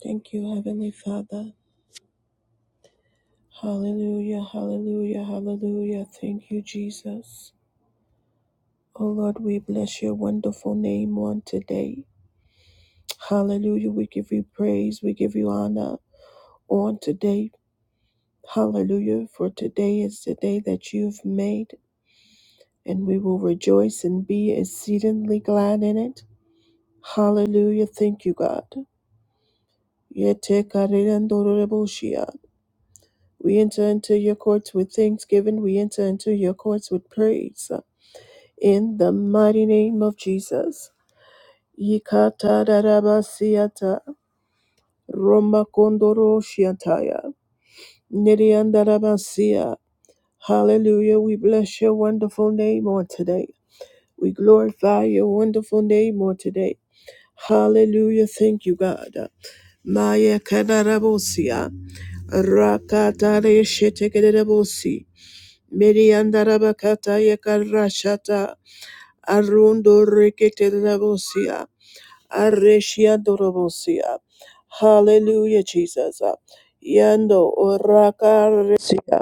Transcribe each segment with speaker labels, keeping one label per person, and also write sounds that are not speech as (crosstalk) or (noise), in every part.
Speaker 1: Thank you, Heavenly Father. Hallelujah, hallelujah, hallelujah. Thank you, Jesus. Oh Lord, we bless your wonderful name on today. Hallelujah. We give you praise. We give you honor on today. Hallelujah. For today is the day that you've made, and we will rejoice and be exceedingly glad in it. Hallelujah. Thank you, God. Yete karerendororeboshia. We enter into your courts with thanksgiving. We enter into your courts with praise. In the mighty name of Jesus. Yikata darabasiata, Roma Kondoro Shiataya Niriandarabasia. Hallelujah. We bless your wonderful name on today. We glorify your wonderful name on today. Hallelujah. Thank you, God. Maya Kadarabosia. Rakatare Shetekadabosi. Mediandarabakata yakarashata arundo reketelebosia aresia dorobosia. Hallelujah, Jesus. Yando orakaresia.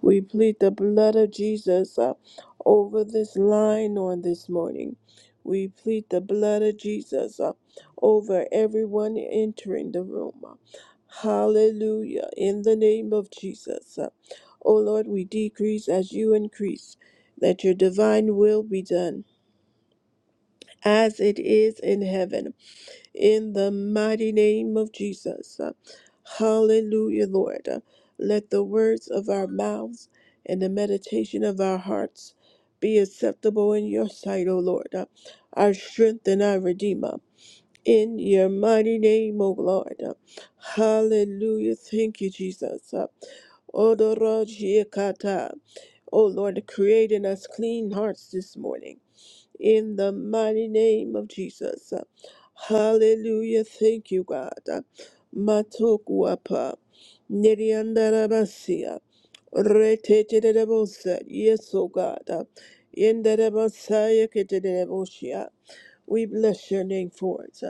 Speaker 1: We plead the blood of Jesus uh, over this line on this morning. We plead the blood of Jesus uh, over everyone entering the room. uh. Hallelujah. In the name of Jesus. Uh, O Lord, we decrease as you increase. that your divine will be done as it is in heaven in the mighty name of Jesus. Uh, Hallelujah, Lord. Uh, Let the words of our mouths and the meditation of our hearts be acceptable in your sight, O Lord, Uh, our strength and our redeemer. In your mighty name, O Lord. Uh, Hallelujah. Thank you, Jesus. Odorojiekata. O Lord, create in us clean hearts this morning in the mighty name of Jesus. Hallelujah. Thank you, God. Matokuapa. Neriandarabasia. Reteterebosha. Yes, O God. In the Rebosaya Ketereboshia. We bless your name for it.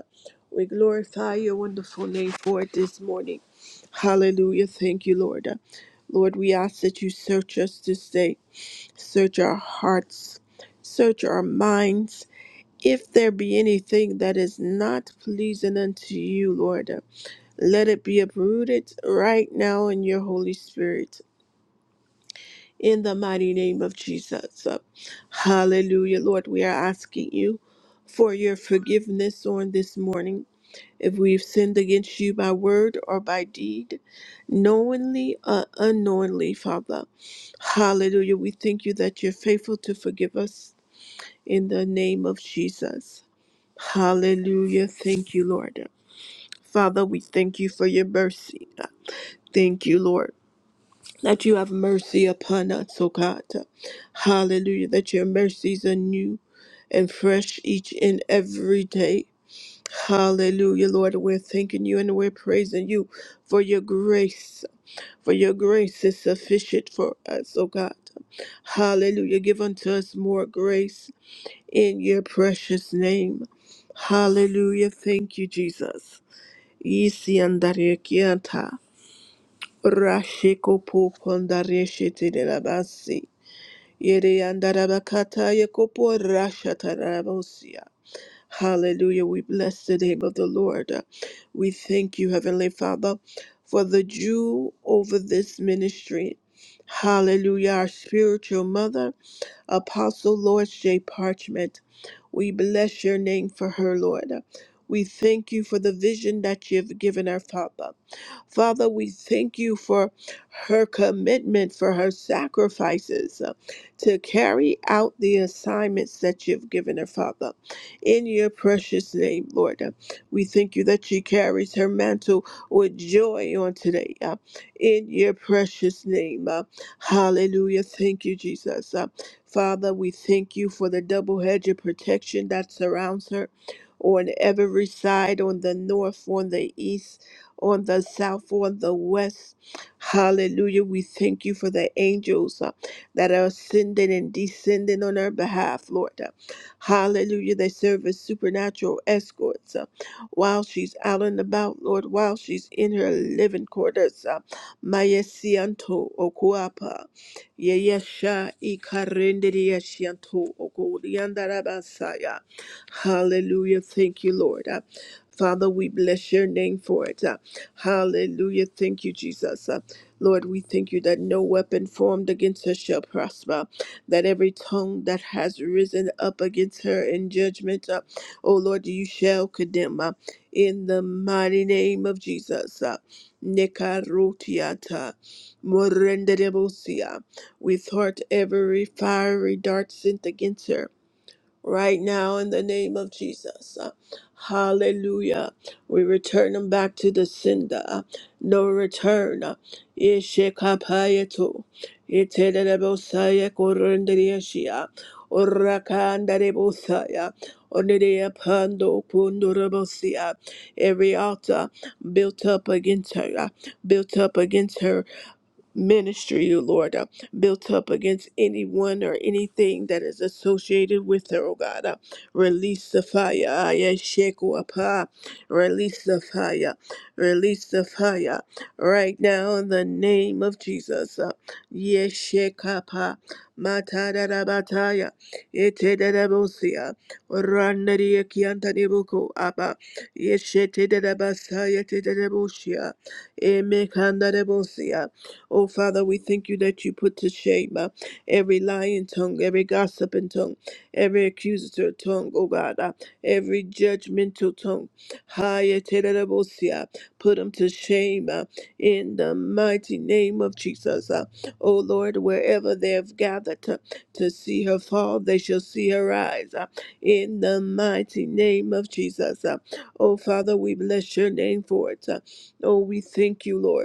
Speaker 1: We glorify your wonderful name for it this morning. Hallelujah. Thank you, Lord. Lord, we ask that you search us this day. Search our hearts. Search our minds if there be anything that is not pleasing unto you, Lord, let it be uprooted right now in your Holy Spirit, in the mighty name of Jesus. Hallelujah. Lord, we are asking you for your forgiveness on this morning. If we've sinned against you by word or by deed, knowingly or unknowingly, Father. Hallelujah. We thank you that you're faithful to forgive us in the name of Jesus. Hallelujah. Thank you, Lord. Father, we thank you for your mercy. Thank you, Lord, that you have mercy upon us, O God. Hallelujah, that your mercies are new and fresh each and every day. Hallelujah, Lord. We're thanking you and we're praising you for your grace. For your grace is sufficient for us, O God. Hallelujah. Give unto us more grace in your precious name. Hallelujah. Thank you, Jesus. Isiandarekianta, Rashikopo Pondareshete de la Basi, Yereandarabakata Yakopo Rashatarabosia. Hallelujah. We bless the name of the Lord. We thank you, Heavenly Father, for the Jew over this ministry. Hallelujah, our spiritual mother. Apostle Lord Shea Parchment. We bless your name for her, Lord. We thank you for the vision that you've given her, Father. Father, we thank you for her commitment, for her sacrifices uh, to carry out the assignments that you've given her, Father. In your precious name, Lord, uh, we thank you that she carries her mantle with joy on today. uh, in your precious name, uh, hallelujah. Thank you, Jesus. Uh, Father, we thank you for the double hedge of protection that surrounds her on every side, on the north, on the east, on the south, on the west. Hallelujah. We thank you for the angels uh, that are ascending and descending on her behalf, Lord. Uh, Hallelujah. They serve as supernatural escorts uh, while she's out and about, Lord, while she's in her living quarters. Uh, Maya Sianto Okuapa. Yeyasha ikarenderia shianto okoriandarabasaya. Hallelujah. Thank you, Lord. Uh, Father, we bless your name for it. Uh, Hallelujah. Thank you, Jesus. Uh, Lord, we thank you that no weapon formed against her shall prosper, that every tongue that has risen up against her in judgment, uh, oh Lord, you shall condemn. uh, in the mighty name of Jesus. uh, Nekarotiata, Morenderebosia. We thwart every fiery dart sent against her right now in the name of Jesus. Uh, Hallelujah. We return them back to the sender. Uh, No return. Uh, Ishekapayeto. Itelebosaya korendriashia. Orakandarebosaya. Onerea pando kundurabosia. Every altar built up against her, uh, built up against her ministry, oh Lord, uh, built up against anyone or anything that is associated with her, oh God. Uh, release the fire. Aya sheku apa. Release the fire. Release the fire. Right now, in the name of Jesus. Uh, Yeshekapa. Matadarabataya. Etedarabosia. Randariakiantanibuku apa. Yeshetedabasaya tedarabosia. Emekandarebosia. Oh, Father, we thank you that you put to shame uh, every lying tongue, every gossiping tongue, every accusator tongue, oh God, uh, every judgmental tongue. Higher, tederabosia. Put them to shame uh, in the mighty name of Jesus. Uh, oh, Lord, wherever they have gathered to, to see her fall, they shall see her rise. Uh, in the mighty name of Jesus. Uh, oh, Father, we bless your name for it. Uh, oh, we thank you, Lord.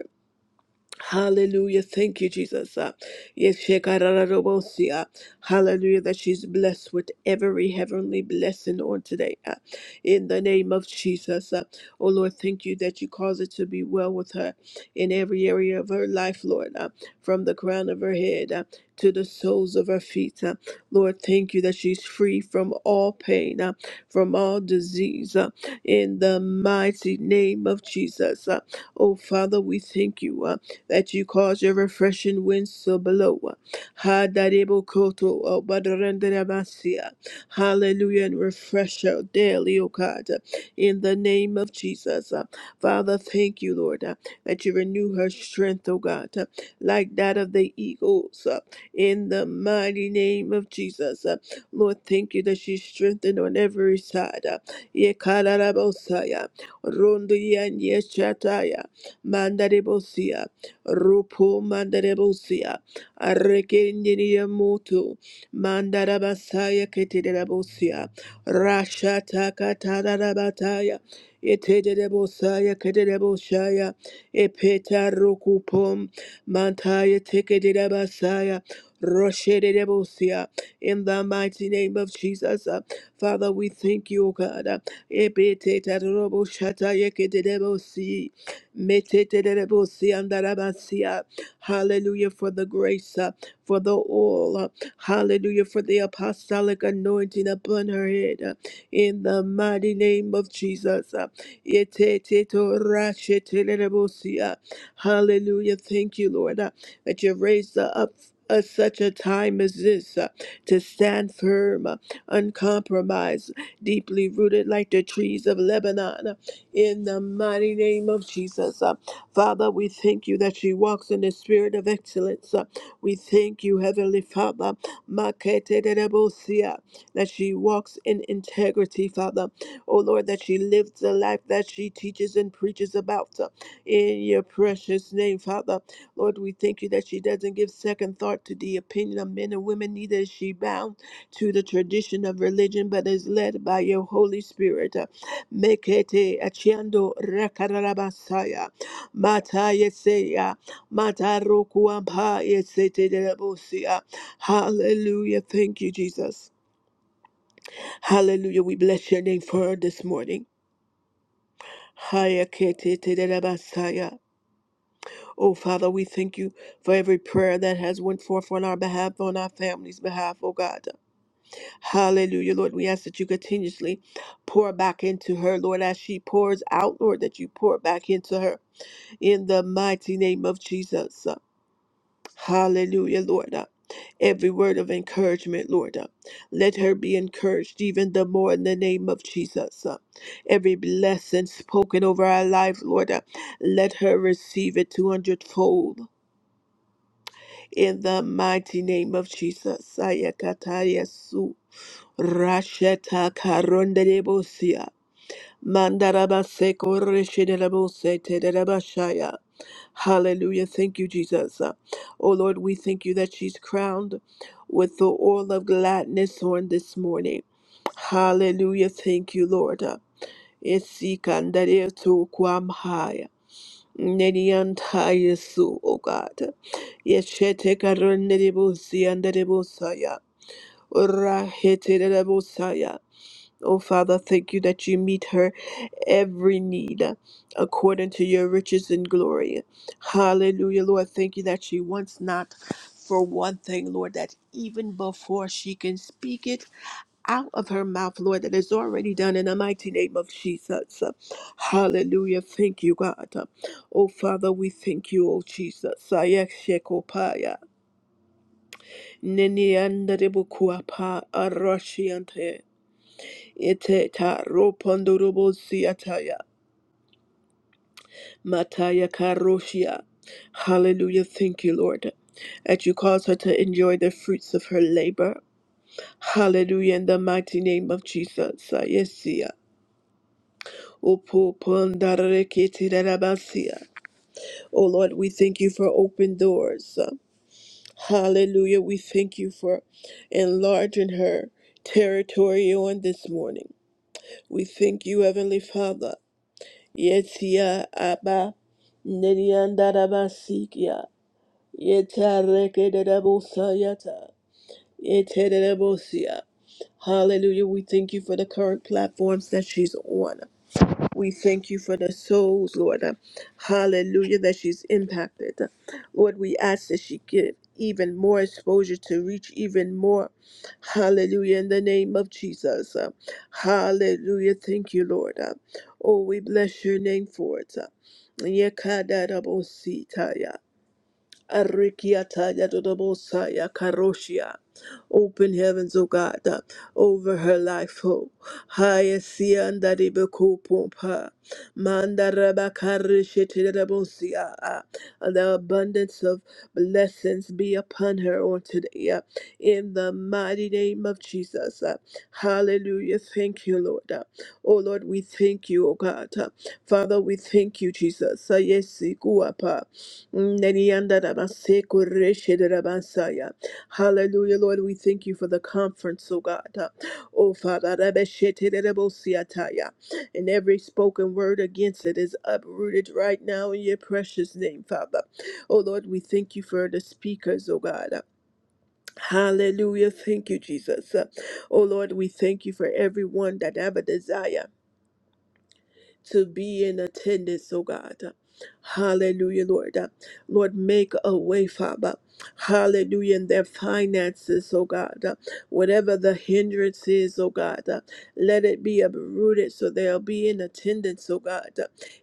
Speaker 1: Hallelujah. Thank you, Jesus. Uh, Yes, Shekararabosia. Hallelujah. That she's blessed with every heavenly blessing on today. uh, In the name of Jesus. Uh, Oh, Lord, thank you that you cause it to be well with her in every area of her life, Lord, uh, from the crown of her head uh, to the soles of her feet. uh. Lord, thank you that she's free from all pain, uh, from all disease. uh, In the mighty name of Jesus. Uh, Oh, Father, we thank you. uh, that you cause your refreshing winds to blow. Hadarebokoto obadarandarabasia. Hallelujah, and refresh us daily, O God, in the name of Jesus. Father, thank you, Lord, that you renew her strength, O God, like that of the eagles, in the mighty name of Jesus. Lord, thank you that she's strengthened on every side. Yekarabosaya, rondiyan Yeshataya, Mandaribosia. Rupo mandarabosia. Arrekendiria moto. Mandarabasaya ketederabosia. Rasha takatarabataya. Etederebosaya kedereboshaya. Epeta rokupom. Mantaya tekederabasaya. Roshederebosia. In the mighty name of Jesus, uh, Father, we thank you, O God. Uh, Epete taroboshata Metetelebosiandarabasia. Hallelujah for the grace, uh, for the oil. uh, Hallelujah for the apostolic anointing upon her head. uh, In the mighty name of Jesus. uh, Etetetorashetelebosia. Hallelujah. Thank you, Lord, uh, that you raised her up. At such a time as this, uh, to stand firm, uh, uncompromised, deeply rooted like the trees of Lebanon. uh, in the mighty name of Jesus. Uh, Father, we thank you that she walks in the spirit of excellence. Uh, we thank you, Heavenly Father, Maketerebosia, that she walks in integrity, Father. Oh Lord, that she lives the life that she teaches and preaches about uh, in your precious name, Father. Lord, we thank you that she doesn't give second thought to the opinion of men and women, neither is she bound to the tradition of religion, but is led by your Holy Spirit. Uh, Mekete achiando rakarabasaya mata yeseya mata rokuampa yesete derabosia. Hallelujah. Thank you, Jesus. Hallelujah. We bless your name for this morning. Haya kete tederabasaya. Oh Father, we thank you for every prayer that has went forth on our behalf, on our family's behalf, oh God. Hallelujah, Lord. We ask that you continuously pour back into her, Lord, as she pours out, Lord, that you pour back into her. in the mighty name of Jesus. Hallelujah, Lord. Every word of encouragement, Lord, let her be encouraged even the more in the name of Jesus. Every blessing spoken over our life, Lord, let her receive it two hundredfold. in the mighty name of Jesus. Ayakata Yesu. Rasheta Karondelebosia. Mandarabaseko Reshidelabose Tedabashaya. Hallelujah. Thank you, Jesus. Uh, Oh Lord, we thank you that she's crowned with the oil of gladness on this morning. Hallelujah. Thank you, Lord. Uh, Isikandere tu kwamhaya. Nedianta Yesu, O God. Yeshete karunere busi andere busaya. Urahete dere busaya. Oh, Father, thank you that you meet her every need uh, according to your riches and glory. Hallelujah, Lord. Thank you that she wants not for one thing, Lord, that even before she can speak it out of her mouth, Lord, that is already done in the mighty name of Jesus. Hallelujah. Thank you, God. Oh, Father, we thank you, oh Jesus. Ayakshekopaya. Neniandarebukuapa, aroshiante. Eteta ropondorobosiataya mataya karoshia. Hallelujah. Thank you, Lord, that you cause her to enjoy the fruits of her labor. Hallelujah. In the mighty name of Jesus. Ayesia. Opo pondareketirabasia. Oh Lord, we thank you for open doors. Hallelujah. We thank you for enlarging her territory on this morning. We thank you, Heavenly Father. Yetia Abba Nediandarabasikia Yeta Rekedabusayata Yetedebosia. Hallelujah. We thank you for the current platforms that she's on. We thank you for the souls, Lord. uh, Hallelujah, that she's impacted. Lord, we ask that she get even more exposure to reach even more. Hallelujah, in the name of Jesus. Uh, Hallelujah. Thank you, Lord. Uh, Oh, we bless your name for it. Uh, Yekadadabositaya. Arikiata Yadodobosaya Karoshia. Open heavens, O God, uh, over her life, O. Hayasianda Ribeko Pompa. Mandarabakarishetirabosia. Uh, The abundance of blessings be upon her on today. uh, In the mighty name of Jesus. Uh, Hallelujah. Thank you, Lord. Uh, Oh Lord, we thank you, O God. Uh, Father, we thank you, Jesus. Uh, Yes, Ikuapa. Nereyandarabasekoreshederabansaya. Hallelujah, Lord. We thank you for the conference, oh God. Oh Father, rabesheterebosiataya. and every spoken word against it is uprooted right now in your precious name, Father. Oh Lord, we thank you for the speakers, oh God. Hallelujah. Thank you, Jesus. Oh Lord, we thank you for everyone that have a desire to be in attendance, oh God. Hallelujah, Lord. Lord, make a way, Father. Hallelujah, in their finances, oh God. Whatever the hindrance is, oh God, let it be uprooted so they'll be in attendance, oh God.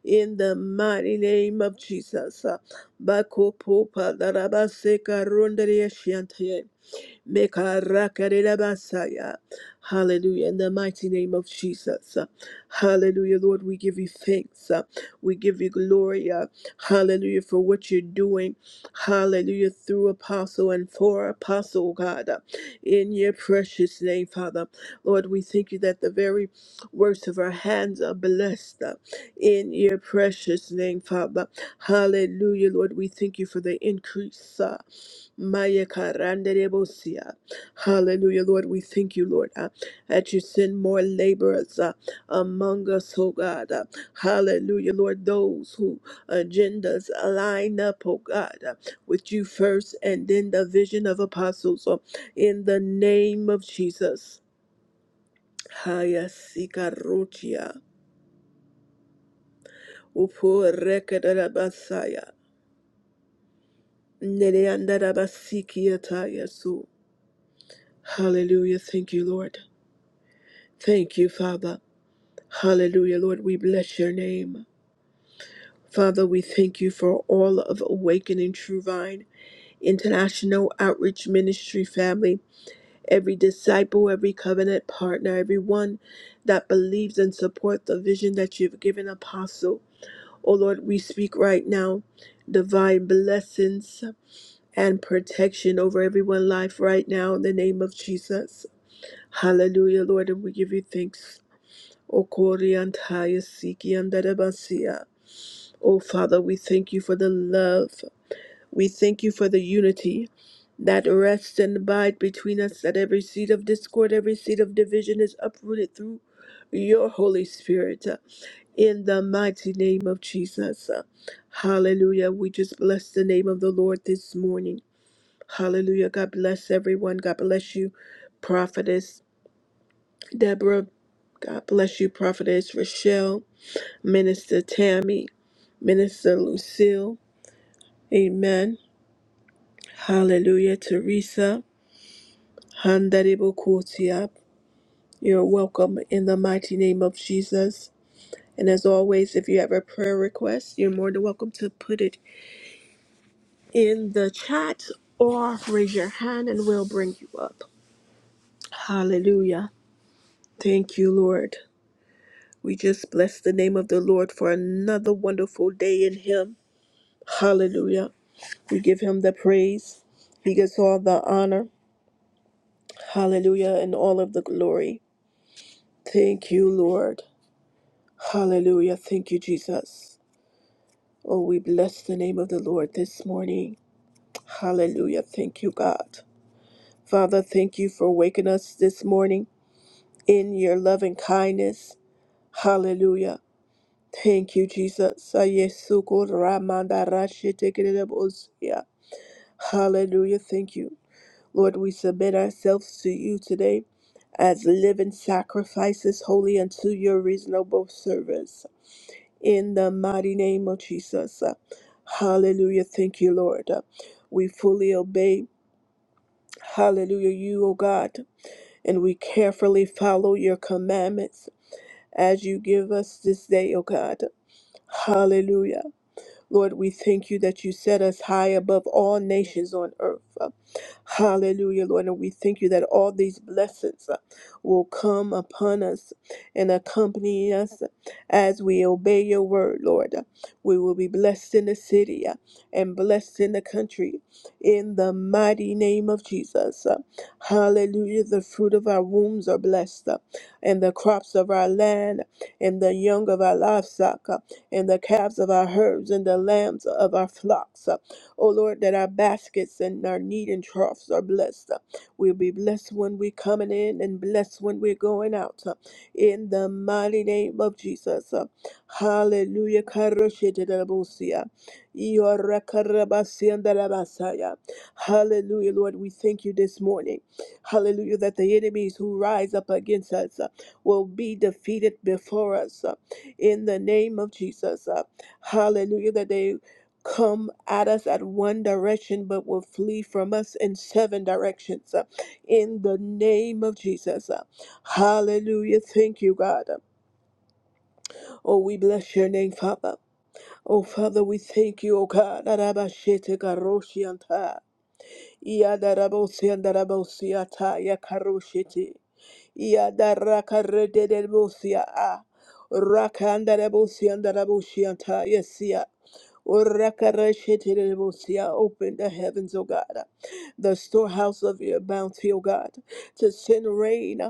Speaker 1: In the mighty name of Jesus. Bakopopa darabaseka rondaria Mekarakarerabasaya. Hallelujah. In the mighty name of Jesus. Hallelujah. Lord, we give you thanks. We give you glory. uh, Hallelujah. For what you're doing. Hallelujah. Through apostle and for apostle, God. uh, In your precious name, Father. Lord, we thank you that the very works of our hands are blessed. uh, In your precious name, Father. Hallelujah, Lord. We thank you for the increase. uh, Maya karanderebosia. Hallelujah, Lord. We thank you, Lord, uh, that you send more laborers uh, among us, oh God. uh, Hallelujah, Lord. Those who agendas align up, oh God, uh, with you first and then the vision of apostles. uh, In the name of Jesus. Haya sikarutia. Upo rekedarabasaya. Nereandarabasikiatayasu. Hallelujah. Thank you, Lord. Thank you, Father. Hallelujah, Lord. We bless your name. Father, we thank you for all of Awakening True Vine, International Outreach Ministry family, every disciple, every covenant partner, everyone that believes and supports the vision that you've given Apostle. Oh Lord, we speak right now divine blessings and protection over everyone's life right now in the name of Jesus. Hallelujah, Lord, and we give you thanks. O Kori and Koriantaya Siki Andarabasia. O Father, we thank you for the love. We thank you for the unity that rests and abides between us, that every seed of discord, every seed of division is uprooted through your Holy Spirit. In the mighty name of Jesus. Hallelujah. We just bless the name of the Lord this morning. Hallelujah. God bless everyone. God bless you, prophetess Deborah. God bless you, Prophetess Rochelle, Minister Tammy, Minister Lucille. Amen. Hallelujah, Teresa. Handaribo Kotiab. You're welcome in the mighty name of Jesus. And as always, if you have a prayer request, you're more than welcome to put it in the chat or raise your hand and we'll bring you up. Hallelujah. Thank you, Lord. We just bless the name of the Lord for another wonderful day in Him. Hallelujah. We give him the praise. He gets all the honor. Hallelujah. And all of the glory. Thank you, Lord. Hallelujah. Thank you, Jesus. Oh, we bless the name of the Lord this morning. Hallelujah. Thank you, God. Father, thank you for waking us this morning in your loving kindness. Hallelujah. Thank you, Jesus. Ayesuko ramanda rashe tekerebo osia. Hallelujah. Thank you. Lord, we submit ourselves to you today as living sacrifices, holy unto your reasonable service. In the mighty name of Jesus. Hallelujah. Thank you, Lord. We fully obey, hallelujah, you, O God, and we carefully follow your commandments as you give us this day, O God. Hallelujah. Lord, we thank you that you set us high above all nations on earth. Hallelujah, Lord. And we thank you that all these blessings uh, will come upon us and accompany us as we obey your word, Lord. We will be blessed in the city uh, and blessed in the country in the mighty name of Jesus. Uh, Hallelujah. The fruit of our wombs are blessed, uh, and the crops of our land, and the young of our livestock, uh, and the calves of our herds, and the lambs of our flocks. uh, O Lord, that our baskets and our kneading troughs are blessed. We'll be blessed when we're coming in and blessed when we're going out. In the mighty name of Jesus. Hallelujah. Karashidarabusia. Iorakarabasiandarabasaya. Hallelujah, Lord. We thank you this morning. Hallelujah, that the enemies who rise up against us uh, will be defeated before us. uh, In the name of Jesus. uh, Hallelujah, that they come at us at one direction but will flee from us in seven directions uh, in the name of Jesus. uh. Hallelujah. Thank you, God. Oh, we bless your name, Father. Oh, Father, we thank you, oh God. Arabashete karoshianta. Iadarabosiandarabosiata yakaroshete. Iadarakarededelbosia. Ah, Rakandarabosia, andarabosianta, yesia. Open the heavens, O God the storehouse of your bounty, O God, to send rain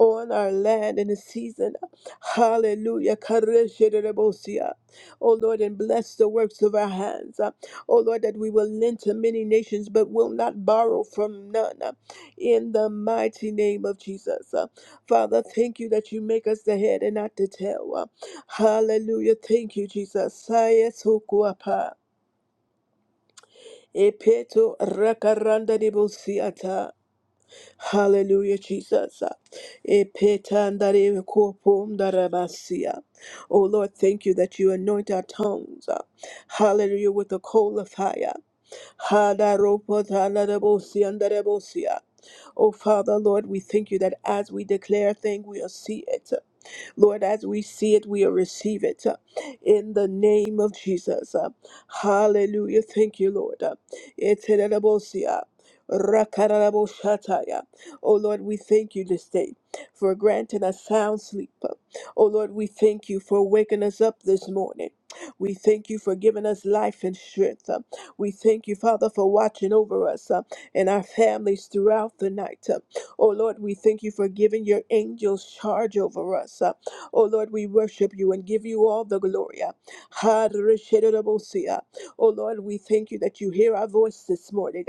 Speaker 1: on our land in the season. Hallelujah. Karesherebosia. O Lord, and bless the works of our hands. O Lord, that we will lend to many nations but will not borrow from none. In the mighty name of Jesus. Father, thank you that you make us the head and not the tail. Hallelujah. Thank you, Jesus. Saya sokuapa. Epeto rakaranda debosiata. Hallelujah, Jesus. Epetandare kopom darabasia. Oh Lord, thank you that you anoint our tongues. Hallelujah, with the coal of fire. Hadaropotanabosia. Oh Father, Lord, we thank you that as we declare a thing, we'll see it. Lord, as we see it, we'll receive it uh, in the name of Jesus. uh, Hallelujah. Thank you, Lord. uh, Eterebosia, rakaraboshataya. Oh Lord, we thank you this day for granting us sound sleep. uh, Oh Lord, we thank you for waking us up this morning. We thank you for giving us life and strength. uh, We thank you, Father, for watching over us uh, and our families throughout the night. uh, Oh Lord, we thank you for giving your angels charge over us. uh, Oh Lord, we worship you and give you all the glory. Ha, reshedebosia. Oh Lord, we thank you that you hear our voice this morning.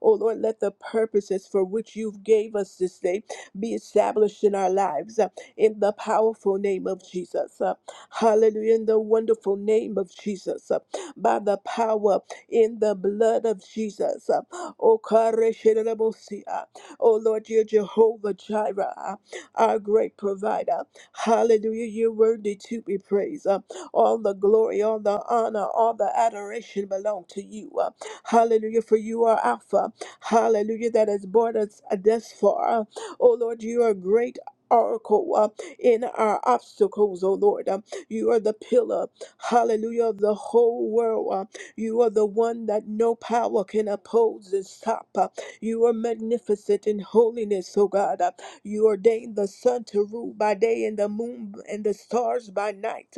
Speaker 1: Oh Lord, let the purposes for which you've gave us this day be established in our lives uh, in the powerful name of Jesus. uh, Hallelujah. In the wonderful name of Jesus. uh, By the power in the blood of Jesus. uh, Oh Kareshenebosia. Oh, Lord, you're Jehovah Jireh, uh, our great provider. Hallelujah. You're worthy to be praised. Uh, all the glory, all the honor, all the adoration belong to you. Uh, hallelujah. For you are Alpha. Hallelujah. That has brought us thus far. Uh, Oh Lord, you are great. Oracle uh, in our obstacles, oh Lord. Uh, you are the pillar, hallelujah, of the whole world. Uh, you are the one that no power can oppose and stop. Uh, you are magnificent in holiness, oh God. Uh, you ordained the sun to rule by day and the moon and the stars by night.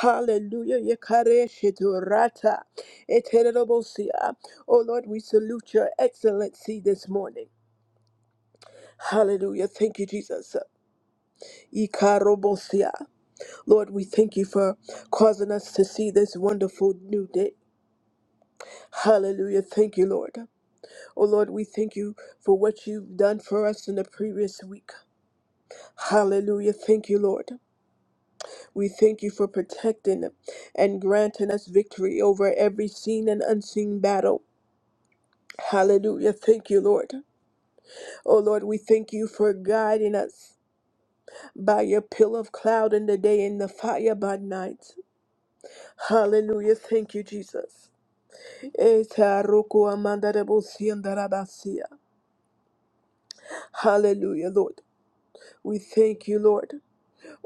Speaker 1: Hallelujah. Yekareshiturata. Etererobosia. Oh Lord, we salute your excellency this morning. Hallelujah. Thank you, Jesus. Ikarobosia. Lord, we thank you for causing us to see this wonderful new day. Hallelujah. Thank you, Lord. Oh Lord, we thank you for what you've done for us in the previous week. Hallelujah. Thank you, Lord. We thank you for protecting and granting us victory over every seen and unseen battle. Hallelujah. Thank you, Lord. Oh, Lord, we thank you for guiding us by your pillar of cloud in the day and the fire by night. Hallelujah. Thank you, Jesus. Eta roku amandarebo siandarabasia. Hallelujah, Lord. We thank you, Lord.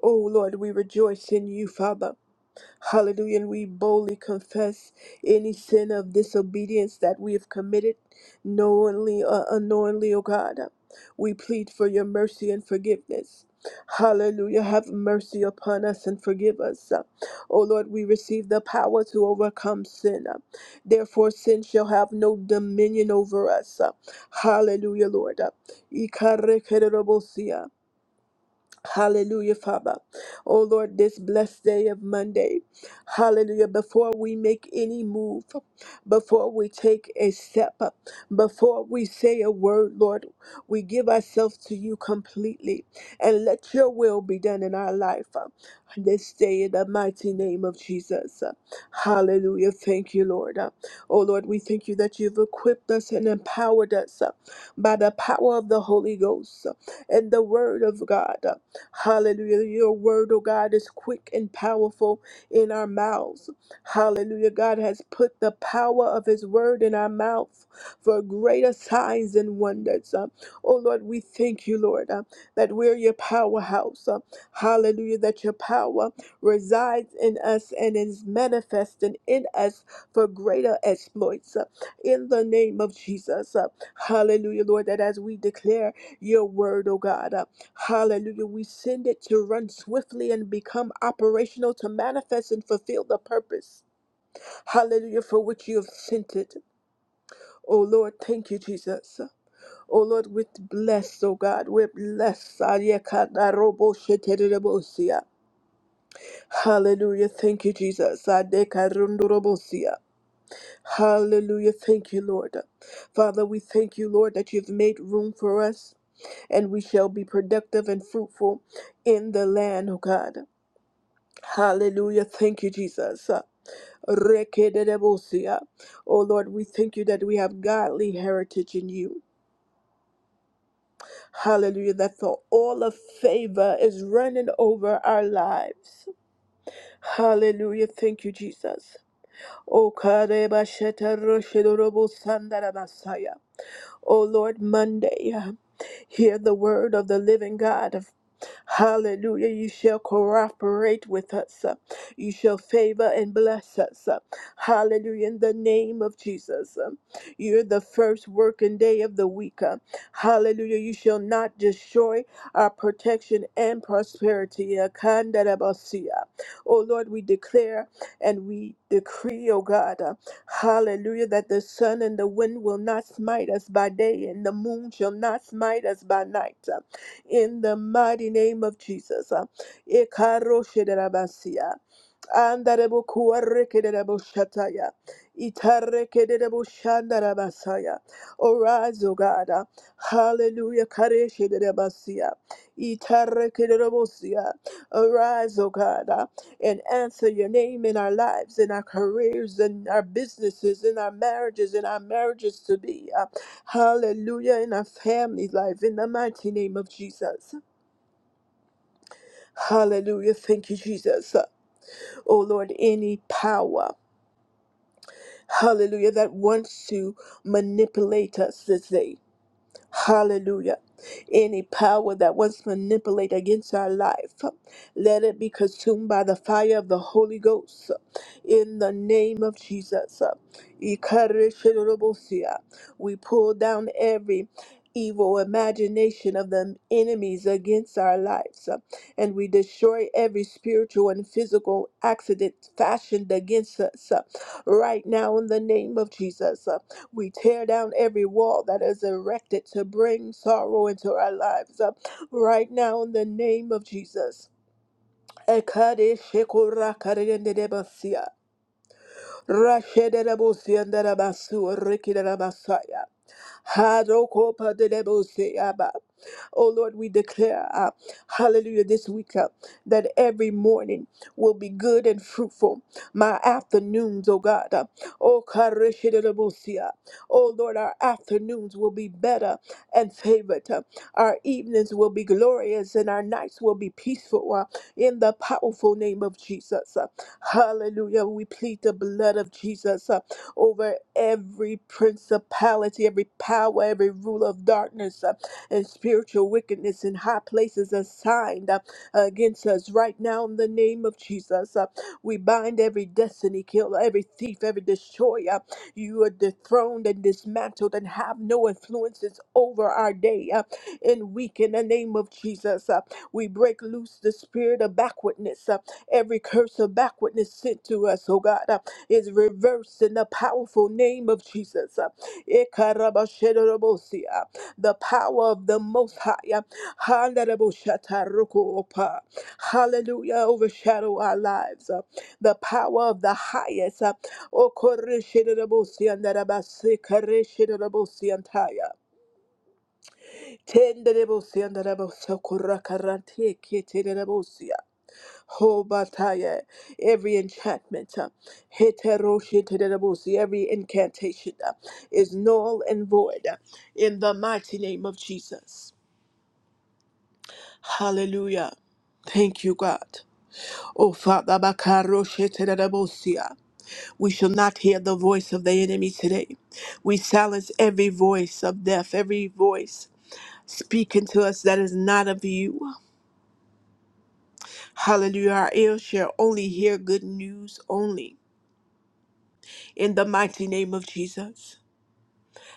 Speaker 1: Oh, Lord, we rejoice in you, Father. Hallelujah. And we boldly confess any sin of disobedience that we have committed knowingly or unknowingly, oh God. We plead for your mercy and forgiveness. Hallelujah. Have mercy upon us and forgive us. O Lord, we receive the power to overcome sin. Therefore, sin shall have no dominion over us. Hallelujah, Lord. Ikarekerebosia. Hallelujah, Father. Oh Lord, this blessed day of Monday. Hallelujah. Before we make any move, before we take a step, before we say a word, Lord, we give ourselves to you completely and let your will be done in our life. uh, This day in the mighty name of Jesus. Hallelujah. Thank you, Lord. Uh, Oh Lord, we thank you that you've equipped us and empowered us uh, by the power of the Holy Ghost uh, and the word of God. Hallelujah. Your word, oh God, is quick and powerful in our mouths. Hallelujah. God has put the power of his word in our mouth for greater signs and wonders. Uh, oh Lord, we thank you, Lord, uh, that we're your powerhouse. Uh, hallelujah. That your power resides in us and is manifested in us for greater exploits. Uh, in the name of Jesus. Uh, hallelujah, Lord, that as we declare your word, oh God. uh, Hallelujah. We send it to run swiftly and become operational to manifest and fulfill the purpose. Hallelujah. For which you have sent it. Oh Lord, thank you, Jesus. Oh Lord, we're blessed, oh God. We're blessed. Adekadaroboshiterebosia. Hallelujah. Thank you, Jesus. Adekarundorobosia. Hallelujah. Thank you, Lord. Father, we thank you, Lord, that you've made room for us and we shall be productive and fruitful in the land, oh God. Hallelujah. Thank you, Jesus. Rekedebosia. Oh Lord, we thank you that we have godly heritage in you. Hallelujah. That the all of favor is running over our lives. Hallelujah. Thank you, Jesus. Oh karebasheta roshedorobosandaramasaya. Oh Lord, Monday. uh, Hear the word of the living God Hallelujah. You shall cooperate with us. uh, You shall favor and bless us. uh, Hallelujah. In the name of Jesus. um, You're the first working day of the week. uh, Hallelujah. You shall not destroy our protection and prosperity. uh, Kandarabasia. Oh Lord, we declare and we decree, oh God, uh, hallelujah, that the sun and the wind will not smite us by day and the moon shall not smite us by night in the mighty name of Jesus. Uh, Ekaroshederabasia. Andarebo kuarekerebo shataya. Itarekerebo shandarabasaya. Arise, O God. Hallelujah. Karesherebasia. Itarekerebosia. Arise, O God, and answer your name in our lives, in our careers, in our businesses, in our marriages, in our marriages to be. Uh, Hallelujah. In our family life, in the mighty name of Jesus. Hallelujah. Thank you, Jesus. Oh Lord, any power. hallelujah, that wants to manipulate us this day. Hallelujah. Any power that wants to manipulate against our life, let it be consumed by the fire of the Holy Ghost. In the name of Jesus. Ikarishirobosea. We pull down every evil imagination of the enemies against our lives. And we destroy every spiritual and physical accident fashioned against us right now in the name of Jesus. We tear down every wall that is erected to bring sorrow into our lives uh, right now in the name of Jesus. Ekadeshikorakariendedebasia, rashededabosiandedabasuorikiderabasaya. Hadokopadeleboseyaba. Oh Lord, we declare, uh, hallelujah, this week uh, that every morning will be good and fruitful. My afternoons, oh God, uh, oh karishidelabosia. oh Lord, our afternoons will be better and favored. uh, our evenings will be glorious and our nights will be peaceful uh, in the powerful name of Jesus. uh, hallelujah. We plead the blood of Jesus. uh, over every principality, every power, every rule of darkness uh, and spiritual wickedness in high places assigned uh, against us right now in the name of Jesus. Uh, we bind every destiny killer, every thief, every destroyer. You are dethroned and dismantled and have no influences over our day uh, and week in the name of Jesus. Uh, we break loose the spirit of backwardness, uh, every curse of backwardness sent to us, oh God. Uh, is reversed in the powerful name of Jesus. Ekarabashedorobosia. The power of the Most High. Handaraboshatarokoopa. Hallelujah. Overshadow our lives. uh, The power of the highest. Okoreshedorobosia ndarabasekaresherorobosiantaya. Tenderebosia ndarabosokorakarantieketerebosia. Hobataya, every enchantment, uh, heteroshitadabusi, every incantation uh, is null and void uh, in the mighty name of Jesus. Hallelujah. Thank you, God. Oh, Father, bakaroshitadabusi, uh, we shall not hear the voice of the enemy today. We silence every voice of death, every voice speaking to us that is not of you. Hallelujah. Our ears shall only hear good news only. in the mighty name of Jesus.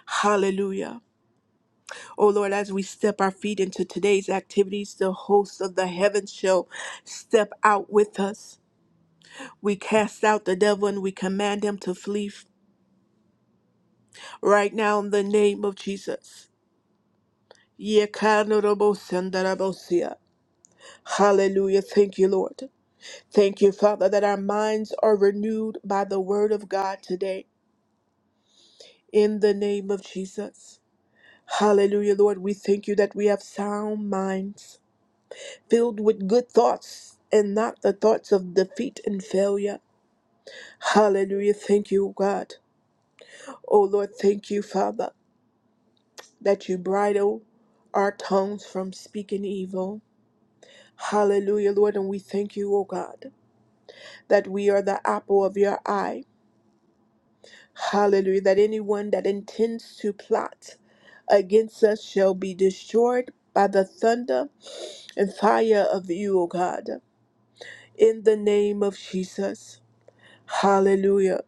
Speaker 1: Hallelujah. Oh Lord, as we step our feet into today's activities, the hosts of the heavens shall step out with us. We cast out the devil and we command him to flee right now in the name of Jesus. Yekanodobosandarobosia. Hallelujah. Thank you, Lord. Thank you, Father, that our minds are renewed by the word of God today in the name of Jesus. Hallelujah, Lord. We thank you that we have sound minds. filled with good thoughts and not the thoughts of defeat and failure. Hallelujah. Thank you, God. Oh Lord, thank you, Father, that you bridle our tongues from speaking evil. Hallelujah, Lord, and we thank you, O God, that we are the apple of your eye. Hallelujah, that anyone that intends to plot against us shall be destroyed by the thunder and fire of you, O God. In the name of Jesus. Hallelujah.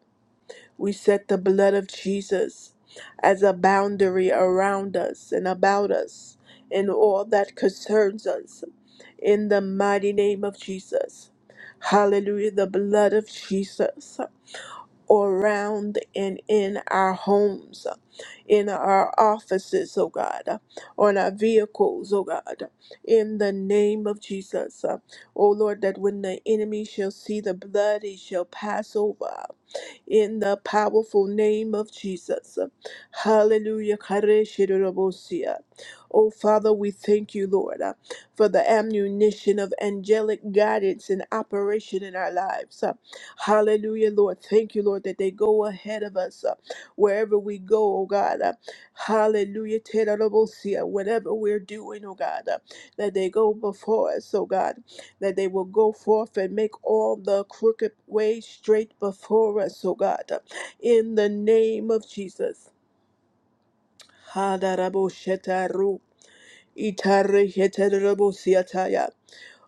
Speaker 1: We set the blood of Jesus as a boundary around us and about us in all that concerns us in the mighty name of Jesus. Hallelujah. The blood of Jesus around and in our homes, in our offices, oh God, on our vehicles, oh God, in the name of Jesus. Oh Lord, that when the enemy shall see the blood, he shall pass over in the powerful name of Jesus. Hallelujah. Kareshirabosia. Oh, Father, we thank you, Lord, uh, for the ammunition of angelic guidance and operation in our lives. Uh, Hallelujah, Lord. Thank you, Lord, that they go ahead of us uh, wherever we go, oh God. Uh, Hallelujah. Terabosia. Whatever we're doing, oh God, uh, that they go before us, oh God that they will go forth and make all the crooked ways straight before us, O God, in the name of Jesus. Hadaraboshetaro, itareheterabosiataya,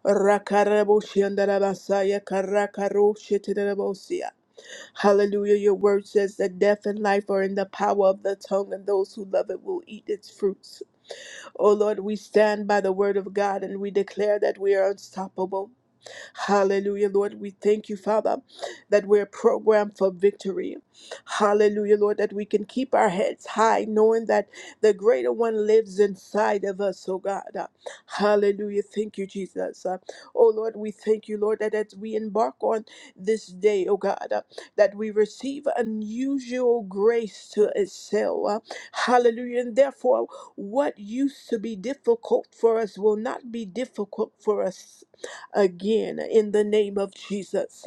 Speaker 1: rakaraboshiandarabasaya, karakarosheterabosia. Hallelujah. Your word says that death and life are in the power of the tongue, and those who love it will eat its fruits. O Lord, we stand by the word of God and we declare that we are unstoppable. Hallelujah, Lord. We thank you, Father, that we're programmed for victory. Hallelujah, Lord, that we can keep our heads high, knowing that the greater one lives inside of us, oh God. Uh, Hallelujah. Thank you, Jesus. Uh, Oh Lord, we thank you, Lord, that as we embark on this day, oh God, uh, that we receive unusual grace to excel. Uh, Hallelujah. And therefore, what used to be difficult for us will not be difficult for us again in the name of Jesus.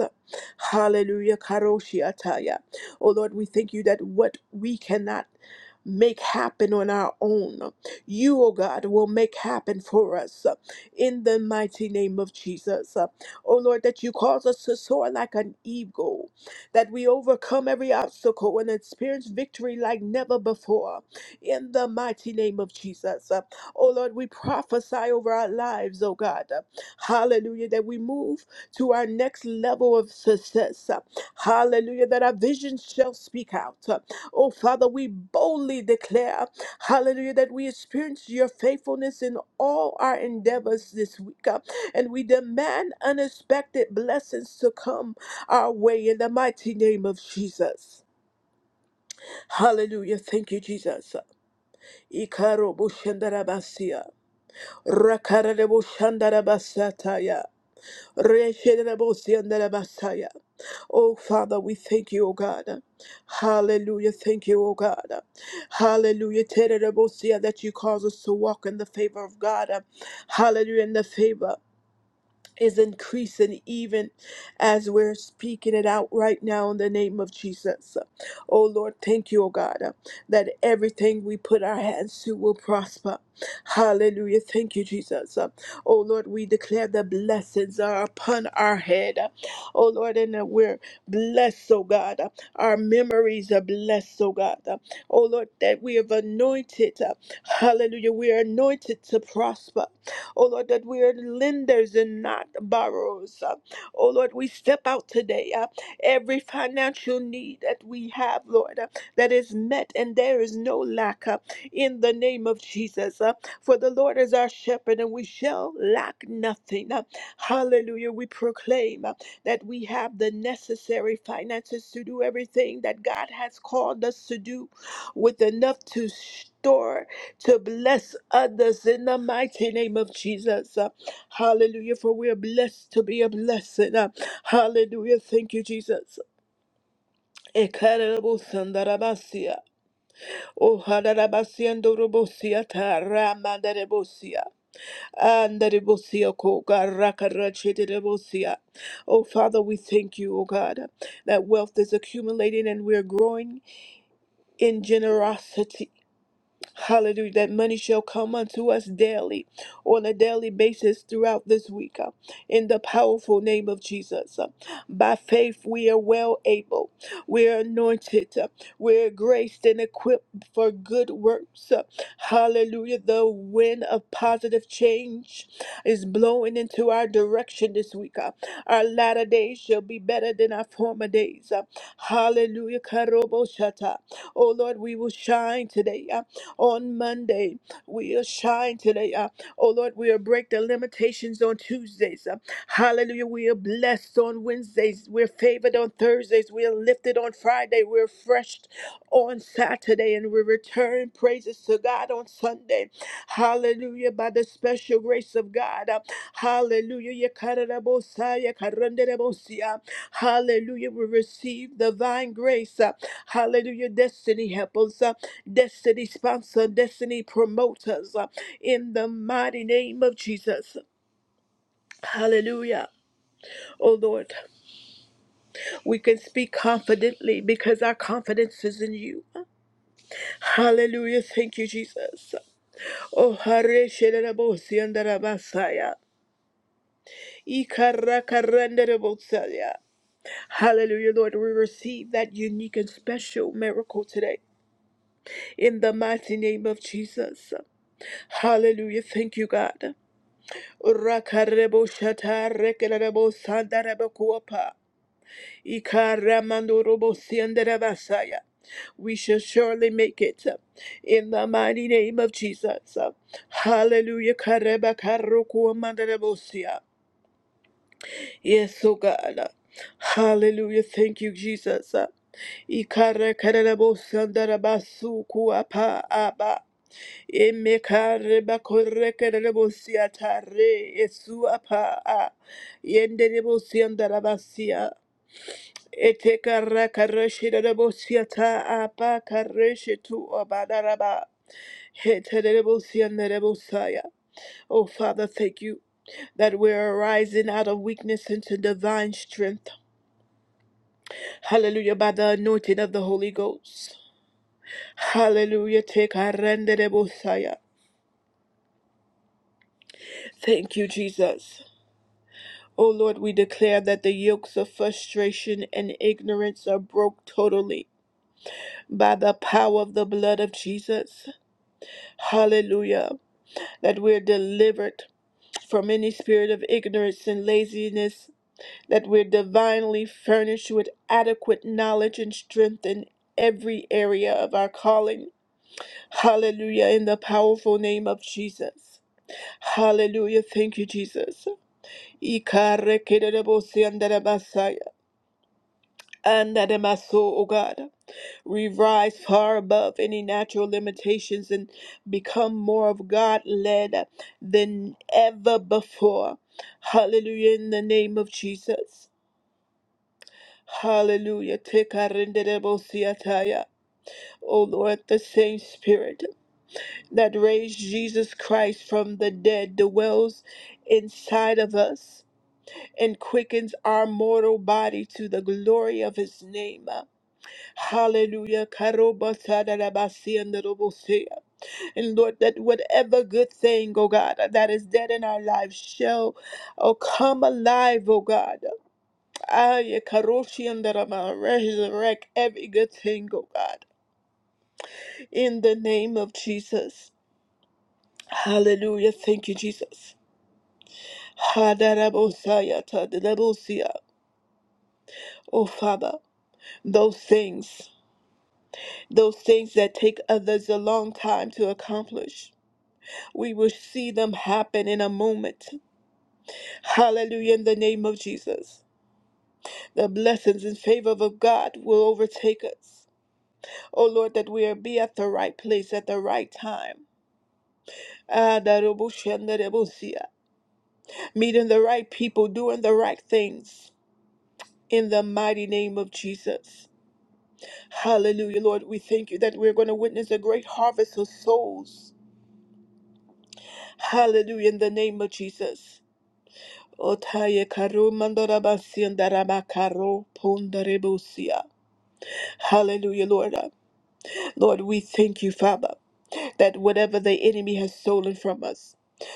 Speaker 1: Hallelujah. Karoshiataya. Oh Lord, we thank you that what we cannot make happen on our own, you, O God, will make happen for us uh, in the mighty name of Jesus. Uh, O Lord, that you cause us to soar like an eagle, that we overcome every obstacle and experience victory like never before in the mighty name of Jesus. Uh, O Lord, we prophesy over our lives, O God. Hallelujah. That we move to our next level of success. Hallelujah. That our vision shall speak out. Oh, Father, we boldly declare, hallelujah, that we experience your faithfulness in all our endeavors this week. And we demand unexpected blessings to come our way in the mighty name of Jesus. Hallelujah. Thank you, Jesus. Ikaro bushandarabasia. Rakarabo shandarabasataya. Re-shere-re-bo-si-an-de-re-ba-sa-ya. Oh, Father, we thank you, O God. Hallelujah. Thank you, O God. Hallelujah. Tere-re-bo-si-ya, That you cause us to walk in the favor of God. Hallelujah. In the favor is increasing even as we're speaking it out right now in the name of Jesus. Oh Lord, thank you, oh God, uh, that everything we put our hands to will prosper. Hallelujah. Thank you, Jesus. Uh, Oh Lord, we declare the blessings are upon our head. Uh, Oh Lord, and that we're blessed, oh God. Uh, Our memories are blessed, oh God. Uh, Oh Lord, that we have anointed. uh, Hallelujah. We are anointed to prosper. Oh Lord, that we are lenders and not borrowers. Uh, Oh Lord, we step out today. uh, Every financial need that we have, Lord, uh, that is met, and there is no lack uh, in the name of Jesus. uh, For the Lord is our shepherd, and we shall lack nothing. Uh, Hallelujah. We proclaim uh, that we have the necessary finances to do everything that God has called us to do with enough to store to bless others in the mighty name of Jesus. Uh, Hallelujah. For we are blessed to be a blessing. Uh, Hallelujah. Thank you, Jesus. Ekarabosandarabasia. Oh, harabasiandorobosia taramandarebosia. Andarebosia kogarakarachiderebosia. Oh, Father, we thank you, oh God, that wealth is accumulating and we're growing in generosity. Hallelujah. That money shall come unto us daily on a daily basis throughout this week. uh, In the powerful name of Jesus. Uh, By faith, we are well able. We are anointed. uh, We're graced and equipped for good works. Uh, Hallelujah. The wind of positive change is blowing into our direction this week. uh. Our latter days shall be better than our former days. uh. Hallelujah. Karobo shata. Oh Lord, we will shine today. Uh, on Monday. We'll shine today. Uh, oh Lord, we'll break the limitations on Tuesdays. Uh, hallelujah. We are blessed on Wednesdays. We're favored on Thursdays. We're lifted on Friday. We're fresh on Saturday and we return praises to God on Sunday. Hallelujah. By the special grace of God. Uh, Hallelujah. Yekarabosaya, karanderebosia. Hallelujah. We receive divine grace. Uh, Hallelujah. Destiny helpers, uh, destiny sponsor, destiny promoters. uh, In the mighty name of Jesus. Hallelujah. Oh Lord, we can speak confidently because our confidence is in you. Hallelujah. Thank you, Jesus. Oh, hare shelelebosi andarabasaya. Ikarakarandebosaya. Hallelujah, Lord. We receive that unique and special miracle today in the mighty name of Jesus. Hallelujah. Thank you, God. Rakareboshatarekelebosandarabakuapa. Ikaramandorobosi andarabasaya. We shall surely make it in the mighty name of Jesus. Hallelujah. Kareba karoku amandarebosia. Yes, oh God. Hallelujah. Thank you, Jesus. Ikarakarabo sandarabasu kuapa aba. Emekareba korekarabo siatare esu apa a. Yenderebo siandarabasia. Etekarakarashirabo siata apa kareshitu abadaraba. Heterebo sianderebo saya. Oh Father, thank you that we're arising out of weakness into divine strength. Hallelujah, by the anointing of the Holy Ghost. Hallelujah, take our rendere Bosaya. Thank you, Jesus. O Lord, we declare that the yokes of frustration and ignorance are broke totally by the power of the blood of Jesus. Hallelujah. That we're delivered from any spirit of ignorance and laziness, that we're divinely furnished with adequate knowledge and strength in every area of our calling. Hallelujah, in the powerful name of Jesus. Hallelujah, thank you, Jesus. Ikarekerereboseandarabasaya. Andaremaso, O God. We rise far above any natural limitations and become more of God led than ever before. Hallelujah, in the name of Jesus. Hallelujah. Tekarenderebosi ataya, O Lord, the same spirit. that raised Jesus Christ from the dead dwells inside of us and quickens our mortal body to the glory of his name. Hallelujah. Karobasadarabasia. And Lord, that whatever good thing, oh God, that is dead in our lives shall oh, come alive, oh God. Ay, karoshiandarama. Resurrect every good thing, oh God, in the name of Jesus. Hallelujah. Thank you, Jesus. Hadarabosaya tadarabosia. Oh, Father, those things, those things that take others a long time to accomplish, we will see them happen in a moment. Hallelujah, in the name of Jesus. The blessings and favor of God will overtake us. Oh, Lord, that we be at the right place at the right time. Adaraboshandarabosia. Meeting the right people, doing the right things. In the mighty name of Jesus. Hallelujah, Lord. We thank you that we're going to witness a great harvest of souls. Hallelujah, in the name of Jesus. Otaye karu mandorabasi andarabakaro pondarebusia. Hallelujah, Lord. Lord, we thank you, Father, that whatever the enemy has stolen from us,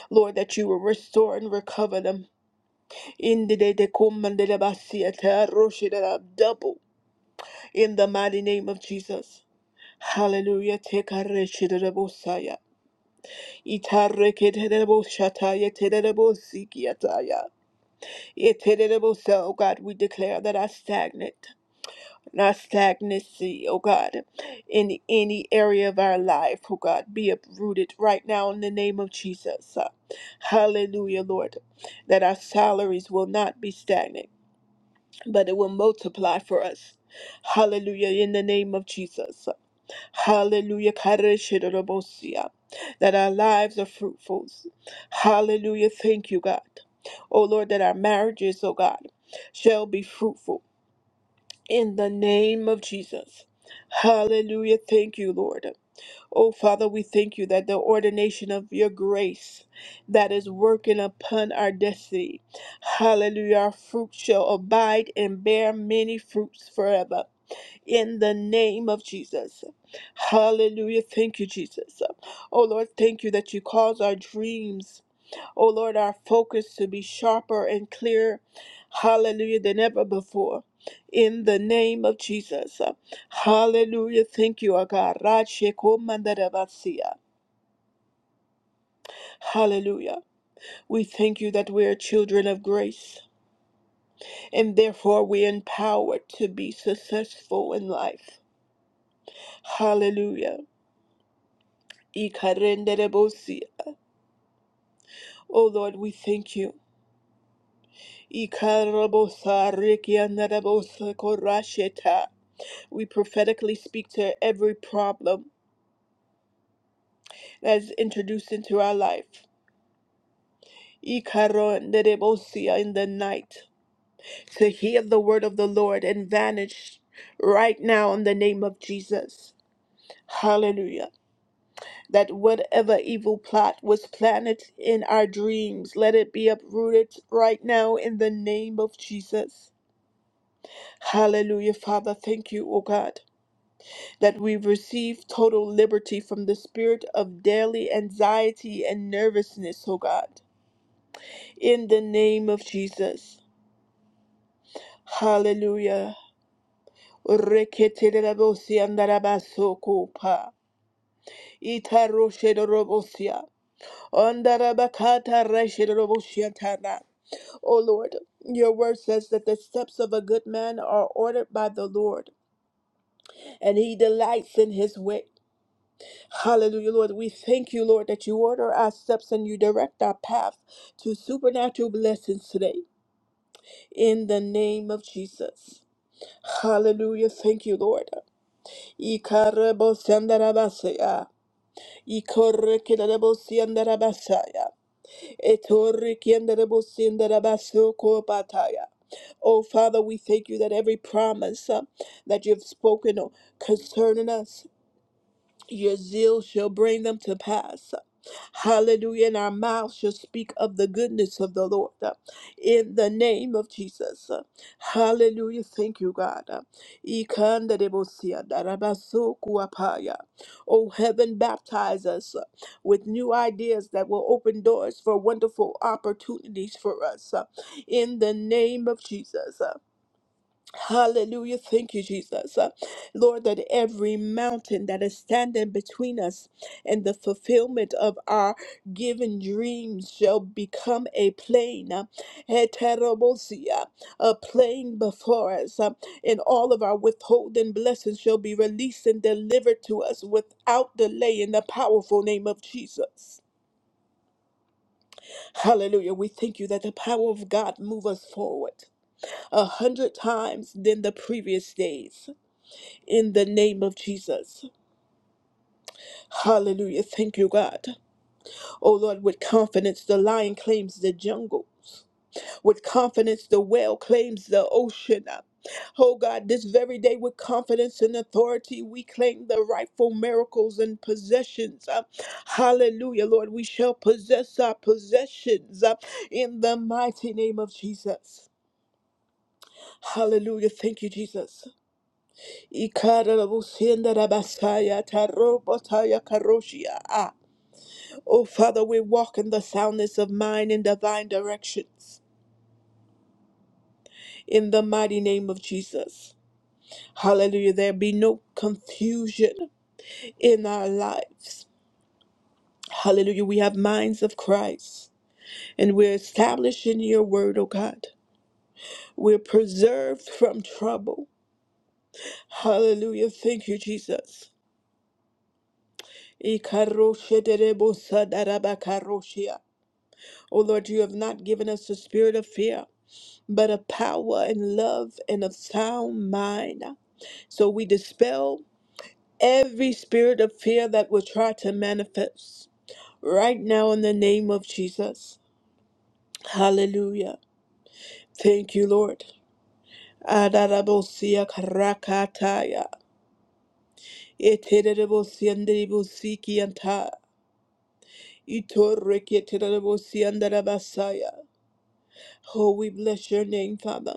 Speaker 1: Lord, that you will restore and recover them. Indide de kumandelabasi ataroshidara, Double in the mighty name of Jesus. Hallelujah. Tekareshidabosaya. Itareketerebo shataya terebo sikiataya. Iterebo sa, oh God, we declare that our stagnant, our stagnancy, oh God, in any area of our life, oh God, be uprooted right now in the name of Jesus. Hallelujah, Lord, that our salaries will not be stagnant, but it will multiply for us. Hallelujah, in the name of Jesus. Hallelujah. Karashidorobosia. That our lives are fruitful. Hallelujah. Thank you, God. Oh Lord, that our marriages, oh God, shall be fruitful in the name of Jesus. Hallelujah. Thank you, Lord. Oh Father, we thank you that the ordination of your grace that is working upon our destiny. Hallelujah. Our fruit shall abide and bear many fruits forever in the name of Jesus. Hallelujah. Thank you, Jesus. Oh Lord, thank you that you cause our dreams, oh Lord, our focus to be sharper and clearer, hallelujah, than ever before. In the name of Jesus. Hallelujah. Thank you, our God. Rachekomandarabasia. Hallelujah. We thank you that we are children of grace and therefore we are empowered to be successful in life. Hallelujah. Ikarenderebosi. Oh Lord, we thank you. Ikarabosa rekianderebosa korasheta. We prophetically speak to every problem that is introduced into our life. Ikaronderebosi In the night, to hear the word of the Lord and vanish right now in the name of Jesus. Hallelujah. That whatever evil plot was planted in our dreams, let it be uprooted right now in the name of Jesus. Hallelujah, Father. Thank you, O God, that we receive total liberty from the spirit of daily anxiety and nervousness, O God. In the name of Jesus. Hallelujah. Reketelebosi andarabasoko Itaroshedorobosia. Andarabakata reshedorobosiatana. O Lord, your word says that the steps of a good man are ordered by the Lord, and he delights in his way. Hallelujah, Lord. We thank you, Lord, that you order our steps and you direct our path to supernatural blessings today. In the name of Jesus. Hallelujah. Thank you, Lord. Ikarabosyandarabasaya. Ikorekidarabosyandarabasaya. Etorikiandarabosyandarabasokopataya. Oh, Father, we thank you that every promise uh, that you've spoken concerning us, your zeal shall bring them to pass. Hallelujah. And our mouth shall speak of the goodness of the Lord uh, in the name of Jesus. Uh, Hallelujah. Thank you, God. Uh, Ikandarebosia darabasokuapaya. Oh, heaven, baptize us uh, with new ideas that will open doors for wonderful opportunities for us uh, in the name of Jesus. Uh, Hallelujah. Thank you, Jesus. Uh, Lord, that every mountain that is standing between us and the fulfillment of our given dreams shall become a plain, uh, heterobosia, a plain before us, uh, and all of our withholding blessings shall be released and delivered to us without delay in the powerful name of Jesus. Hallelujah. We thank you that the power of God move us forward a hundred times than the previous days in the name of Jesus. Hallelujah. Thank you, God. Oh Lord, with confidence, the lion claims the jungles. With confidence, the whale claims the ocean. Oh God, this very day, with confidence and authority, we claim the rightful miracles and possessions. Uh, hallelujah, Lord. We shall possess our possessions uh, in the mighty name of Jesus. Hallelujah. Thank you, Jesus. Ikarabusyendarabasayatarobotayakaroshiya. Oh, Father, we walk in the soundness of mind in divine directions. In the mighty name of Jesus. Hallelujah. There be no confusion in our lives. Hallelujah. We have minds of Christ and we're established in your word, oh God. We're preserved from trouble. Hallelujah. Thank you, Jesus. Ikarosheterebosadarabakaroshia. O Lord, you have not given us the spirit of fear, but of power and love and of sound mind. So we dispel every spirit of fear that will try to manifest right now in the name of Jesus. Hallelujah. Thank you, Lord. Adarabosia karakataya. Eterebosia nderibosikianta. Itoreketerabosia ndarabasaya. Oh, we bless your name, Father.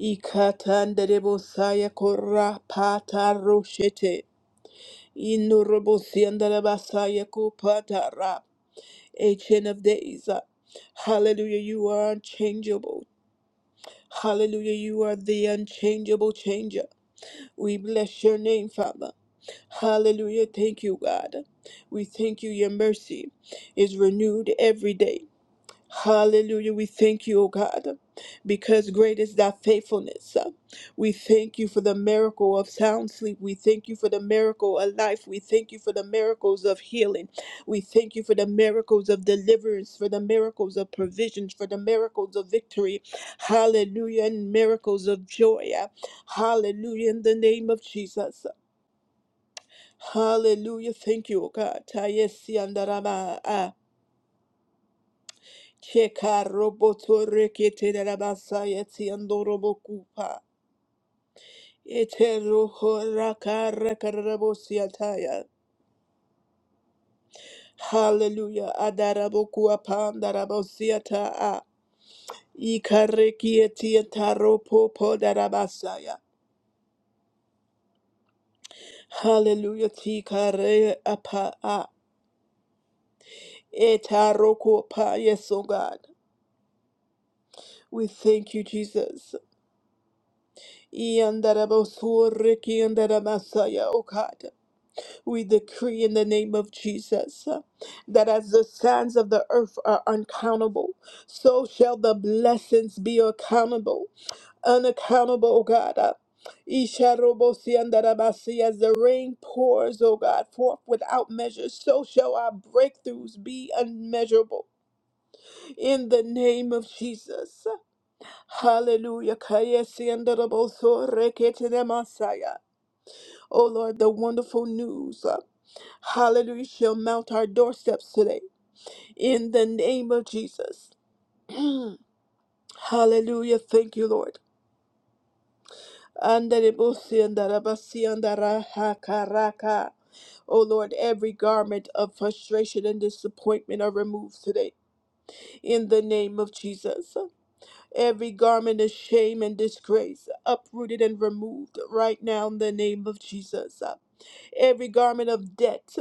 Speaker 1: Ikatandere bosaya kora pata roshete. Inurobosiandara basaya kupata ra. Ancient of days. uh, Hallelujah, you are unchangeable. Hallelujah, you are the unchangeable changer. We bless your name, Father. Hallelujah, thank you, God. We thank you, your mercy is renewed every day. Hallelujah. We thank you, O God, because great is thy faithfulness. We thank you for the miracle of sound sleep. We thank you for the miracle of life. We thank you for the miracles of healing. We thank you for the miracles of deliverance, for the miracles of provisions, for the miracles of victory. Hallelujah. And miracles of joy. Hallelujah. In the name of Jesus. Hallelujah. Thank you, O God. Shekarobotoreketerabasayetiandorobokupa. Eterohorakarakarabosiataya. Hallelujah. Adaraboku upon darabosiata a. Adarabokua Ikarekietietaropopo darabasaya. Hallelujah. Tikare apa a. Etarokopa. Yes, oh God. We thank you, Jesus. Iandarabosurikiandaramasaya, Oh God. We decree in the name of Jesus uh, that as the sands of the earth are uncountable, so shall the blessings be accountable, unaccountable, O God. Uh, Isharobosiandarabasi, As the rain pours, O God, forth without measure, so shall our breakthroughs be unmeasurable. In the name of Jesus. uh, Hallelujah. Kayesiandarabosoreketenemasaya. O Lord, the wonderful news. uh, Hallelujah shall mount our doorsteps today in the name of Jesus. (clears throat) Hallelujah. Thank you, Lord. Andarebosi andarabasi andarahakaraka. O Lord, every garment of frustration and disappointment are removed today in the name of Jesus. Every garment of shame and disgrace uprooted and removed right now in the name of Jesus. Every garment of debt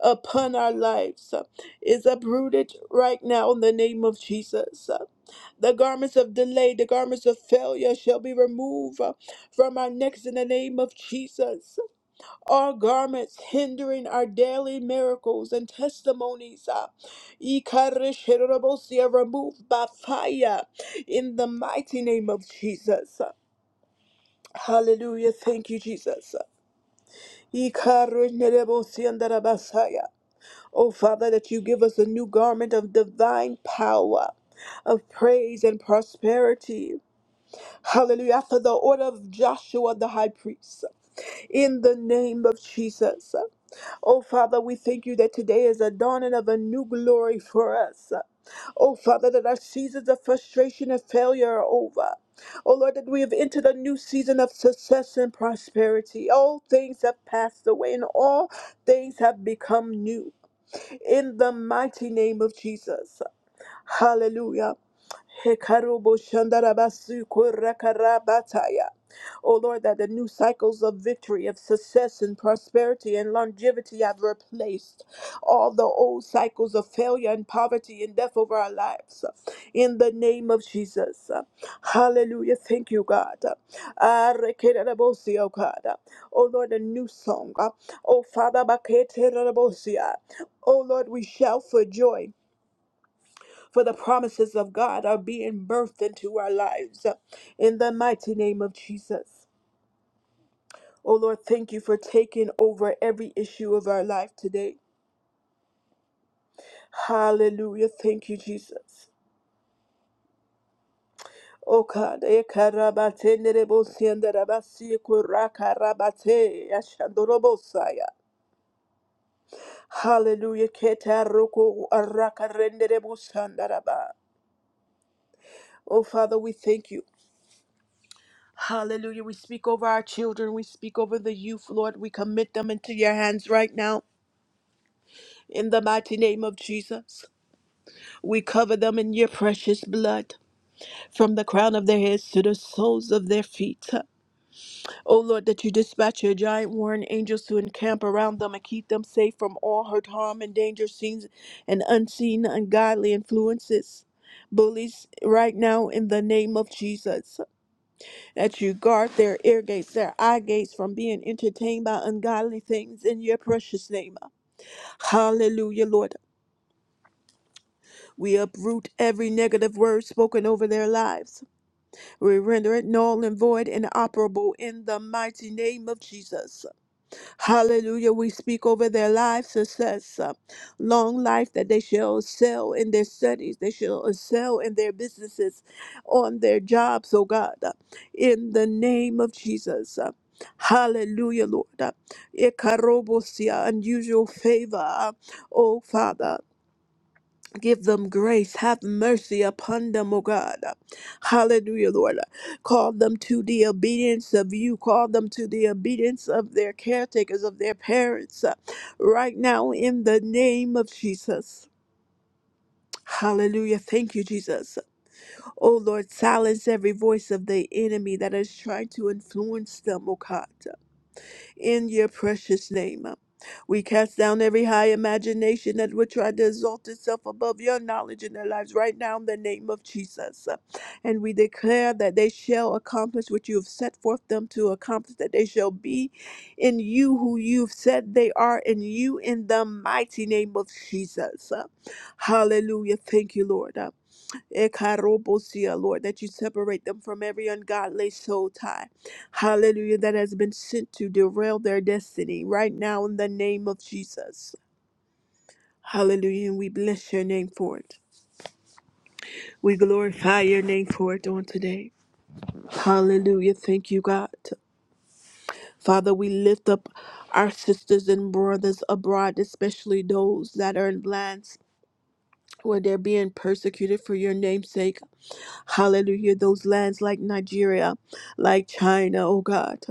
Speaker 1: upon our lives is uprooted right now in the name of Jesus. The garments of delay, the garments of failure shall be removed from our necks in the name of Jesus. All garments hindering our daily miracles and testimonies uh, Ikarishirobos, are removed by fire in the mighty name of Jesus. Hallelujah. Thank you, Jesus. Ikarishirobos, and the Rabasaya. Oh, Father, that you give us a new garment of divine power, of praise and prosperity. Hallelujah. After the order of Joshua the high priest, in the name of Jesus. Oh, Father, we thank you that today is a dawning of a new glory for us. Oh, Father, that our seasons of frustration and failure are over. Oh Lord, that we have entered a new season of success and prosperity. All things have passed away and all things have become new in the mighty name of Jesus. Hallelujah. Hekarobo shandarabasu korakarabataya. O Lord, that the new cycles of victory, of success and prosperity and longevity have replaced all the old cycles of failure and poverty and death over our lives. In the name of Jesus. Hallelujah. Thank you, God. Ah, rekererabosi, O God. O Lord, a new song. O Father, baketererabosi. O Lord, we shout for joy. For the promises of God are being birthed into our lives uh, in the mighty name of Jesus. Oh Lord, thank you for taking over every issue of our life today. Hallelujah. Thank you, Jesus. O God, eh, karabate nerebo sienda rabasi kura karabate yashandorobo Hallelujah. Keta roko araka renderebo sandaraba. Oh Father, we thank you. Hallelujah. We speak over our children. We speak over the youth, Lord. We commit them into your hands right now in the mighty name of Jesus. We cover them in your precious blood from the crown of their heads to the soles of their feet. O Lord, that you dispatch your giant warring angels to encamp around them and keep them safe from all hurt, harm, and danger, seen and unseen, ungodly influences. Bullies, right now in the name of Jesus. that you guard their ear gates, their eye gates from being entertained by ungodly things in your precious name. Hallelujah, Lord. We uproot every negative word spoken over their lives. We render it null and void and operable in the mighty name of Jesus. Hallelujah. We speak over their lives success, uh, long life that they shall excel in their studies, they shall excel in their businesses, on their jobs, oh God, uh, in the name of Jesus. uh, Hallelujah, Lord. Uh, Ikarobosia, Unusual favor, uh, oh Father. Give them grace. Have mercy upon them, O God. Hallelujah, Lord. Call them to the obedience of you. Call them to the obedience of their caretakers, of their parents. uh, Right now, in the name of Jesus. Hallelujah. Thank you, Jesus. Oh Lord, silence every voice of the enemy that is trying to influence them, O God in your precious name. Uh, We cast down every high imagination that would try to exalt itself above your knowledge in their lives right now in the name of Jesus. Uh, And we declare that they shall accomplish what you have set forth them to accomplish, that they shall be in you who you've said they are in you in the mighty name of Jesus. Uh, Hallelujah. Thank you, Lord. Uh, Ekarobosia, Lord, that you separate them from every ungodly soul tie. Hallelujah, that has been sent to derail their destiny right now in the name of Jesus. Hallelujah, and we bless your name for it. We glorify your name for it on today. Hallelujah, thank you, God. Father, we lift up our sisters and brothers abroad, especially those that are in lands where they're being persecuted for your name's sake. Hallelujah. Those lands like Nigeria, like China, oh God.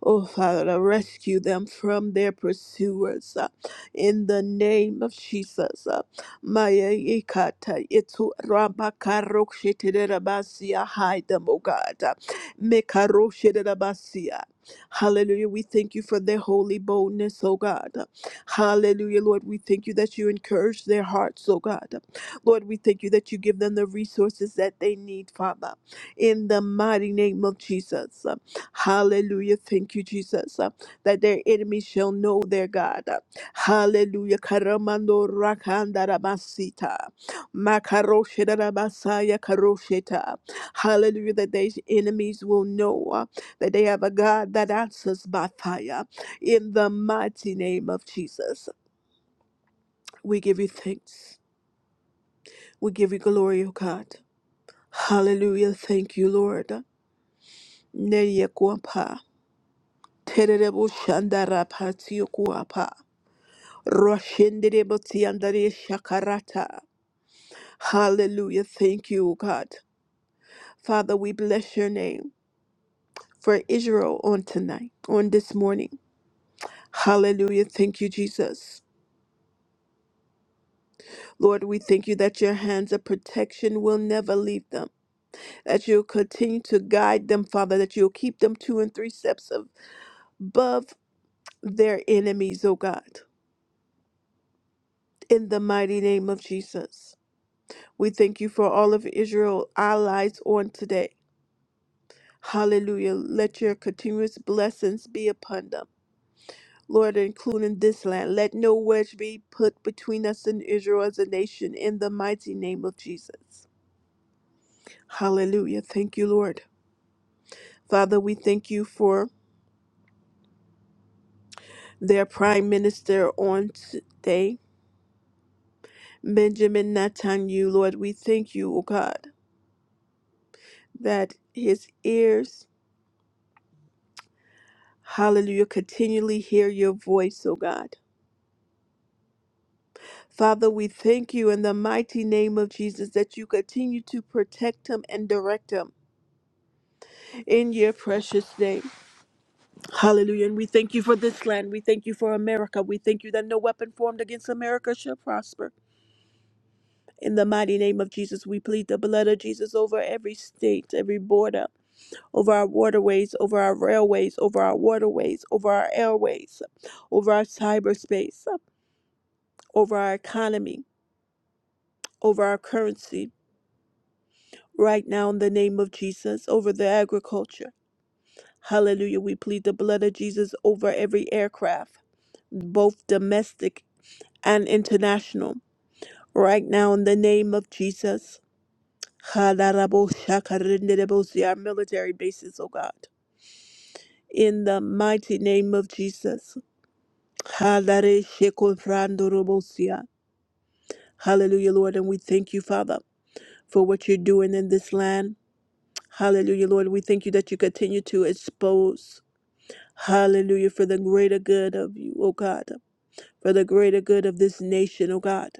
Speaker 1: Oh, Father, rescue them from their pursuers uh, in the name of Jesus. uh, Maya ikata itu rabakaroksheterabasia. Hide them, O God. Mekaroksheterabasia. Hallelujah. We thank you for their holy boldness, O God. Hallelujah, Lord. We thank you that you encourage their hearts, O God. Lord, we thank you that you give them the resources that they need, Father, in the mighty name of Jesus. Uh, Hallelujah. Thank you, Jesus, uh, that their enemies shall know their God. Uh, Hallelujah. Karamando rakandarabasita. Makaroshedarabasaya karosheta. Hallelujah. That their enemies will know uh, that they have a God that answers by fire. In the mighty name of Jesus, we give you thanks. We give you glory, O God. Hallelujah. Thank you, Lord. Nereye kuapa. Tererebo shandara patio kuapa. Roshenderebo tiandare shakarata. Hallelujah. Thank you, God. Father, we bless your name for Israel on tonight, on this morning. Hallelujah. Thank you, Jesus. Lord, we thank you that your hands of protection will never leave them, that you'll continue to guide them, Father, that you'll keep them two and three steps above their enemies, O God. In the mighty name of Jesus, we thank you for all of Israel allies on today. Hallelujah. Let your continuous blessings be upon them. Lord, including this land, let no wedge be put between us and Israel as a nation in the mighty name of Jesus. Hallelujah. Thank you, Lord. Father, we thank you for their prime minister on today, Benjamin Netanyahu. Lord, we thank you, O God, that his ears Hallelujah. Continually hear your voice, O God. Father, we thank you in the mighty name of Jesus that you continue to protect him and direct him in your precious name. Hallelujah. And we thank you for this land. We thank you for America. We thank you that no weapon formed against America shall prosper. In the mighty name of Jesus, we plead the blood of Jesus over every state, every border, over our waterways, over our railways, over our waterways, over our airways, over our cyberspace, over our economy over our currency right now in the name of Jesus, over the agriculture. Hallelujah. We plead the blood of Jesus over every aircraft, both domestic and international, right now in the name of Jesus. Hadaraboshakarindedebosi, Our military bases, oh God. In the mighty name of Jesus. Hadareshekonfrandorobosia. Hallelujah, Lord. And we thank you, Father, for what you're doing in this land. Hallelujah, Lord. We thank you that you continue to expose, hallelujah, for the greater good of you, oh God, for the greater good of this nation, oh God.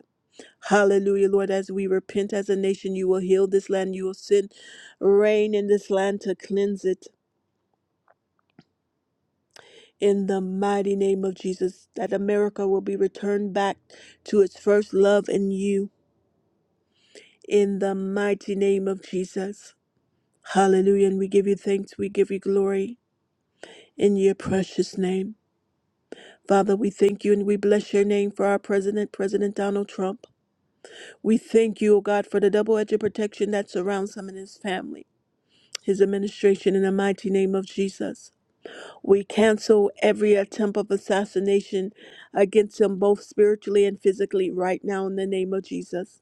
Speaker 1: Hallelujah, Lord. As we repent as a nation, you will heal this land. You will send rain in this land to cleanse it. In the mighty name of Jesus, that America will be returned back to its first love in you. In the mighty name of Jesus. Hallelujah. And we give you thanks. We give you glory in your precious name. Father, we thank you and we bless your name for our president, President Donald Trump. We thank you, O God, for the double edged protection that surrounds him and his family, his administration, in the mighty name of Jesus. We cancel every attempt of assassination against him, both spiritually and physically, right now, in the name of Jesus.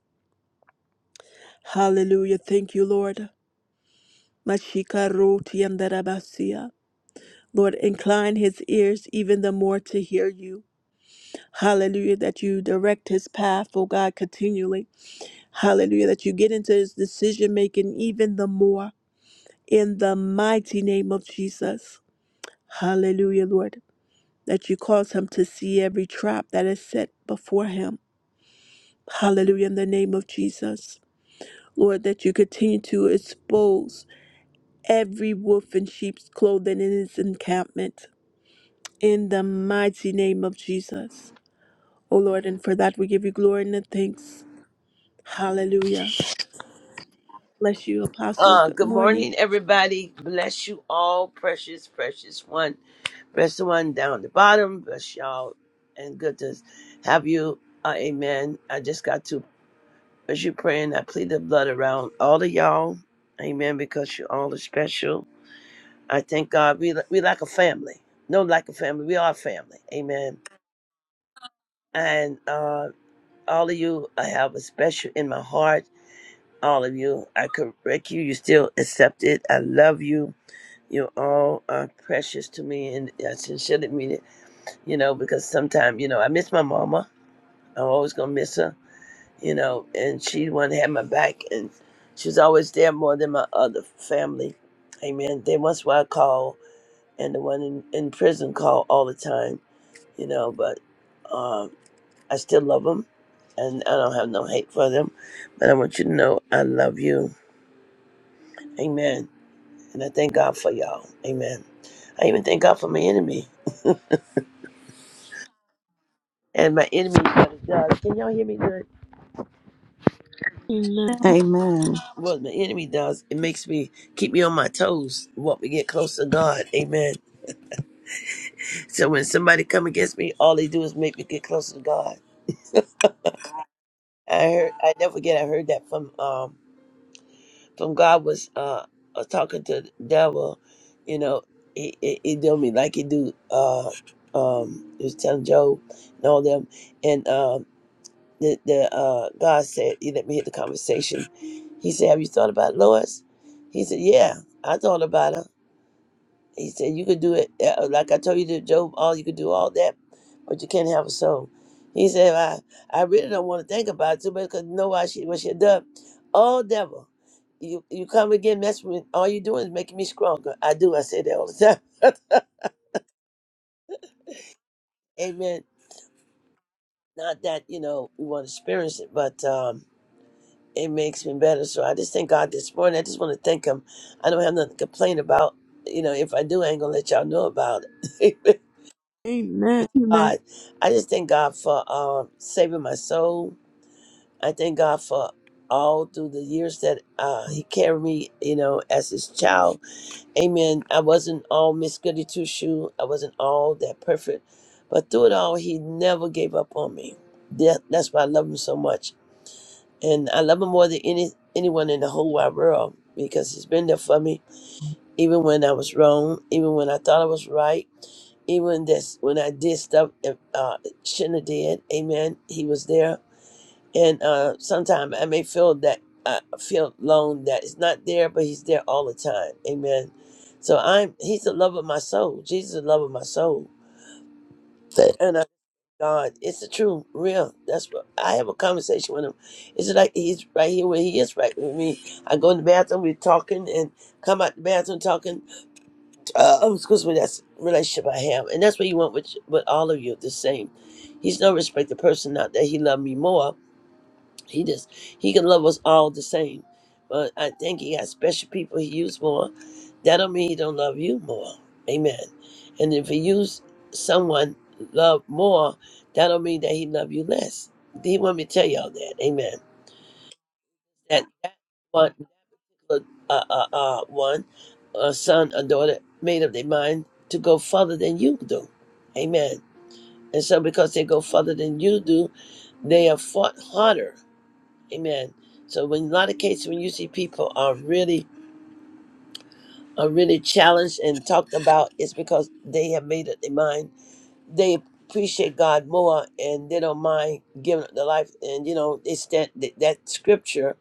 Speaker 1: Hallelujah. Thank you, Lord. Mashika roti andarabasia. Lord, incline his ears even the more to hear you. Hallelujah, that you direct his path, O God, continually Hallelujah. That you get into his decision making even the more in the mighty name of Jesus. Hallelujah, Lord. That you cause him to see every trap that is set before him. Hallelujah, in the name of Jesus. Lord, that you continue to expose every wolf in sheep's clothing in his encampment in the mighty name of Jesus. Oh Lord, and for that we give you glory and thanks. Hallelujah. Bless you, Apostle.
Speaker 2: Uh,
Speaker 1: Good
Speaker 2: good
Speaker 1: morning.
Speaker 2: morning, everybody. Bless you all, precious, precious one. Press the one down the bottom. Bless y'all, and good to have you. Uh, amen. I just got to as you praying. I plead the blood around all of y'all. Amen. Because you all are special. I thank God. We we like a family. No, like a family. We are a family. Amen. And uh, all of you, I have a special in my heart. All of you, I correct you. You still accept it. I love you You all are precious to me, and I sincerely mean it. You know, because sometimes you know I miss my mama. I'm always gonna miss her. You know, and she the one that had my back, and she's always there more than my other family. Amen. They once why I call, and the one in, in prison call all the time. You know, but um, I still love them, and I don't have no hate for them. But I want you to know I love you. Amen. And I thank God for y'all. Amen. I even thank God for my enemy. and my enemy what it does. Can y'all hear me good?
Speaker 1: Amen.
Speaker 3: Amen.
Speaker 2: What my enemy does, it makes me keep me on my toes. What we get close to God, Amen. So when somebody come against me, all they do is make me get closer to God. I heard, I never forget, I heard that from um from God was uh I was talking to the devil, you know, he he, he do me like he do uh um he was telling Job and all them, and um the, the uh, God said, he let me hit the conversation. He said, Have you thought about Lois? He said, Yeah, I thought about her. He said, You could do it. uh, uh, Like I told you to Job, all you could do all that, but you can't have a soul. He said, "Well, I, I really don't want to think about it too you know why she, what she done. Oh, devil, you, you come again, mess with me. All you doing is making me stronger. I do. I say that all the time. (laughs) Amen. Not that, you know, we want to experience it, but. um it makes me better. So I just thank God this morning. I just want to thank Him. I don't have nothing to complain about. You know, if I do, I ain't gonna let y'all know about it. (laughs)
Speaker 1: Amen. Amen.
Speaker 2: God, I just thank God for um, saving my soul. I thank God for all through the years that uh, He carried me. You know, as His child. Amen. I wasn't all Miss Goody Two Shoe. I wasn't all that perfect, but through it all, He never gave up on me. That, that's why I love Him so much and I love him more than any anyone in the whole wide world because he's been there for me even when I was wrong, even when I thought I was right, even this when I did stuff that, uh shouldn't have did. Amen. He was there. And uh sometimes I may feel that I feel alone that it's not there, but he's there all the time. Amen. So I'm he's the love of my soul. Jesus is the love of my soul. And God, it's the truth, real. That's what I have a conversation with him. It's like he's right here where he is right with me. I go in the bathroom, we're talking, and come out the bathroom talking. Uh, oh, excuse me, that's the relationship I have, and that's what you want with with all of you the same. He's no respected person, not that he loved me more, he just he can love us all the same. But I think he got special people he use more. That don't mean he don't love you more. Amen. And if he use someone love more, that don't mean that he love you less. He want me to tell y'all that. Amen. That that one uh uh uh uh, one a son or daughter made up their mind to go further than you do. Amen. And so because they go further than you do, they have fought harder Amen. So when a lot of cases when you see people are really are really challenged and talked about, it's because they have made up their mind. They appreciate God more and they don't mind giving up their life. And you know, they stand that, that scripture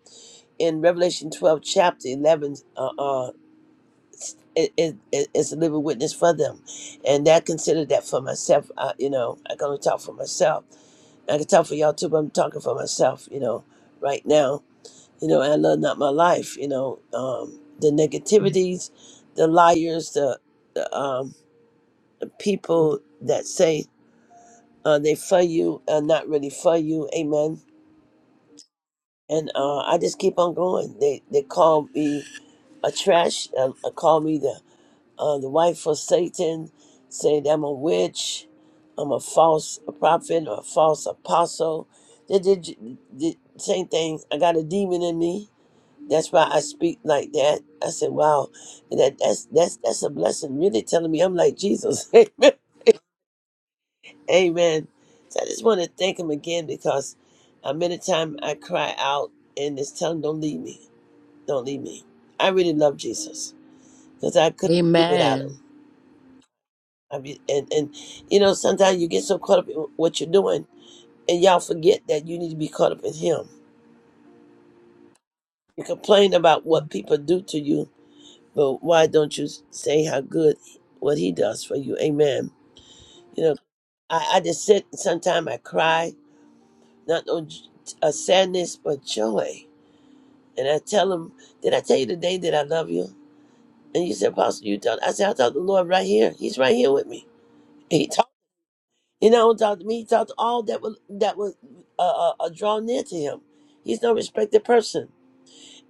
Speaker 2: in Revelation twelve chapter eleven uh, uh it, it, it- it's a living witness for them. And I consider that for myself. I, you know, I can only talk for myself. I can talk for y'all too, but I'm talking for myself, you know, right now you know, and I love not my life, you know, um, the negativities, the liars, the, the um, people that say uh, they for you are not really for you, amen. And uh, I just keep on going. They they call me a trash, uh, uh, call me the uh, the wife of Satan, saying I'm a witch, I'm a false prophet or a false apostle. They did, the same thing. I got a demon in me That's why I speak like that. I said, "Wow, and that that's that's that's a blessing." Really telling me I'm like Jesus. (laughs) Amen. Amen. So I just want to thank Him again because uh, many time I cry out and it's telling, him, "Don't leave me, don't leave me." I really love Jesus because I couldn't do without Him.
Speaker 4: Amen.
Speaker 2: I mean, and and you know sometimes you get so caught up in what you're doing and y'all forget that you need to be caught up in Him. You complain about what people do to you, But why don't you say how good what he does for you? Amen. You know, I, I just sit sometimes I cry, not no j- uh, sadness, but joy. And I tell him, Did I tell you today that I love you? And you said, Apostle, you tell I said, I talked to the Lord right here. He's right here with me. And he talked. He not only talked to me, he talked to all that would that would uh, uh, uh, draw near to him. He's no respected person.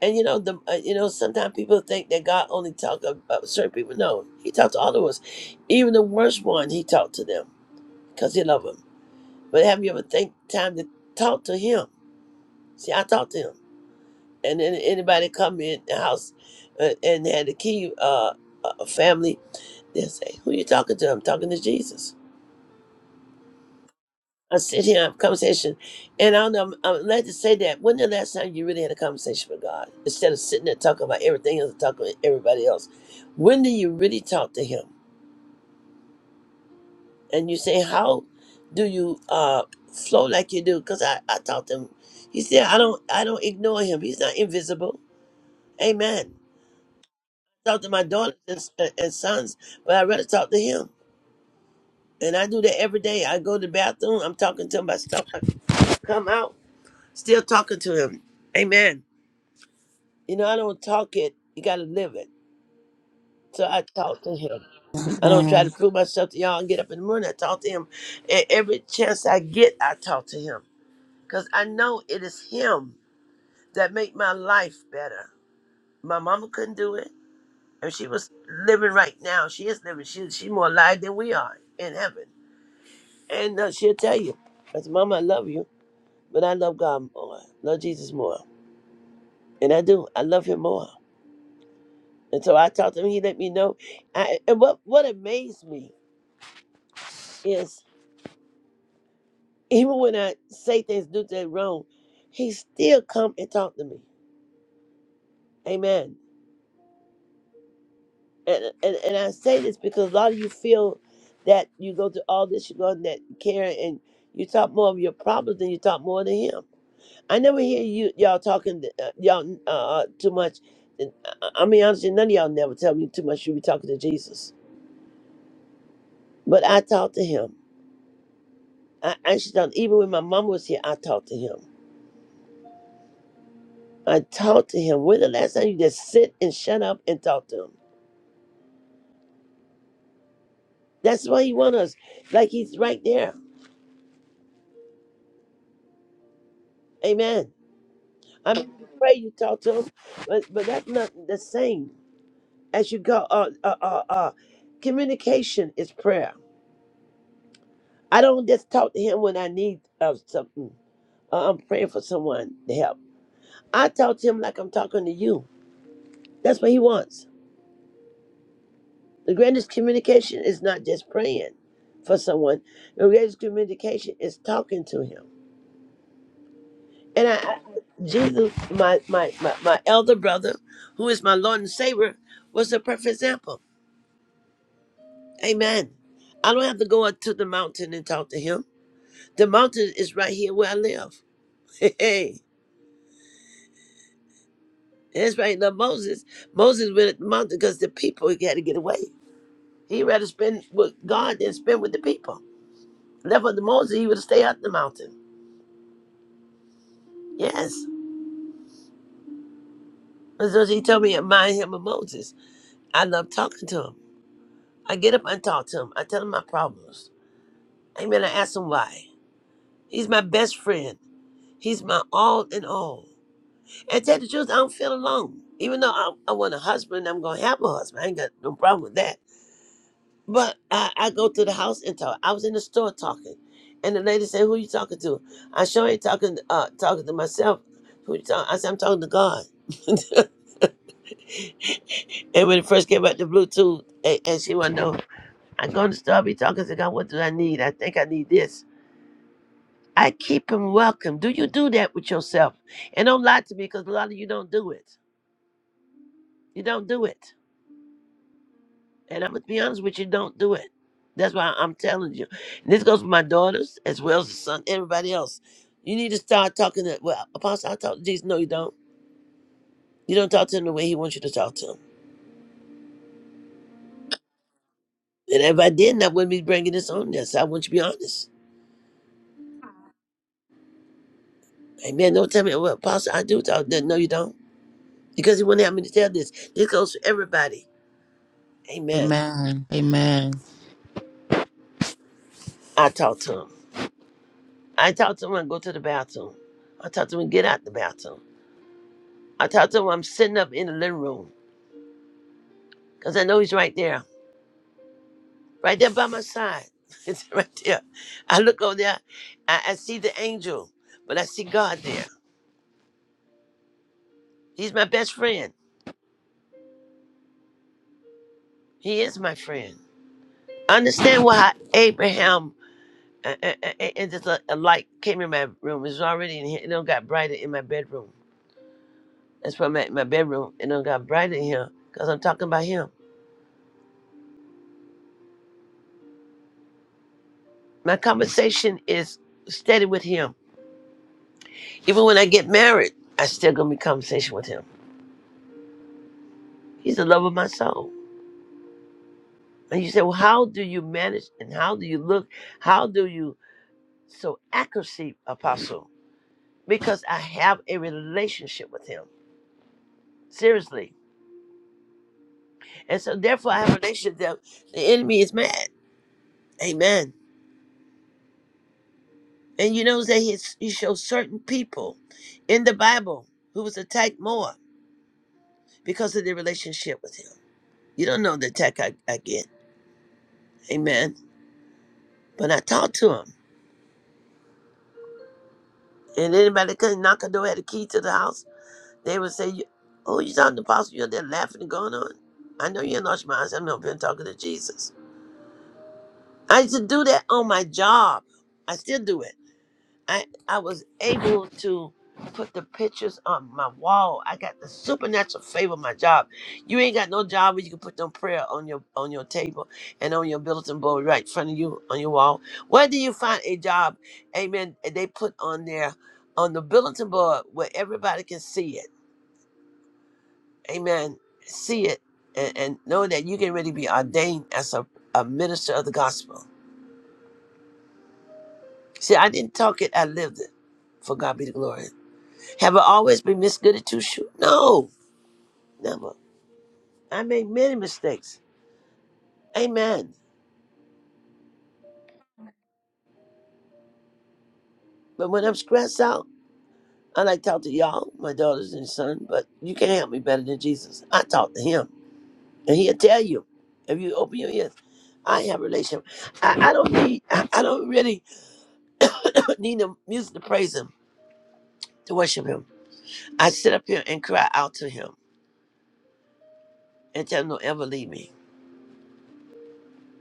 Speaker 2: And you know, the uh, you know, sometimes people think that God only talks about certain people. No, He talks to all of us, even the worst one. He talked to them because He loved them. But have you ever think time to talk to Him? See, I talked to Him, and then anybody come in the house uh, and had the key, uh, uh, family, they will say, "Who you talking to?" I'm talking to Jesus. I sit here and have a conversation, and I don't know. I'm, I'm glad to say that. When the last time you really had a conversation with God instead of sitting there talking about everything else and talking to everybody else? When do you really talk to Him? And you say, how do you uh, flow like you do? Because I, I talk to Him. He said, I don't I don't ignore Him. He's not invisible. Amen. I talk to my daughters and, s- and sons, but I rather talk to Him. And I do that every day. I go to the bathroom. I'm talking to Him about stuff. I come out still talking to Him. Amen. You know, I don't talk it. You got to live it. So I talk to him. I don't try to
Speaker 3: Amen.
Speaker 2: prove myself to y'all and get up in the morning. I talk to him. And every chance I get, I talk to him. Because I know it is him that make my life better. My mama couldn't do it. And she was living right now. She is living. She, she more alive than we are in heaven. And uh, she'll tell you, I said, Mama, I love you, but I love God more. Love Jesus more. And I do. I love him more. And so I talk to him. He let me know. I, and what, what amazed me Yes. Even when I say things, do things wrong, he still come and talk to me. Amen. And, and and I say this because a lot of you feel that you go through all this, you go in that care, and you talk more of your problems than you talk more to him. I never hear you y'all talking to, uh, y'all uh, uh, too much. And uh, I, I mean, honestly, none of y'all never tell me too much. You be talking to Jesus, but I talk to him. I actually talk, even when my mom was here, I talked to him. and talk to him. When the last time you just sit and shut up and talk to him? That's why he wants us. Like he's right there. Amen. I mean, you pray, you talk to him, but but that's not the same as you go. Uh, uh, uh, uh, communication is prayer. I don't just talk to him when I need uh, something. Uh, I'm praying for someone to help. I talk to him like I'm talking to you. That's what he wants. The greatest communication is not just praying for someone. The greatest communication is talking to him. And I, I- Jesus, my, my, my, my elder brother, who is my Lord and Savior, was a perfect example. Amen. I don't have to go up to the mountain and talk to him. The mountain is right here where I live. (laughs) Hey, hey. that's right. Now Moses, Moses went at the mountain because the people he had to get away. He rather spend with God than spend with the people. Left with the Moses, he would stay up the mountain. Yes. And so he told me, remind him of Moses. I love talking to him. I get up and talk to him. I tell him my problems. Amen. I asked him why. He's my best friend. He's my all in all. And to tell the truth, I don't feel alone. Even though I, I want a husband, I'm gonna have a husband. I ain't got no problem with that. But I, I go to the house and talk. I was in the store talking, and the lady said, "Who you talking to?" I sure ain't talking uh talking to myself. Who you talking? I said, "I'm talking to God." (laughs) and when it first came out the Bluetooth, and, and she wanna know, I go in the store, I be talking to God. What do I need? I think I need this. I keep him welcome. Do you do that with yourself? And don't lie to me because a lot of you don't do it. You don't do it. And I'm going to be honest with you, don't do it. That's why I'm telling you. And this goes for my daughters as well as the son, everybody else. You need to start talking to, well, Apostle, I talk to Jesus. No, you don't. You don't talk to him the way he wants you to talk to him. And if I didn't, I wouldn't be bringing this on this. I want you to be honest. Amen. Don't tell me, well, Apostle, I do talk. No, you don't. Because he wouldn't have me to tell this. This goes for everybody. Amen.
Speaker 4: Amen. Amen.
Speaker 2: I talk to him. I talk to him when I go to the bathroom. I talk to him when I get out the bathroom. I talk to him when I'm sitting up in the living room because I know he's right there, right there by my side. (laughs) it's right there. I look over there, I, I see the angel, but I see God there. He's my best friend. He is my friend. I understand why Abraham uh, uh, uh, uh, and just a, a light came in my room. It was already in here. It don't got brighter in my bedroom. That's why my, my bedroom. It don't got brighter in here because I'm talking about him. My conversation is steady with him. Even when I get married, I still gonna be conversation with him. He's the love of my soul. And you say, well, how do you manage and how do you look? How do you so accuracy, apostle? Because I have a relationship with him. Seriously. And so therefore I have a relationship that the enemy is mad. Amen. And you know that he, he shows certain people in the Bible who was attacked more because of their relationship with him. You don't know the attack I, I get. Amen. But I talked to him. And anybody that couldn't knock a door, had a key to the house, they would say, "You- Oh, you talking to Apostle? You're there laughing and going on. I know you ain't lost your mind. I said, "No, I've been talking to Jesus. I used to do that on my job. I still do it. I I was able to put the pictures on my wall. I got the supernatural favor of my job. You ain't got no job where you can put them prayer on your on your table and on your bulletin board right in front of you on your wall. Where do you find a job? Amen. They put on there on the bulletin board where everybody can see it. Amen. See it and, and know that you can really be ordained as a, a minister of the gospel. See, I didn't talk it, I lived it. For God be the glory. Have I always been Miss Goody Two Shoes? No, never. I made many mistakes. Amen. But when I'm stressed out, I like to talk to y'all, my daughters and son, but you can't help me better than Jesus. I talk to him, and he'll tell you if you open your ears. I have a relationship. I, I don't need, I, I don't really (coughs) need the music to praise him, to worship him. I sit up here and cry out to him and tell him don't ever leave me.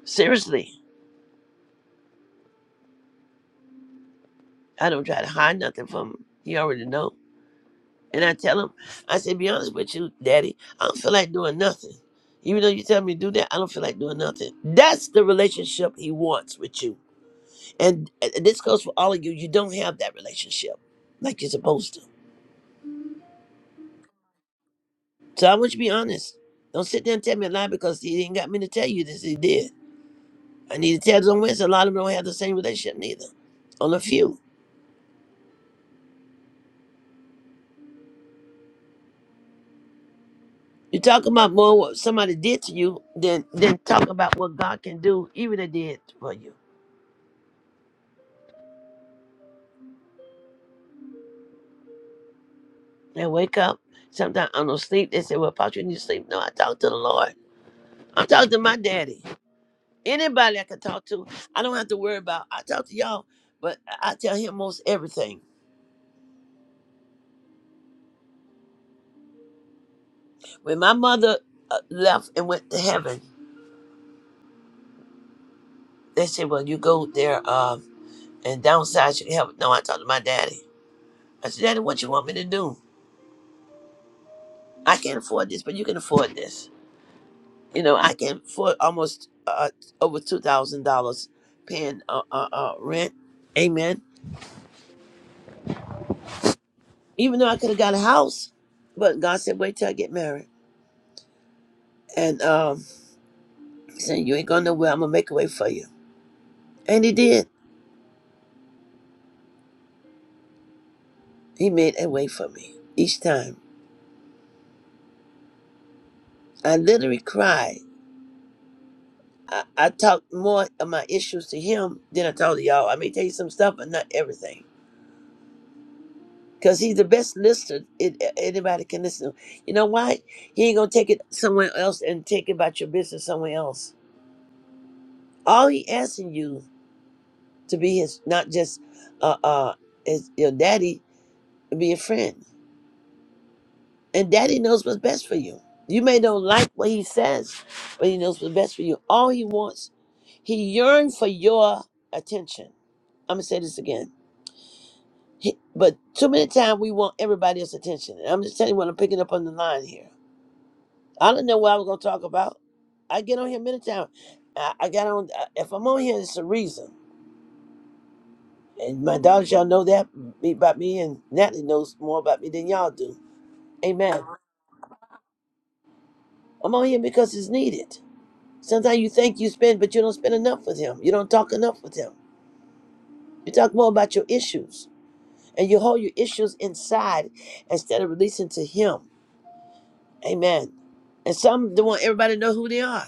Speaker 2: Seriously, I don't try to hide nothing from him. He already know. And I tell him, I say, be honest with you, daddy, I don't feel like doing nothing. Even though you tell me to do that, I don't feel like doing nothing. That's the relationship he wants with you. And uh, this goes for all of you. You don't have that relationship like you're supposed to. So I want you to be honest. Don't sit there and tell me a lie because he didn't got me to tell you this. He did. I need to tell some Wednesday. A lot of them don't have the same relationship neither. On a few. You talk about more what somebody did to you than than talk about what God can do, even they did for you. They wake up. Sometimes I don't sleep. They say, Well, Pastor, you need to sleep. No, I talk to the Lord. I'm talking to my daddy. Anybody I can talk to, I don't have to worry about. I talk to y'all, but I tell him most everything. When my mother uh, left and went to heaven, they said, Well, you go there uh, and downsize your help. No, I talk to my daddy. I said, Daddy, what you want me to do? I can't afford this, but you can afford this. You know, I can afford almost uh, over $2,000 paying uh, uh, uh, rent. Amen Even though I could have got a house, but God said, wait till I get married. And um, he said, you ain't going nowhere. I'm going to make a way for you. And he did. He made a way for me each time. I literally cried. I, I talked more of my issues to him than I talked to y'all. I may tell you some stuff, but not everything. Because he's the best listener it, anybody can listen to. You know why? He ain't going to take it somewhere else and take about your business somewhere else. All he asking you to be his, not just uh, uh, is your daddy, to be a friend. And daddy knows what's best for you. You may not like what he says, but he knows what's best for you. All he wants, he yearns for your attention. I'm gonna say this again. He, but too many times we want everybody else's attention. And I'm just telling you what I'm picking up on the line here. I don't know what I was gonna talk about. I get on here many times. I, I got on. I- If I'm on here, it's a reason. And my daughters, y'all know that about me, and Natalie knows more about me than y'all do. Amen. I'm on here because it's needed. Sometimes you think you spend, but you don't spend enough with him. You don't talk enough with him. You talk more about your issues and you hold your issues inside instead of releasing to him. Amen. And some don't want everybody to know who they are.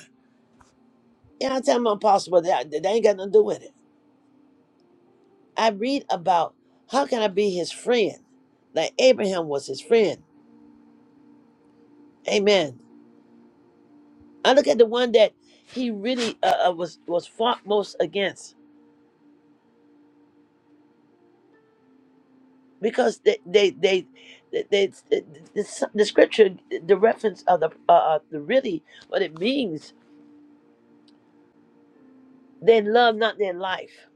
Speaker 2: Yeah, I tell them I'm possible. That that ain't got nothing to do with it. I read about how can I be his friend? Like Abraham was his friend. Amen. I look at the one that he really uh, uh, was was fought most against. because they they they, they, they the, the, the scripture the reference of the uh, uh, the really what it means they love not their life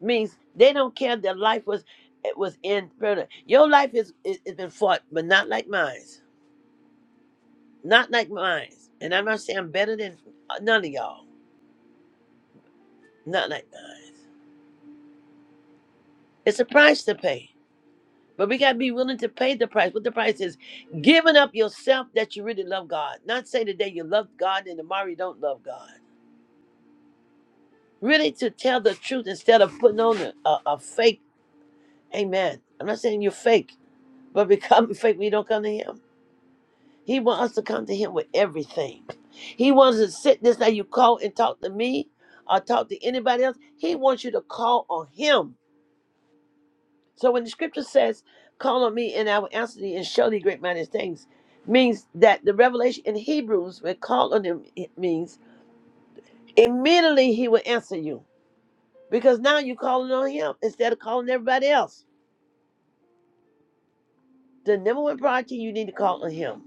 Speaker 2: means they don't care if their life was it was in brother, your life is is has been fought but not like mine's not like mine's and I'm not saying I'm better than none of y'all not like mine it's a price to pay but we gotta be willing to pay the price. What the price is, giving up yourself that you really love God. Not say today you love God and tomorrow you don't love God really to tell the truth instead of putting on a, a, a fake amen i'm not saying you're fake but become (laughs) fake when you don't come to him he wants us to come to him with everything he wants to sit this that you call and talk to me or talk to anybody else he wants you to call on him so when the scripture says call on me and i will answer thee and show thee great mighty things means that the revelation in hebrews when call on him it means immediately he will answer you because now you're calling on him instead of calling everybody else The number one priority you need to call on Him.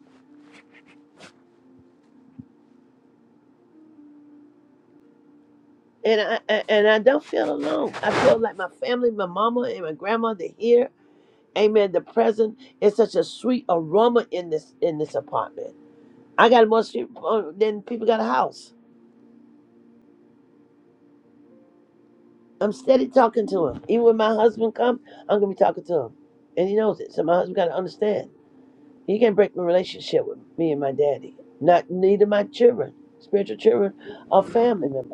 Speaker 2: And I I- and I don't feel alone. I feel like my family, my mama and my grandmother here. Amen. The present is such a sweet aroma in this in this apartment. I got more sweet uh, than people got a house. I'm steady talking to him. Even when my husband comes, I'm gonna be talking to him, and he knows it. So my husband got to understand. He can't break my relationship with me and my daddy. Not neither my children, spiritual children, or family members.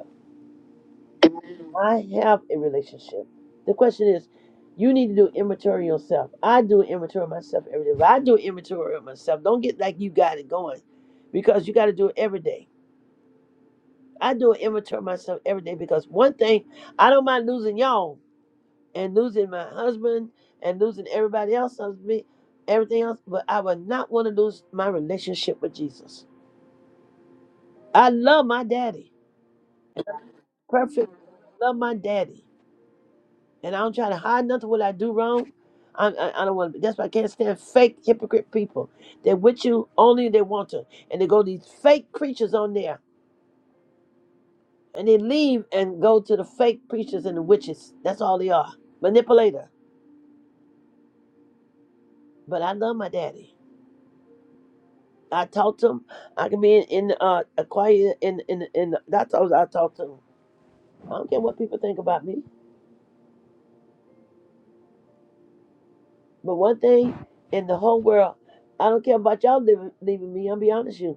Speaker 2: I have a relationship. The question is, you need to do inventory yourself. I do inventory of myself every day. But I do inventory of myself. Don't get like you got it going because you got to do it every day. I do an inventory of myself every day because one thing, I don't mind losing y'all and losing my husband and losing everybody else, Me, everything else, but I would not want to lose my relationship with Jesus. I love my daddy. Perfect. Love my daddy. and I don't try to hide nothing what I do wrong. I, I, I don't want to. That's why I can't stand fake hypocrite people. They're with you only if they want to, and they go these fake creatures on there, and they leave and go to the fake preachers and the witches. That's all they are, manipulator. But I love my daddy. I talk to him. I can be in, in uh, a quiet in in in. That's all I talk to him. I don't care what people think about me. But one thing in the whole world, I don't care about y'all leaving, leaving me. I'll be honest with you.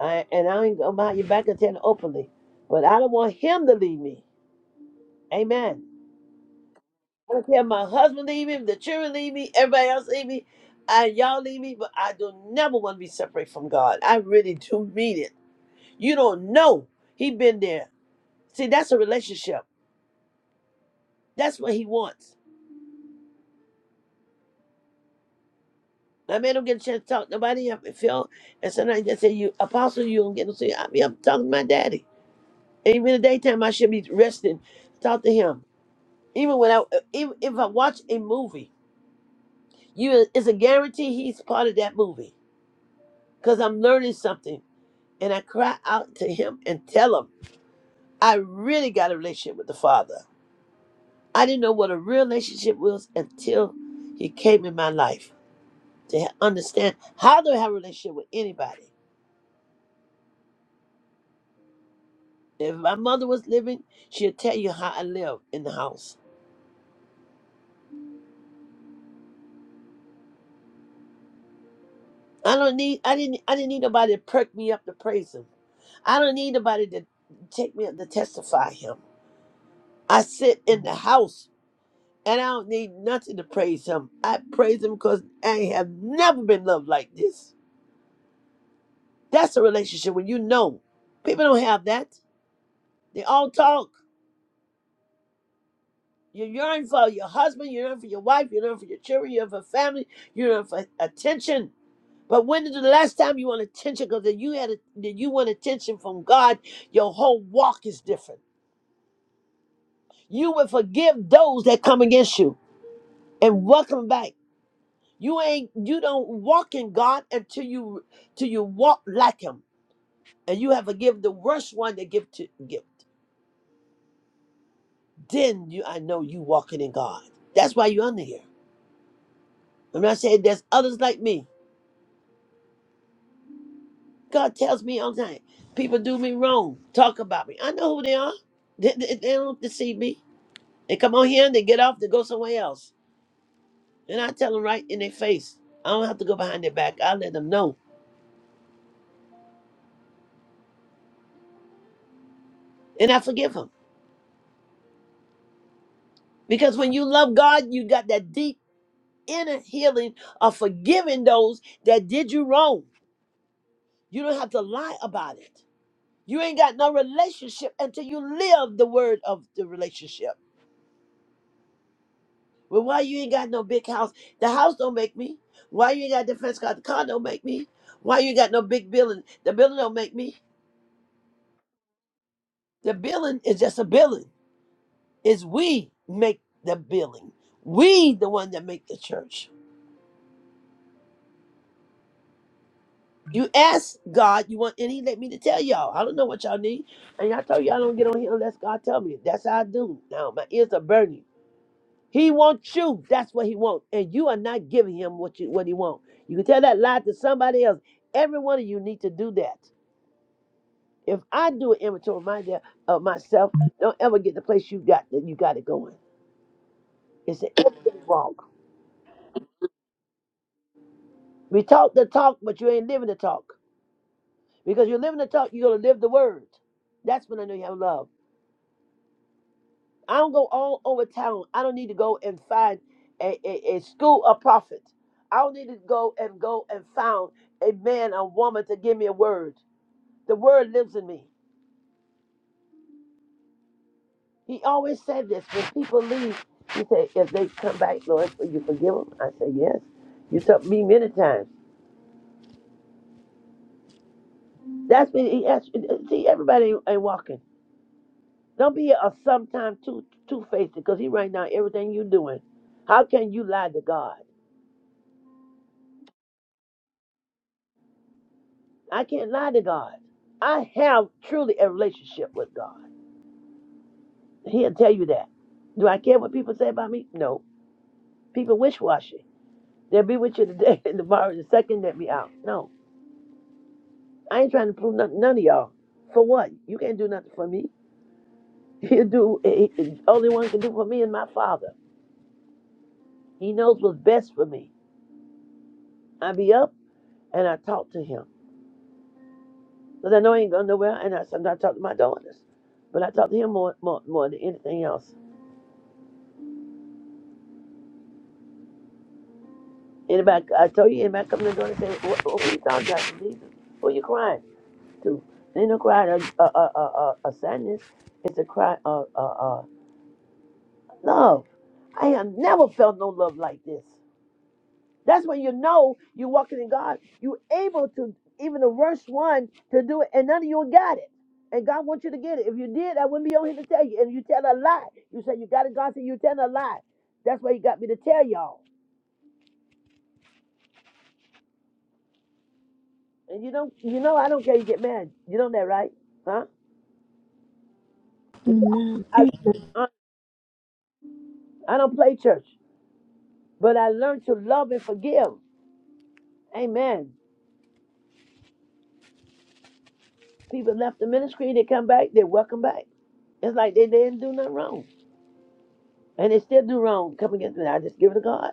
Speaker 2: I, and I ain't go behind your back and tell it openly. But I don't want him to leave me. Amen. I don't care if my husband leave me, if the children leave me, everybody else leave me, and y'all leave me, but I do never want to be separate from God. I really do mean it. You don't know he been there. See, that's a relationship. That's what he wants. I may don't get a chance to talk to nobody. I feel, and sometimes they say, "You apostle, you don't get to see." I mean, I'm talking to my daddy. Even in the daytime, I should be resting, talk to him. Even when I, even if I watch a movie, you it's a guarantee he's part of that movie because I'm learning something, and I cry out to him and tell him I really got a relationship with the Father. I didn't know what a real relationship was until he came in my life to ha- understand how do I have a relationship with anybody. If my mother was living, she'd tell you how I live in the house. I don't need, I didn't, I didn't need nobody to perk me up to praise him. I don't need nobody to take me up to testify him. I sit in the house and I don't need nothing to praise him. I praise him because I have never been loved like this. That's a relationship when you know. People don't have that. They all talk. You yearn for your husband, you yearn for your wife, you yearn for your children, you yearn for family, you yearn for attention. But when is the last time you want attention? Because if you had a, that you want attention from God, your whole walk is different. You will forgive those that come against you and welcome back. You ain't you don't walk in God until you till you walk like him. And you have to give the worst one the gift to gift. Then you I know you walking in God. That's why you under here. I'm not saying there's others like me. God tells me all the time. People do me wrong. Talk about me. I know who they are. They, they, they don't deceive me. They come on here and they get off They go somewhere else. And I tell them right in their face. I don't have to go behind their back. I let them know. And I forgive them. Because when you love God, you got that deep. inner healing of forgiving those that did you wrong. You don't have to lie about it. You ain't got no relationship until you live the word of the relationship. Well, why you ain't got no big house? The house don't make me. Why you ain't got defense car? The car don't make me. Why you ain't got no big building? The building don't make me. The building is just a building. It's we make the building. We the one that make the church. You ask God, you want, and He let me to tell y'all. I don't know what y'all need, and y'all told y'all I don't get on here unless God tell me. That's how I do. Now my ears are burning. He wants you. That's what He wants, and you are not giving Him what you what He wants. You can tell that lie to somebody else. Every one of you need to do that. If I do an inventory of my- of myself, don't ever get the place you got that you got it going. It's an everyday walk. We talk the talk, but you ain't living the talk because you're living the talk. You're gonna live the word. That's when I know you have love. I don't go all over town. I don't need to go and find a, a, a school of prophets. I don't need to go and go and found a man or woman to give me a word. The word lives in me. He always said this when people leave. He said, if they come back, Lord, will you forgive them? I said, yes. You told me many times. That's when he asked. See, everybody ain't, ain't walking. Don't be a sometime two two faced because he right now everything you doing. How can you lie to God? I can't lie to God. I have truly a relationship with God. He'll tell you that. Do I care what people say about me? No. People wish washy. They'll be with you today (laughs) and tomorrow the second let me out. No. I ain't trying to prove nothing, none of y'all. For what? You can't do nothing for me. (laughs) He'll do, he- he- only one can do for me and my father. He knows what's best for me. I be up and I talk to him. Because I know I ain't going nowhere and I sometimes talk to my daughters. But I talk to him more, more, more than anything else. Anybody, I told you, anybody come to the door and say, what, what are you talking about, Jesus? Who you crying to? It ain't no crying of uh, uh, uh, uh, uh, sadness. It's a cry of uh, uh, love. I have never felt no love like this. That's when you know you're walking in God. you able to, even the worst one, to do it, and none of you got it. And God wants you to get it. If you did, I wouldn't be on here to tell you. And you tell a lie. You say you got it, God said you tell a lie. That's why He got me to tell y'all. And you don't, you know, I don't care you get mad. You know that, right? Huh?
Speaker 1: Amen.
Speaker 2: I, I don't play church, but I learned to love and forgive. Amen. People left the ministry, they come back, they welcome back. It's like they didn't do nothing wrong. And they still do wrong come against me. I just give it to God.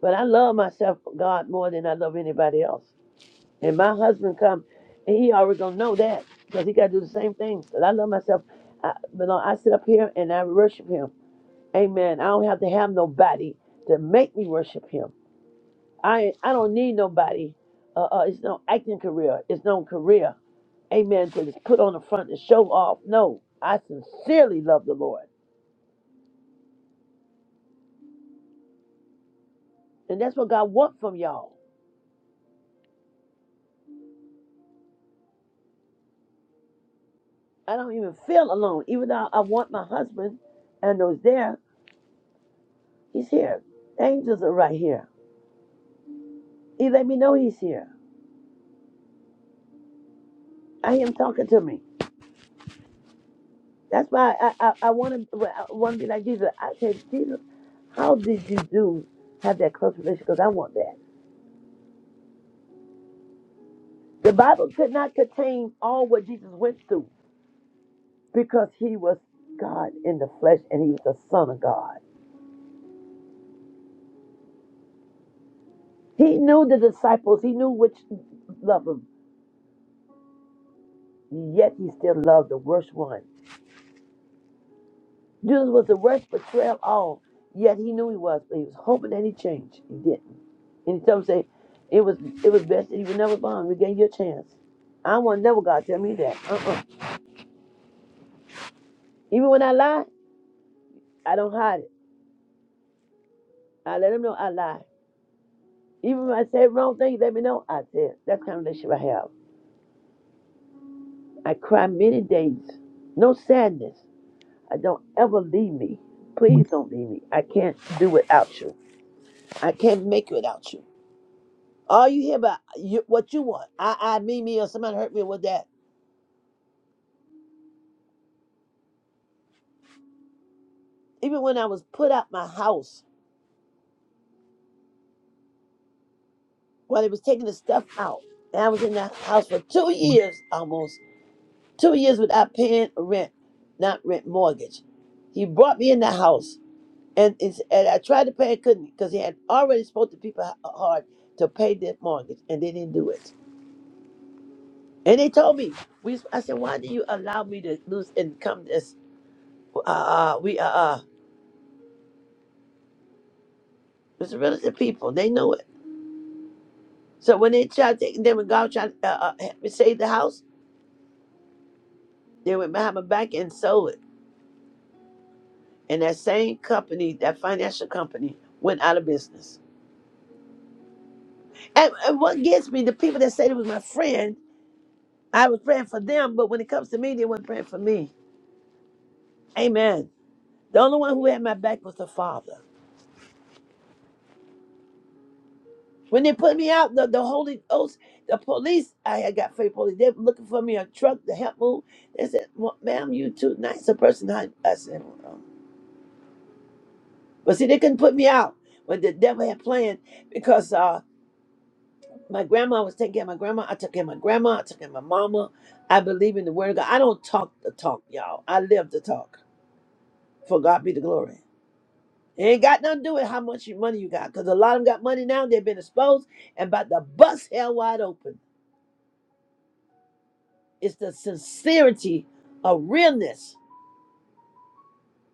Speaker 2: But I love myself, God, more than I love anybody else. And my husband come, and he already gonna know that because he gotta do the same thing. But I love myself. I, but no, I sit up here and I worship him. Amen. I don't have to have nobody to make me worship him. I I don't need nobody. Uh, uh, it's no acting career. It's no career. Amen. To just put on the front and show off. No, I sincerely love the Lord, and that's what God wants from y'all. I don't even feel alone, even though I want my husband, and those there, he's here. Angels are right here. He let me know he's here. I hear him talking to me. That's why I I, I want to want to be like Jesus. I said, Jesus, how did you do have that close relationship? Because I want that. The Bible could not contain all what Jesus went through because he was God in the flesh and he was the Son of God. He knew the disciples, he knew which loved him, yet he still loved the worst one. Jesus was the worst betrayal of all, yet he knew he was, but he was hoping that he changed. He didn't. And he told him, say, it was it was best that you were never born. We gave you a chance. I want never God tell me that. Uh-uh. Even when I lie, I don't hide it. I let him know I lied. Even if I say wrong thing, let me know. I did. That's the kind of relationship I have. I cry many days. No sadness. I don't ever leave me. Please don't leave me. I can't do without you. I can't make it without you. All you hear about you, what you want. I, I, me, me, or somebody hurt me with that. Even when I was put out my house, while they was taking the stuff out, and I was in that house for two years almost, two years without paying rent, not rent mortgage. He brought me in the house. And it's, and I tried to pay, I couldn't, because he had already spoke to people h- hard to pay their mortgage, and they didn't do it. And they told me, we, I said, why do you allow me to lose income? This, uh, uh, we, uh, uh, it's real estate people, they know it. So when they tried to, then when God tried to uh, uh, help me save the house, they went behind my back and sold it. And that same company, that financial company, went out of business. And, and what gets me, the people that said it was my friend, I was praying for them, but when it comes to me, they weren't praying for me. Amen. The only one who had my back was the Father. When they put me out, the, the Holy Ghost, the police, I had got faith police. They were looking for me a truck to help move. They said, well, ma'am, you too nice a person. to hunt." I said, well, no." but see, they couldn't put me out when the devil had planned because uh, my grandma was taking care of my grandma. I took care of my grandma. I took care of my mama. I believe in the word of God. I don't talk the talk, y'all. I live the talk. For God be the glory. It ain't got nothing to do with how much you- money you got, because a lot of them got money now. They've been exposed and about the bust hell wide open. It's the sincerity of realness.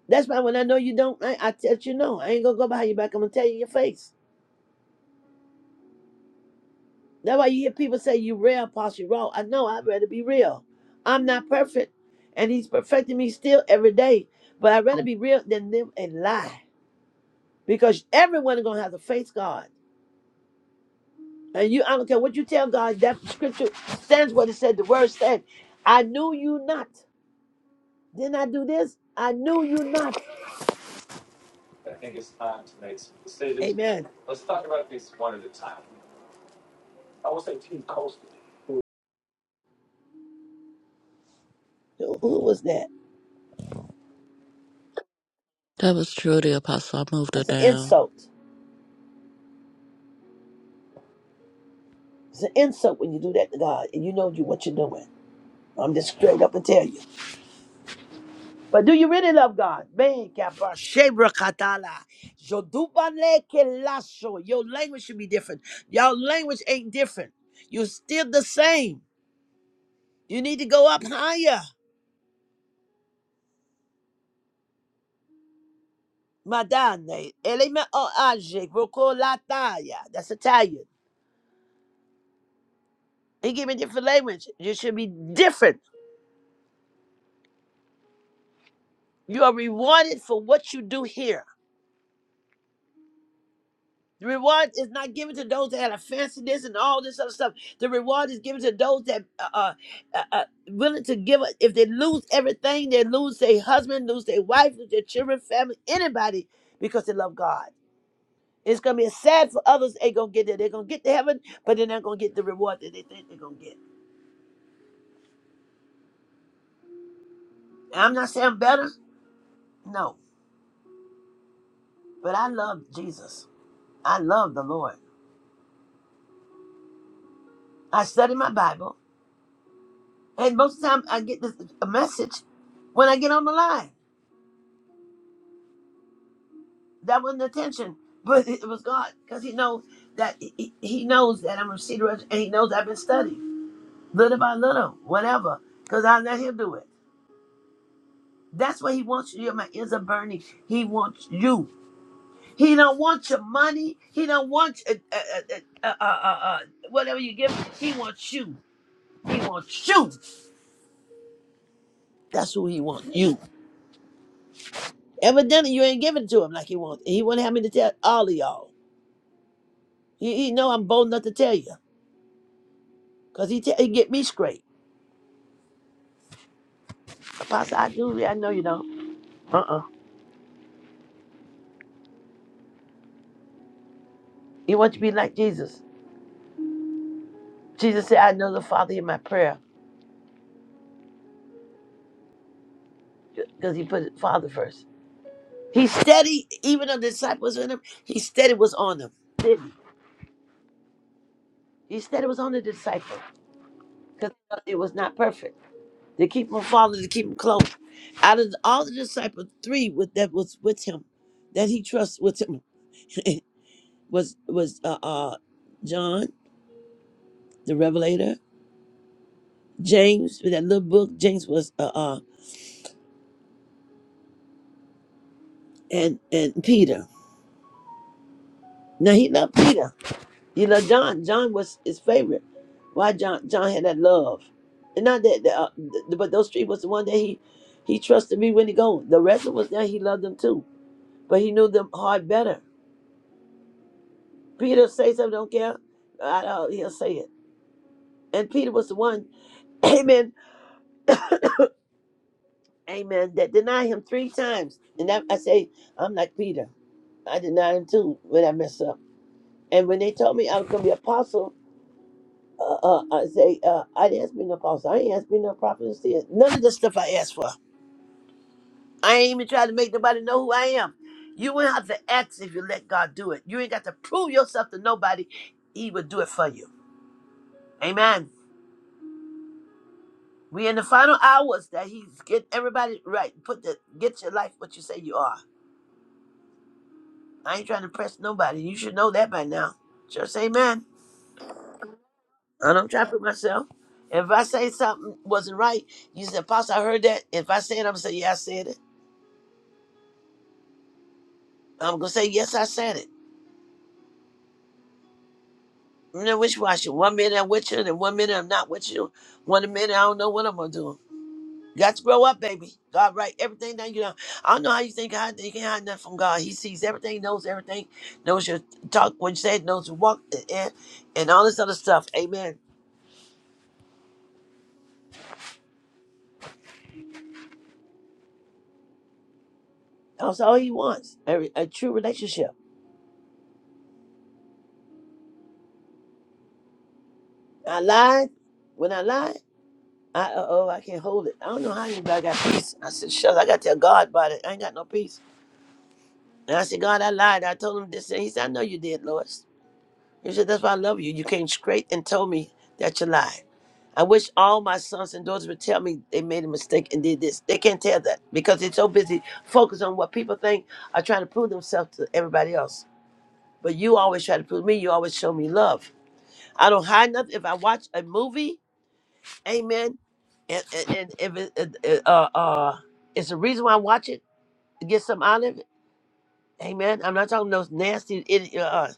Speaker 2: That's why when I know you don't, I, I tell you no. I ain't gonna go behind your back. I'm gonna tell you in your face. That's why you hear people say you real, Apostle raw. I know. I'd rather be real. I'm not perfect, and He's perfecting me still every day. But I'd rather be real than live and lie, because everyone is gonna have to face God. And you, I don't care what you tell God, that scripture stands what it said. The word said, I knew you not. Didn't I do this? I knew you not.
Speaker 5: I think it's time to make some decisions.
Speaker 2: Amen.
Speaker 5: Let's talk about these one at a time. I will say Team Coastal. who
Speaker 2: Who, who was that?
Speaker 4: That was truly apostle. I moved her
Speaker 2: That's an
Speaker 4: down.
Speaker 2: insult. It's an insult when you do that to God and you know you what you're doing. I'm just straight up and tell you. But do you really love God? Man, kappa, shebra katala. Jodubale kelaso. Your language should be different. Your language ain't different. You're still the same. You need to go up higher. Madane, element or object, rocolataya. That's Italian. He gave me different language. You should be different. You are rewarded for what you do here. The reward is not given to those that had a fanciness and all this other stuff. The reward is given to those that are uh, uh, uh, willing to give. it. If they lose everything, they lose their husband, lose their wife, lose their children, family, anybody, because they love God. It's gonna be sad for others. They gonna get there. They're gonna get to heaven, but they're not gonna get the reward that they think they're gonna get. I'm not saying I'm better, no, but I love Jesus. I love the Lord. I study my Bible, and most of the time I get this, a message when I get on the line. That wasn't attention, but (laughs) it was God, because He knows that He, he knows that I'm a cedar, and He knows I've been studying little by little, whatever, because I let Him do it. That's what He wants you. My ears are burning. He wants you. He don't want your money. He don't want uh, uh, uh, uh, uh, uh, uh, whatever you give. Him. He wants you. He wants you. That's who he wants. You. Evidently, you ain't giving it to him like he wants. He wouldn't have me to tell all of y'all. He, he know I'm bold enough to tell you, cause he te- he get me straight. Apostle, I do. I know you don't. Uh uh He wants you to be like Jesus. Jesus said, "I know the Father in my prayer," cause he put Father first. He steady. Even the disciples in him, he steady was on them. Didn't he? He steady was on the disciple, cause it was not perfect. to keep him following, to keep him close. Out of all the disciples, three with, that was with him, that he trusts with him, (laughs) was was uh, uh John the Revelator, James with that little book. James was uh, uh and and Peter. Now he loved Peter. He loved John. John was his favorite. Why John? John had that love, and not that, uh, th- but those three was the one that he he trusted me when he go. The rest of us there he loved them too, but he knew them hard better. Peter say something, don't care. I know he'll say it. And Peter was the one, (coughs) (clears throat) amen, amen, that denied him three times. And that, I say, I'm like Peter. I denied him too when I messed up. And when they told me I was going to be apostle, uh, uh, I say, uh, I didn't ask me no apostle. I ain't asked me no prophet. and seer. None of the stuff I asked for. I ain't even trying to make nobody know who I am. You won't have to ask if you let God do it. You ain't got to prove yourself to nobody. He will do it for you. Amen. We in the final hours that he's get everybody right. Put the get your life what you say you are. I ain't trying to press nobody. You should know that by now. Just amen. I don't try to put myself. If I say something wasn't right, you said, Pastor, I heard that. If I say it, I'm gonna say, Yeah, I said it. I'm gonna say, Yes, I said it. You know, wish washing. One minute I'm with you, and one minute I'm not with you. One minute I don't know what I'm gonna do. You got to grow up, baby. God write everything down. You know, I don't know how you think God. You can't hide nothing from God. He sees everything, knows everything, knows your talk, what you said, knows your walk, and, and all this other stuff. Amen. That's all He wants. A, a true relationship. I lied. When I lied, I uh oh, I can't hold it. I don't know how anybody got peace. I said, shucks, I got to tell God about it. I ain't got no peace. And I said, God, I lied. I told him this. And he said, I know you did, Lois. You said, That's why I love you. You came straight and told me that you lied. I wish all my sons and daughters would tell me they made a mistake and did this. They can't tell that because they're so busy focused on what people think are trying to prove themselves to everybody else. But you always try to prove me. You always show me love. I don't hide nothing. If I watch a movie, amen, and, and, and if it, it, it, uh, uh, it's the reason why I watch it, to get something out of it, amen. I'm not talking those nasty idiots.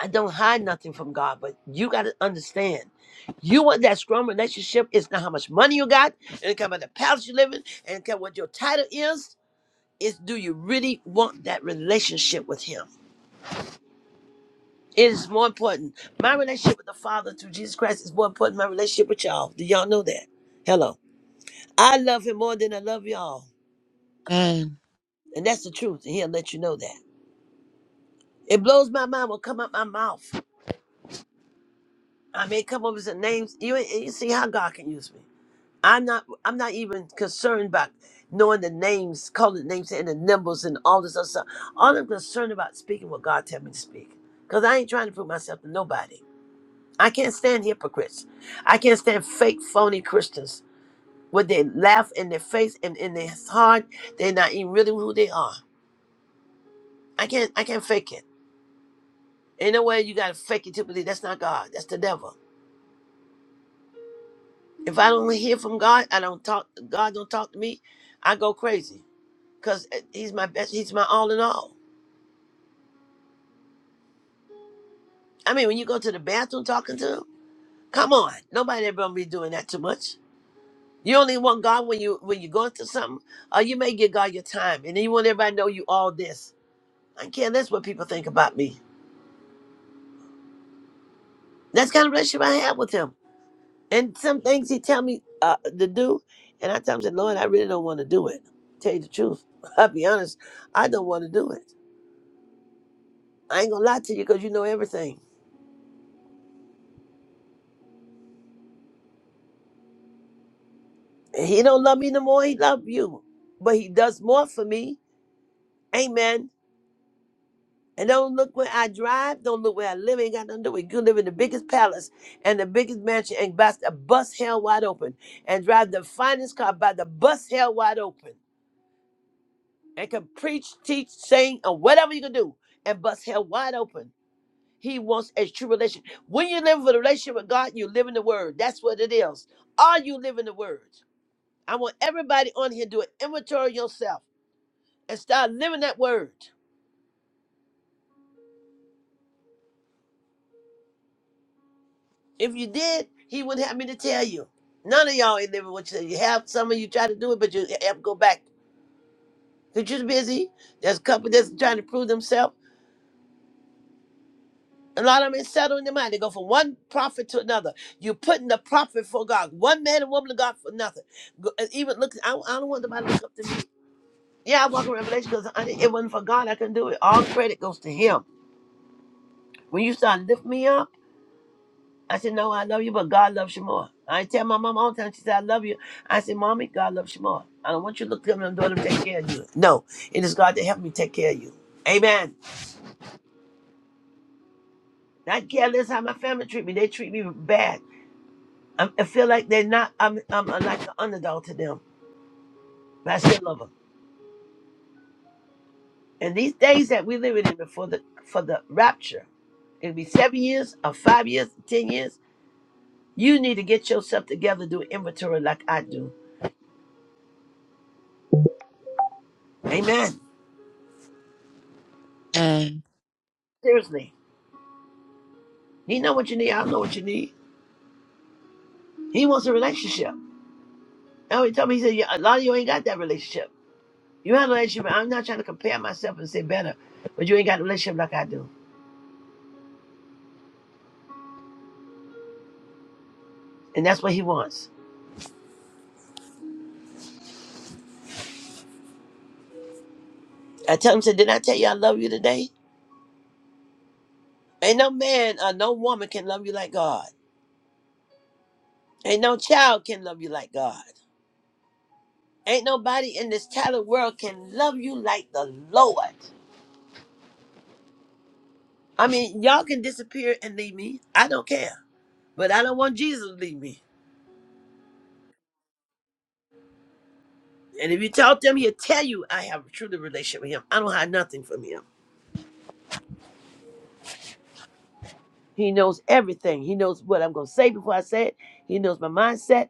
Speaker 2: I don't hide nothing from God, but you got to understand, you want that strong relationship. It's not how much money you got, and it come about the palace you live in, and it come what your title is. Is do you really want that relationship with Him? It is more important. My relationship with the Father through Jesus Christ is more important than my relationship with y'all. Do y'all know that? Hello, I love Him more than I love y'all,
Speaker 4: Amen.
Speaker 2: and that's the truth. And He'll let you know that. It blows my mind what come out my mouth. I mean, come up with some names. You you see how God can use me. I'm not I'm not even concerned about knowing the names, calling the names and the numbers and all this other stuff. All I'm concerned about is speaking what God tell me to speak. Because I ain't trying to prove myself to nobody. I can't stand hypocrites. I can't stand fake phony Christians with their laugh in their face and in their heart. They're not even really who they are. I can't I can't fake it. Ain't no way you gotta fake it to believe that's not God. That's the devil. If I don't hear from God, I don't talk God don't talk to me, I go crazy. because he's my best. He's my all in all. I mean, when you go to the bathroom talking to him, come on, nobody ever gonna be doing that too much. You only want God when you when you going through something, or you may give God your time, and then you want everybody to know you all this. I care less what people think about me. That's the kind of relationship I have with Him. And some things He tell me uh, to do, and I tell Him, said, Lord, I really don't want to do it. Tell you the truth, (laughs) I'll be honest, I don't want to do it. I ain't gonna lie to you because you know everything. He don't love me no more. He love you, but he does more for me. Amen. And don't look where I drive. Don't look where I live. Ain't got nothing to do with it. You live in the biggest palace and the biggest mansion and bust a bus hell wide open and drive the finest car by the bus hell wide open and can preach, teach, sing, or whatever you can do and bust hell wide open. He wants a true relation. When you live with a relationship with God, you live in the Word. That's what it is. Are you living the Word? I want everybody on here to do an inventory of yourself. and start living that word. If you did, he wouldn't have me to tell you. None of y'all ain't living what you say. You have some of you try to do it, but you have to go back. Because you're busy. There's a couple that's trying to prove themselves. A lot of them ain't settled in their mind. They go from one prophet to another. You're putting the prophet for God. One man and woman of God for nothing. Go- and even look, I, I don't want nobody to look up to me. Yeah, I walk in Revelation because it wasn't for God. I couldn't do it. All credit goes to him. When you start lifting me up, I said, No, I love you, but God loves you more. I tell my mom all the time, she said, I love you. I said, Mommy, God loves you more. I don't want you to look at me, I'm doing him take care of you. No, it is God that helped me take care of you. Amen. Not careless how my family treat me. They treat me bad. I I feel like they're not, I'm, I'm like an underdog to them, but I still love them. And these days that we live in before the, for the rapture, it'll be seven years or five years, 10 years. You need to get yourself together, do inventory like I do. Amen.
Speaker 4: Amen.
Speaker 2: Seriously. He know what you need. I know what you need. He wants a relationship. Oh, he told me, he said, yeah, a lot of you ain't got that relationship. You have a relationship. I'm not trying to compare myself and say better, but you ain't got a relationship like I do. And that's what he wants. I tell him, said, did I tell you I love you today? Ain't no man or no woman can love you like God. Ain't no child can love you like God. Ain't nobody in this talented world can love you like the Lord. I mean, y'all can disappear and leave me. I don't care. But I don't want Jesus to leave me. And if you talk to him, he'll tell you I have a truly relationship with him. I don't hide nothing from him. He knows everything. He knows what I'm gonna say before I say it. He knows my mindset.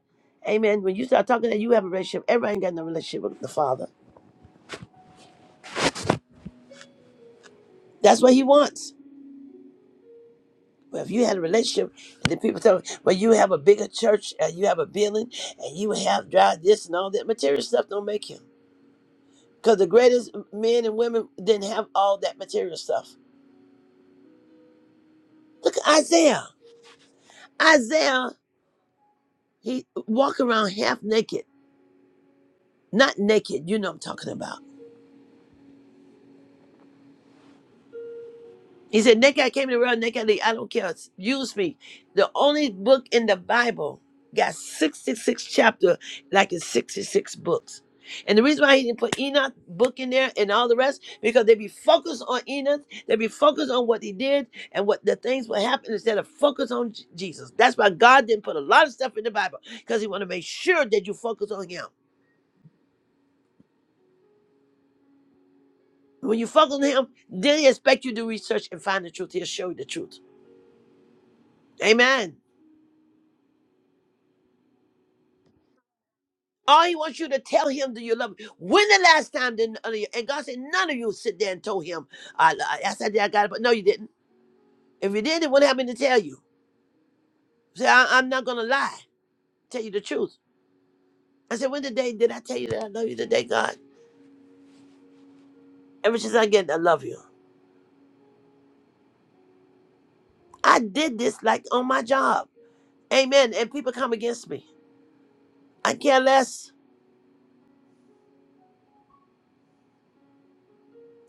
Speaker 2: Amen. When you start talking that you have a relationship, everybody ain't got no relationship with the Father. That's what he wants. Well, if you had a relationship and the people tell me, well, you have a bigger church and you have a building and you have drive this and all that material stuff don't make him. Because the greatest men and women didn't have all that material stuff. Look at Isaiah. Isaiah, he walked around half naked Not naked, you know what I'm talking about. He said, Naked I came to the world, naked I leave. I don't care. Use me. The only book in the Bible got 66 chapters, like it's 66 books. And the reason why he didn't put Enoch book in there and all the rest, because they be focused on Enoch, they be focused on what he did and what the things will happen instead of focus on J- Jesus. That's why God didn't put a lot of stuff in the Bible, because he want to make sure that you focus on him. When you focus on him, then he expect you to research and find the truth. He'll show you the truth. Amen. All he wants you to tell him that you love him. When the last time did none of you, and God said, none of you sit there and told him, I, I, I said, "Yeah, I got it, but no, you didn't. If you did, it wouldn't happen to tell you. Say, I, am not going to lie, tell you the truth. I said, when the day did I tell you that I love you today, God? Ever since I get, I love you. I did this like on my job. Amen. And people come against me. I care less.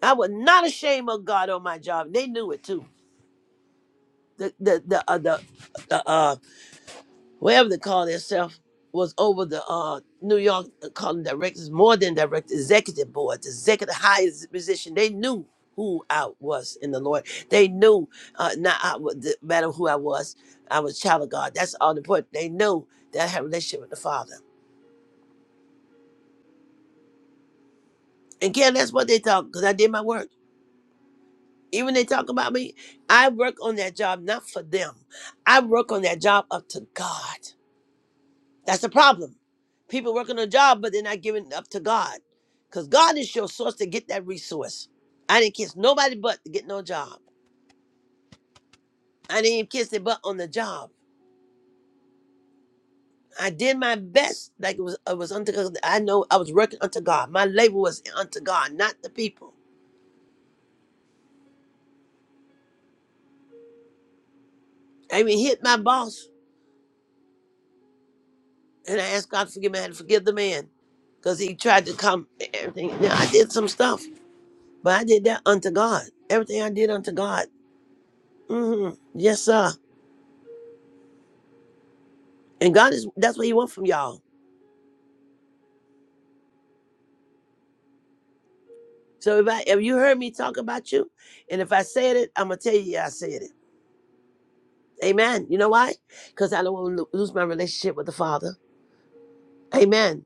Speaker 2: I was not ashamed of God on my job. They knew it too. The, the, the, uh, the, the, uh, whatever they call themselves, was over the uh, New York uh, calling directors, more than director, executive board, the executive highest position. They knew who I was in the Lord. They knew uh, not I, wa- the matter who I was. I was a child of God. That's all important. They knew that I had a relationship with the Father. And Again, that's what they talk because I did my work. Even they talk about me, I work on that job not for them. I work on that job up to God. That's the problem. People working a job, but they're not giving up to God. Because God is your source to get that resource. I didn't kiss nobody but to get no job. I didn't even kiss their butt on the job. I did my best, like it was, it was unto God. I know I was working unto God. My labor was unto God, not the people. I even hit my boss, and I asked God to forgive me. I had to forgive the man because he tried to come and everything. Now, I did some stuff, but I did that unto God. Everything I did unto God. hmm Yes, sir. And God is that's what He wants from y'all. So if I if you heard me talk about you, and if I said it, I'm gonna tell you yeah, I said it. Amen. You know why? Because I don't want to lose my relationship with the Father. Amen.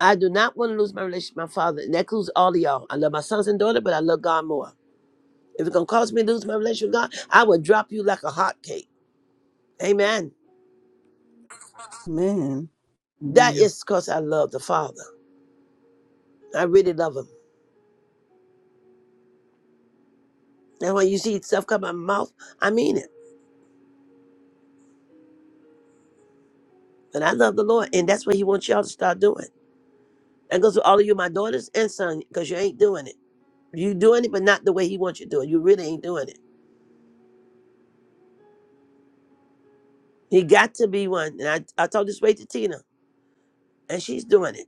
Speaker 2: I do not want to lose my relationship with my father, and that includes all of y'all. I love my sons and daughter, but I love God more. If it's gonna cause me to lose my relationship with God, I will drop you like a hot cake. Amen.
Speaker 3: Amen.
Speaker 2: That
Speaker 6: Amen.
Speaker 2: is because I love the Father. I really love him. And when you see stuff come out of my mouth, I mean it. And I love the Lord, and that's what He wants y'all to start doing. That goes with all of you, my daughters and son, because you ain't doing it. You doing it, but not the way he wants you to do it. You really ain't doing it. He got to be one. And I, I told this way to Tina, and she's doing it.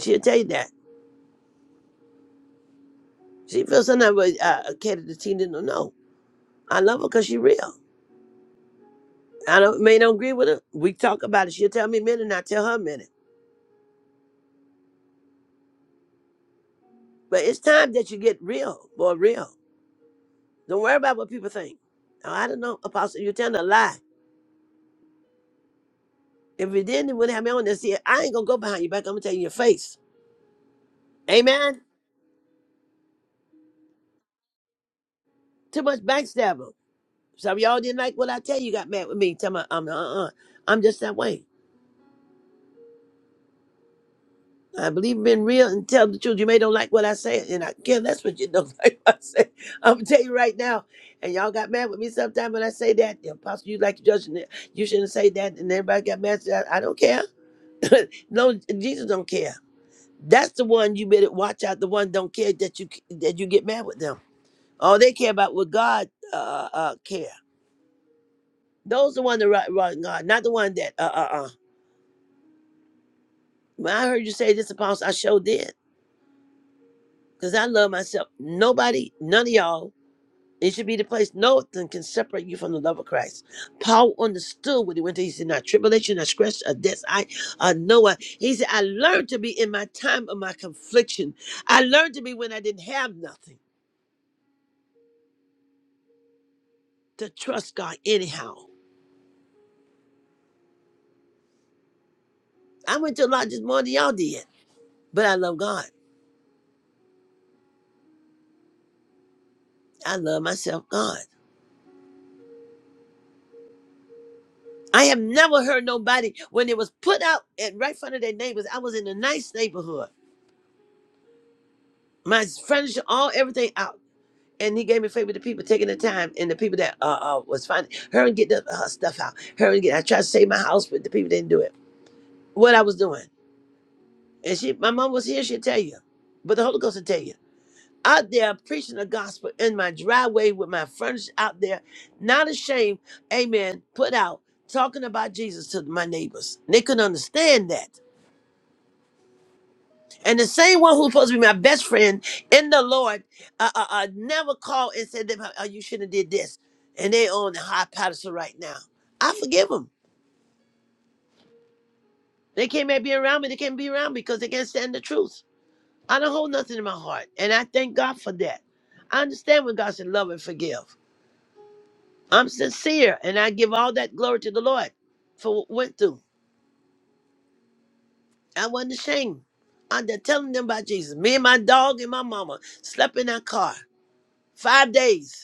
Speaker 2: She'll tell you that. She feels something but uh, Katie the Tina don't know. I love her because she real. I don't may don't agree with her. We talk about it. She'll tell me a minute, and I tell her a minute. But it's time that you get real, boy, real. Don't worry about what people think. Now, I don't know, Apostle, you're telling a lie. If you didn't, it wouldn't have me on there. See, I ain't gonna go behind your back. I'm gonna tell you in your face. Amen. Too much backstabbing. Some of y'all didn't like what I tell you. Got mad with me. Tell me I'm uh uh. I'm just that way. I believe in being real and tell the truth. You may don't like what I say, and I care less what you don't (laughs) like. What I say. I'm gonna tell you right now. And y'all got mad with me sometime when I say that. The apostle, you like judging it. You shouldn't say that. And everybody got mad. Said, I I don't care. (laughs) no, Jesus don't care. That's the one you better watch out. The one don't care that you that you get mad with them. All they care about what God uh, uh, cares. Those the one that right, right God, not the one that uh uh uh. When I heard you say this, apostle, I sure did. Cause I love myself. Nobody, none of y'all. It should be the place nothing can separate you from the love of Christ. Paul understood what he went to. He said, "Not tribulation, not scratch, or death. I, uh, Noah." He said, "I learned to be in my time of my confliction. I learned to be when I didn't have nothing to trust God. Anyhow, I went to a lot just more than y'all did, but I love God. I love myself, God. I have never heard nobody when it was put out at right front of their neighbors. I was in a nice neighborhood. My furniture, all everything out. And he gave me favor to people taking the time and the people that uh, uh was finding her and get the, her stuff out. Her and get I tried to save my house, but the people didn't do it. What I was doing. And she my mom was here, she'll tell you. But the Holy Ghost will tell you. Out there preaching the gospel in my driveway with my furniture out there, not ashamed, amen, put out, talking about Jesus to my neighbors. They couldn't understand that. And the same one who's supposed to be my best friend in the Lord, uh, uh, uh, never called and said, oh, you shouldn't have did this. And they on the high pedestal right now. I forgive them. They can't be around me. They can't be around me because they can't stand the truth. I don't hold nothing in my heart. And I thank God for that. I understand when God said love and forgive. I'm sincere and I give all that glory to the Lord for what went through. I wasn't ashamed. I'm just telling them about Jesus. Me and my dog and my mama slept in our car five days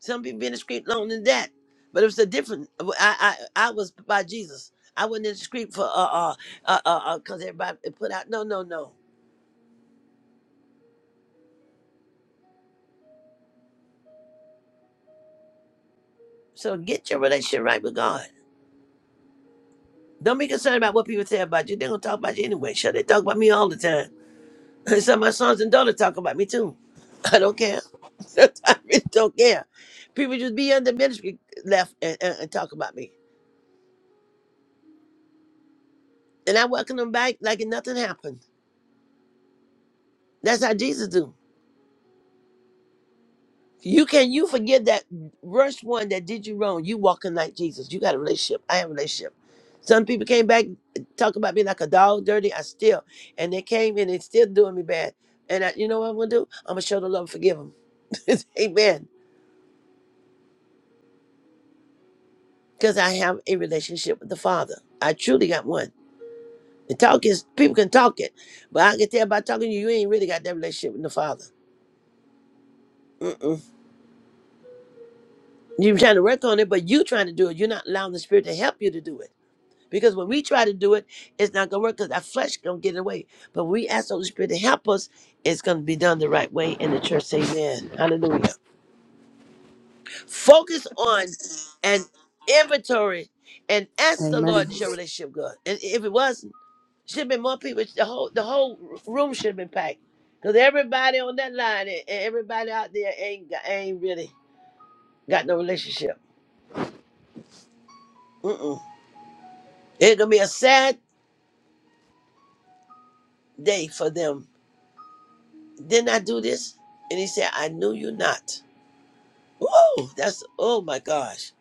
Speaker 2: Some people been in the street longer than that. But it was a different. I I, I was by Jesus. I wasn't in the street for uh uh uh uh because everybody put out. No no no. So get your relationship right with God. Don't be concerned about what people say about you. They're gonna talk about you anyway. Sure, they talk about me all the time. (laughs) Some of my sons and daughters talk about me too. (laughs) I don't care. (laughs) I really don't care. People just be under ministry left and, and, and talk about me, and I welcome them back like nothing happened. That's how Jesus do. You can you forgive that worst one that did you wrong. You walking like Jesus. You got a relationship. I have a relationship. Some people came back uh, talk about me like a dog, dirty. I still, and they came and they still doing me bad. And I, you know what I'm gonna do? I'm gonna show the love, and forgive them. (laughs) Amen. Because I have a relationship with the Father. I truly got one. The talk is people can talk it, but I can tell by talking to you, you ain't really got that relationship with the Father. Mm-mm. You're trying to work on it, but you trying to do it. You're not allowing the Spirit to help you to do it. Because when we try to do it, it's not gonna work because our flesh gonna get away. But when we ask the Holy Spirit to help us, it's gonna be done the right way and the church. say Amen. Hallelujah. Focus on an inventory and ask the Lord is
Speaker 3: Amen.
Speaker 2: your relationship good. And if it wasn't, should have been more people. The whole the whole room should have been packed. Because everybody on that line and and everybody out there ain't got- ain't really got no relationship. Mm-mm. It's gonna be a sad day for them Didn't I do this? And he said, I knew you not. Whoa, that's, oh my gosh.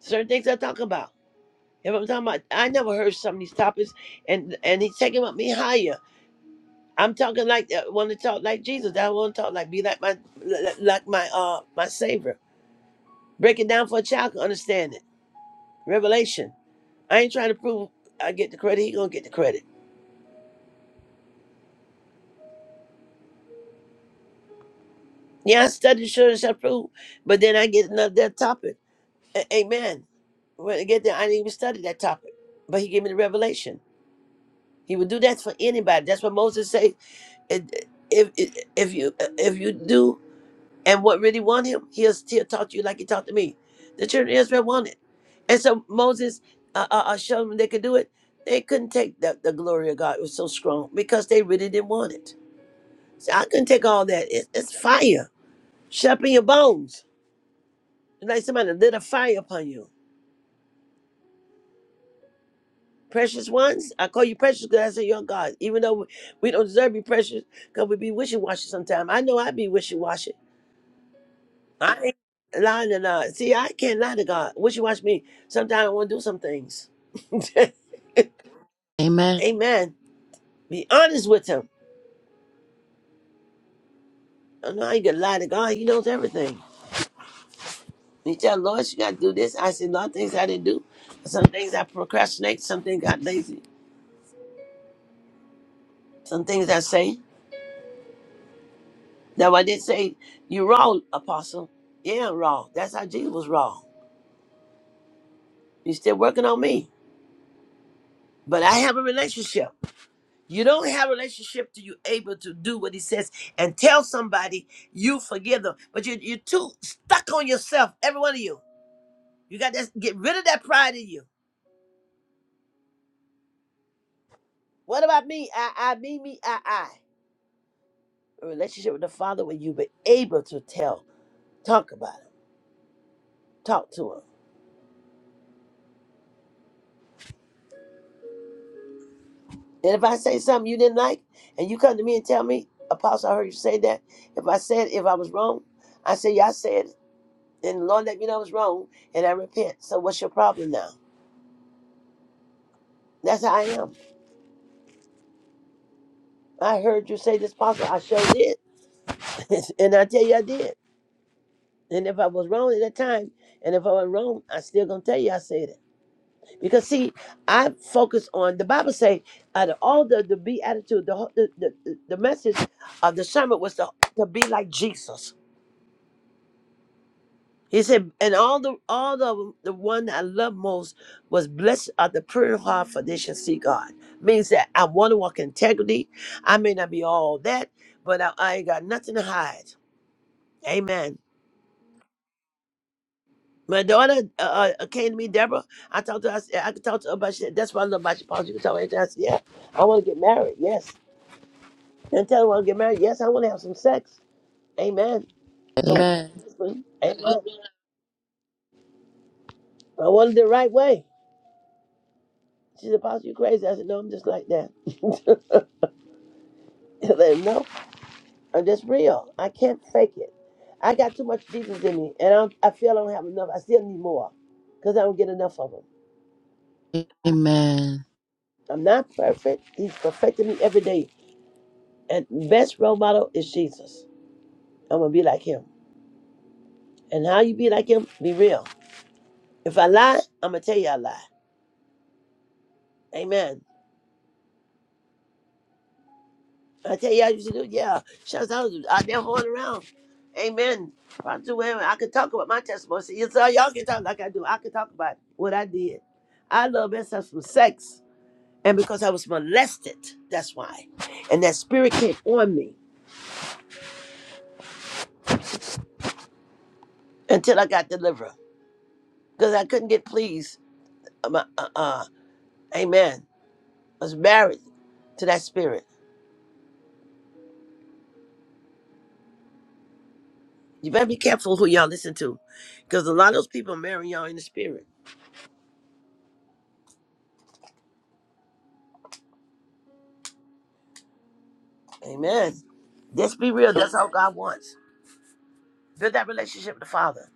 Speaker 2: Certain things I talk about. If I'm talking about, I never heard some of these topics, and and he's taking up me higher. I'm talking like I want to talk like Jesus. I want to talk like be like my like my uh my Savior. Break it down for a child to understand it. Revelation. I ain't trying to prove I get the credit. He gonna get the credit. Yeah, I studied sure as I prove, but then I get another topic. A- Amen. When I get there, I didn't even study that topic, but he gave me the revelation. He would do that for anybody. That's what Moses said. If if you uh, if you do and what really want him, he'll still talk to you like he talked to me. The children of Israel wanted, and so Moses uh, uh, uh, showed them they could do it. They couldn't take the, the glory of God. It was so strong because they really didn't want it. So I couldn't take all that. It, it's fire, shut up in your bones, It's like somebody lit a fire upon you. precious ones. I call you precious because that's your God. Even though we we don't deserve to be precious, because we be wishy washy sometimes. I know I be wishy washy. I ain't lying to God. See, I can't lie to God. Wishy washy me. Sometimes I want to do some things. (laughs)
Speaker 4: Amen.
Speaker 2: Amen. Be honest with Him. I know I can lie to God. He knows everything. He tell Lord, you got to do this. I said, Lord, things I didn't do. Some things I procrastinate. Some things got lazy. Some things I say. That's why they say you wrong, apostle. Yeah, I'm wrong. That's how Jesus was wrong. He's still working on me. But I have a relationship. You don't have a relationship till you're able to do what he says and tell somebody you forgive them. But you, you're too stuck on yourself, every one of you. You got to get rid of that pride in you. What about me? I, I, me, me, I, I. A relationship with the Father where you be able to tell, talk about him, talk to him. And if I say something you didn't like, and you come to me and tell me, Apostle, I heard you say that. If I said if I was wrong, I say yeah, I said, it. and the Lord let me know I was wrong, and I repent. So what's your problem now? That's how I am. I heard you say this, Apostle. I sure did, (laughs) and I tell you I did. And if I was wrong at that time, and if I was wrong, I still gonna tell you I said it. Because see, I focus on the Bible say out of all the the beatitude, the the, the the message of the sermon was to, to be like Jesus He said, and all the all the the one I love most was blessed are the pure in heart, for they shall see God. Means that I want to walk in integrity. I may not be all that, but I, I ain't got nothing to hide. Amen. My daughter uh, uh, uh, came to me, Deborah. I talked to her. I, said, I could talk to her about shit. That's what I love about you, Paul. You can talk anything. I said, yeah, I want to get married. Yes. And tell her I want to get married. Yes, I want to have some sex. Amen. But my
Speaker 4: Amen.
Speaker 2: husband, amen. I want it the right way. She said, Paul, you crazy. I said, no, I'm just like that. (laughs) Let him know. I'm just real. I can't fake it. I got too much Jesus in me, and I, don't, I feel I don't have enough. I still need more because I don't get enough of him.
Speaker 4: Amen.
Speaker 2: I'm not perfect. He's perfecting me every day. And best role model is Jesus. I'm going to be like him. And how you be like him? Be real. If I lie, I'm going to tell you I lie. Amen. I tell you, I used to do, yeah. shout out, to out there hauling around. Amen. I do I can talk about my testimony. See, yes, sir, y'all can talk like I do. I can talk about what I did. I love myself from sex. And because I was molested, that's why. And that spirit came on me until I got delivered. Because I couldn't get pleased. Um, uh, uh, uh, amen. I was married to that spirit. You better be careful who y'all listen to. Because a lot of those people marry y'all in the spirit. Amen. Just be real. That's all God wants. Build that relationship with the Father.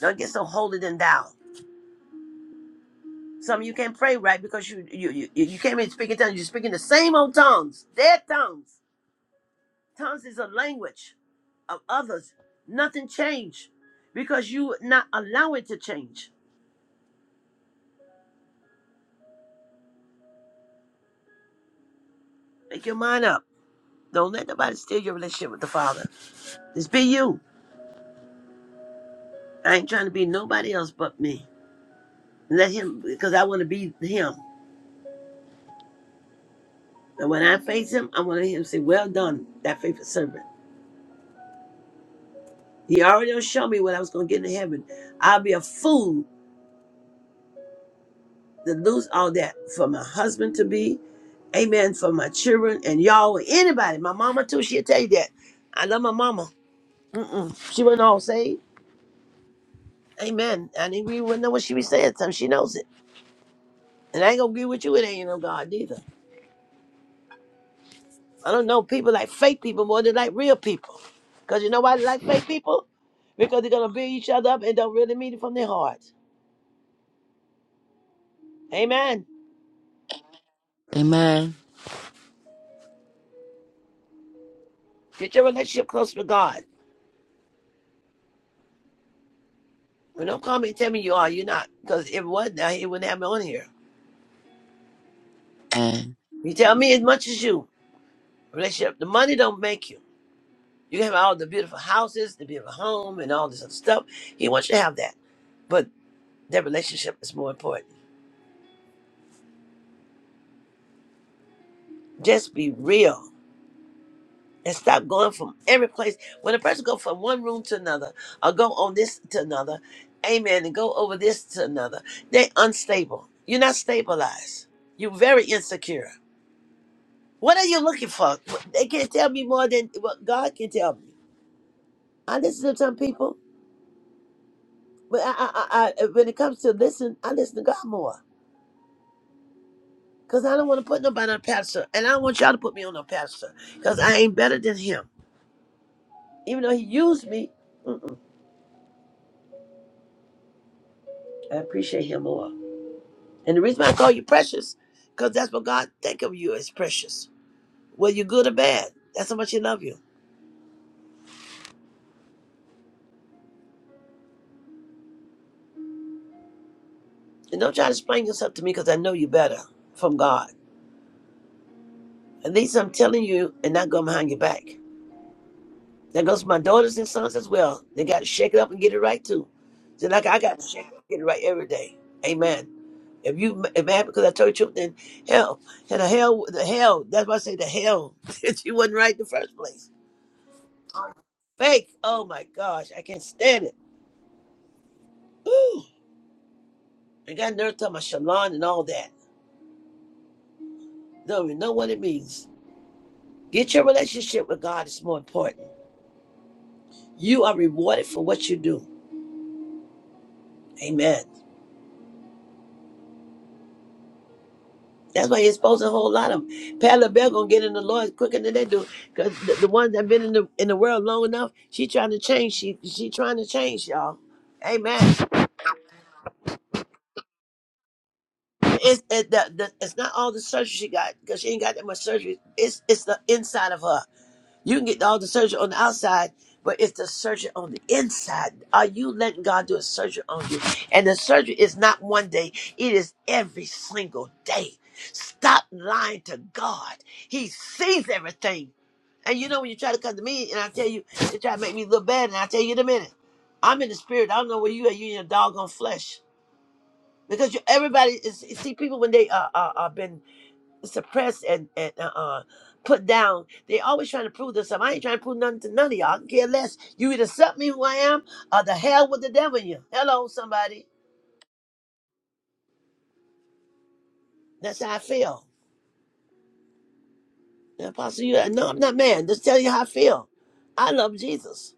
Speaker 2: Don't get so holier than thou. Some of you can't pray right because you you you, you can't even speak in tongues. You're speaking the same old tongues, dead tongues. Tongues is a language of others. Nothing changed because you not allow it to change. Make your mind up. Don't let nobody steal your relationship with the Father. Just be you. I ain't trying to be nobody else but me. Let him because I want to be him. And when I face him, I want to hear him say, "Well done, that faithful servant." He already done show me what I was gonna get in heaven. I'll be a fool to lose all that for my husband to be, amen, for my children and y'all, anybody, my mama too, she'll tell you that. I love my mama. Mm-mm. She wasn't all saved. Amen. I didn't even wouldn't know what she be saying, sometimes. she knows it. And I ain't gonna agree with you, it ain't no God either. I don't know people like fake people more than like real people. Cause you know why they like fake people? Because they're gonna build each other up and don't really mean it from their heart. Amen.
Speaker 4: Amen.
Speaker 2: Get your relationship close with God. Well, don't call me and tell me you are. You're not. Because if it wasn't, I- it wouldn't have me on here.
Speaker 4: Amen.
Speaker 2: You tell me as much as you. Relationship. The money don't make you. You can have all the beautiful houses, the beautiful home, and all this other stuff. He wants you to have that. But that relationship is more important. Just be real and stop going from every place. When a person go from one room to another, or go on this to another, amen, and go over this to another, they unstable. You're not stabilized. You're very insecure. What are you looking for? They can't tell me more than what God can tell me. I listen to some people, but I, I, I, I- when it comes to listen, I listen to God more. Because I don't want to put nobody on a pastor. And I don't want y'all to put me on a pastor. Because I ain't better than him. Even though he used me, mm-mm, I appreciate him more. And the reason why I call you precious, because that's what God think of you as precious. Whether you're good or bad, that's how much he love you. And don't try to explain yourself to me because I know you better from God. At least I'm telling you and not going behind your back. That goes for my daughters and sons as well. They got to shake it up and get it right too. So like I got to shake it up, get it right every day. Amen. If you m- if mad because I told you the truth, then hell, and the hell, the hell. That's why I say the hell (laughs) that you wasn't right in the first place. Fake. Oh my gosh, I can't stand it. Ooh, I got nerve talking about shalon and all that. Don't even know what it means. Get your relationship with God is more important. You are rewarded for what you do. Amen. That's why you're exposing a whole lot of them. Pat LaBelle gonna get in the Lord quicker than they do, cause the, the ones that been in the in the world long enough, she trying to change. She she trying to change, y'all. Amen. It's it, the, the, it's not all the surgery she got, cause she ain't got that much surgery. It's it's the inside of her. You can get all the surgery on the outside, but it's the surgery on the inside. Are you letting God do a surgery on you? And the surgery is not one day, it is every single day. Stop lying to God. He sees everything. And you know when you try to come to me and I tell you, you try to make me look bad, and I tell you in a minute. I'm in the spirit. I don't know where you are. You in your doggone flesh. Because you, everybody is you see people when they uh, uh, uh been suppress and, and uh, uh, put down. They always trying to prove themselves. I ain't trying to prove nothing to none of y'all. I don't care less. You either accept me who I am or the hell with the devil in you. Hello, somebody. That's how I feel. And Apostle, you no, I'm not man. Just tell you how I feel. I love Jesus.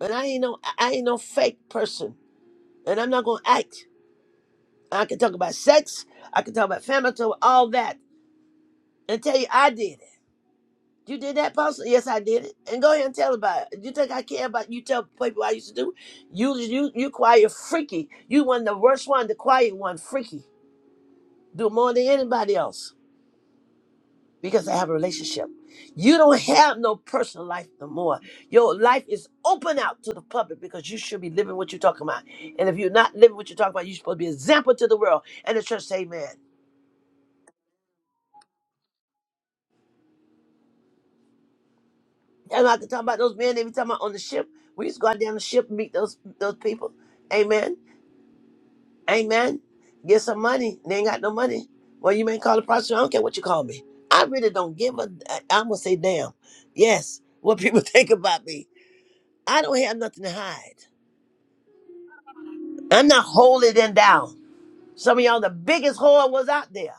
Speaker 2: And I ain't no I ain't no fake person. And I'm not gonna act. I can talk about sex, I can talk about family, I can talk about all that. And tell you I did it. You did that, Apostle? Yes, I did it. And go ahead and tell about it. You think I care about you tell people I used to do? it? You you you quiet freaky. You one of the worst one, the quiet one, freaky. Do more than anybody else. Because I have a relationship. You don't have no personal life no more. Your life is open out to the public because you should be living what you're talking about. And if you're not living what you're talking about, you're supposed to be an example to the world. And the church say, Amen. And I can talk about those men every time I'm on the ship. We used to go out down the ship and meet those those people. Amen. Amen. Get some money. They ain't got no money. Well, you may call a prostitute. I don't care what you call me. I really don't give a. I- I'm gonna say damn. Yes, what people (laughs) think about me. I don't have nothing to hide. I'm not holier than thou. Some of y'all, the biggest whore was out there.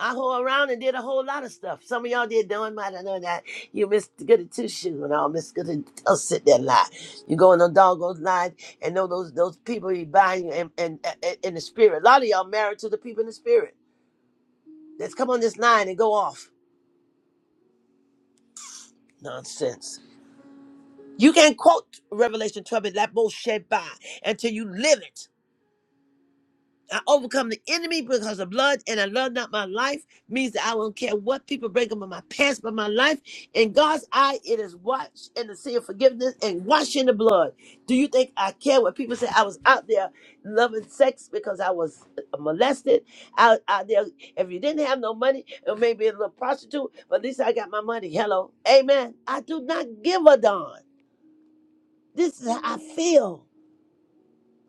Speaker 2: I whore around and did a whole lot of stuff. Some of y'all did doing might have known that. You Miss Goody Two Shoes and all Miss Goody oh, sit there and lie. You go in the doggone line and know those those people you buy and and, and in the spirit. A lot of y'all married to the people in the spirit. Let's come on this line and go off. Nonsense. You can't quote Revelation 12 and that bullshit by until you live it. I overcome the enemy because of blood, and I love not my life means that I don't care what people break up in my past, but my life in God's eye it is washed in the sea of forgiveness and washed in the blood. Do you think I care what people say? I was out there loving sex because I was molested. Out out there, if you didn't have no money, it may be a little prostitute, but at least I got my money. Hello, Amen. I do not give a darn. This is how I feel.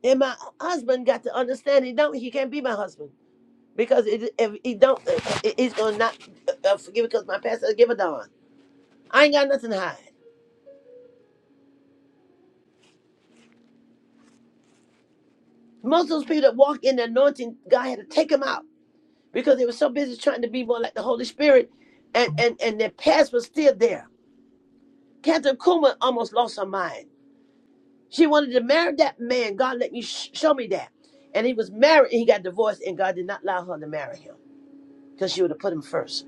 Speaker 2: And my husband got to understand he don't he can't be my husband because it, if he don't, it, it's gonna not uh, uh, forgive because my pastor not give a darn. I ain't got nothing to hide. Most of those people that walk in the anointing, God had to take them out because they were so busy trying to be more like the Holy Spirit, and and and their past was still there. Catherine Kuma almost lost her mind. She wanted to marry that man. God let me sh- show me that, and he was married and he got divorced, and God did not allow her to marry him because she would have put him first.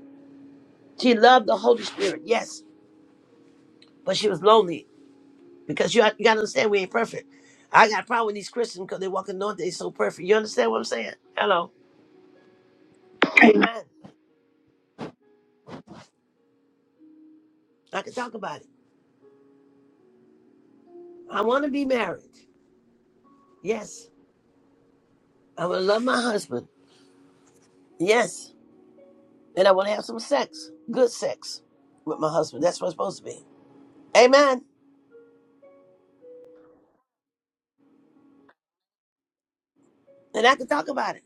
Speaker 2: She loved the Holy Spirit, yes, but she was lonely Because you, you gotta understand we ain't perfect. I got a problem with these Christians because they walk in the north, they so perfect. You understand what I'm saying? Hello. Amen. I can talk about it. I wanna be married. Yes. I wanna love my husband. Yes. And I wanna have some sex. Good sex with my husband. That's what it's supposed to be. Amen. And I can talk about it.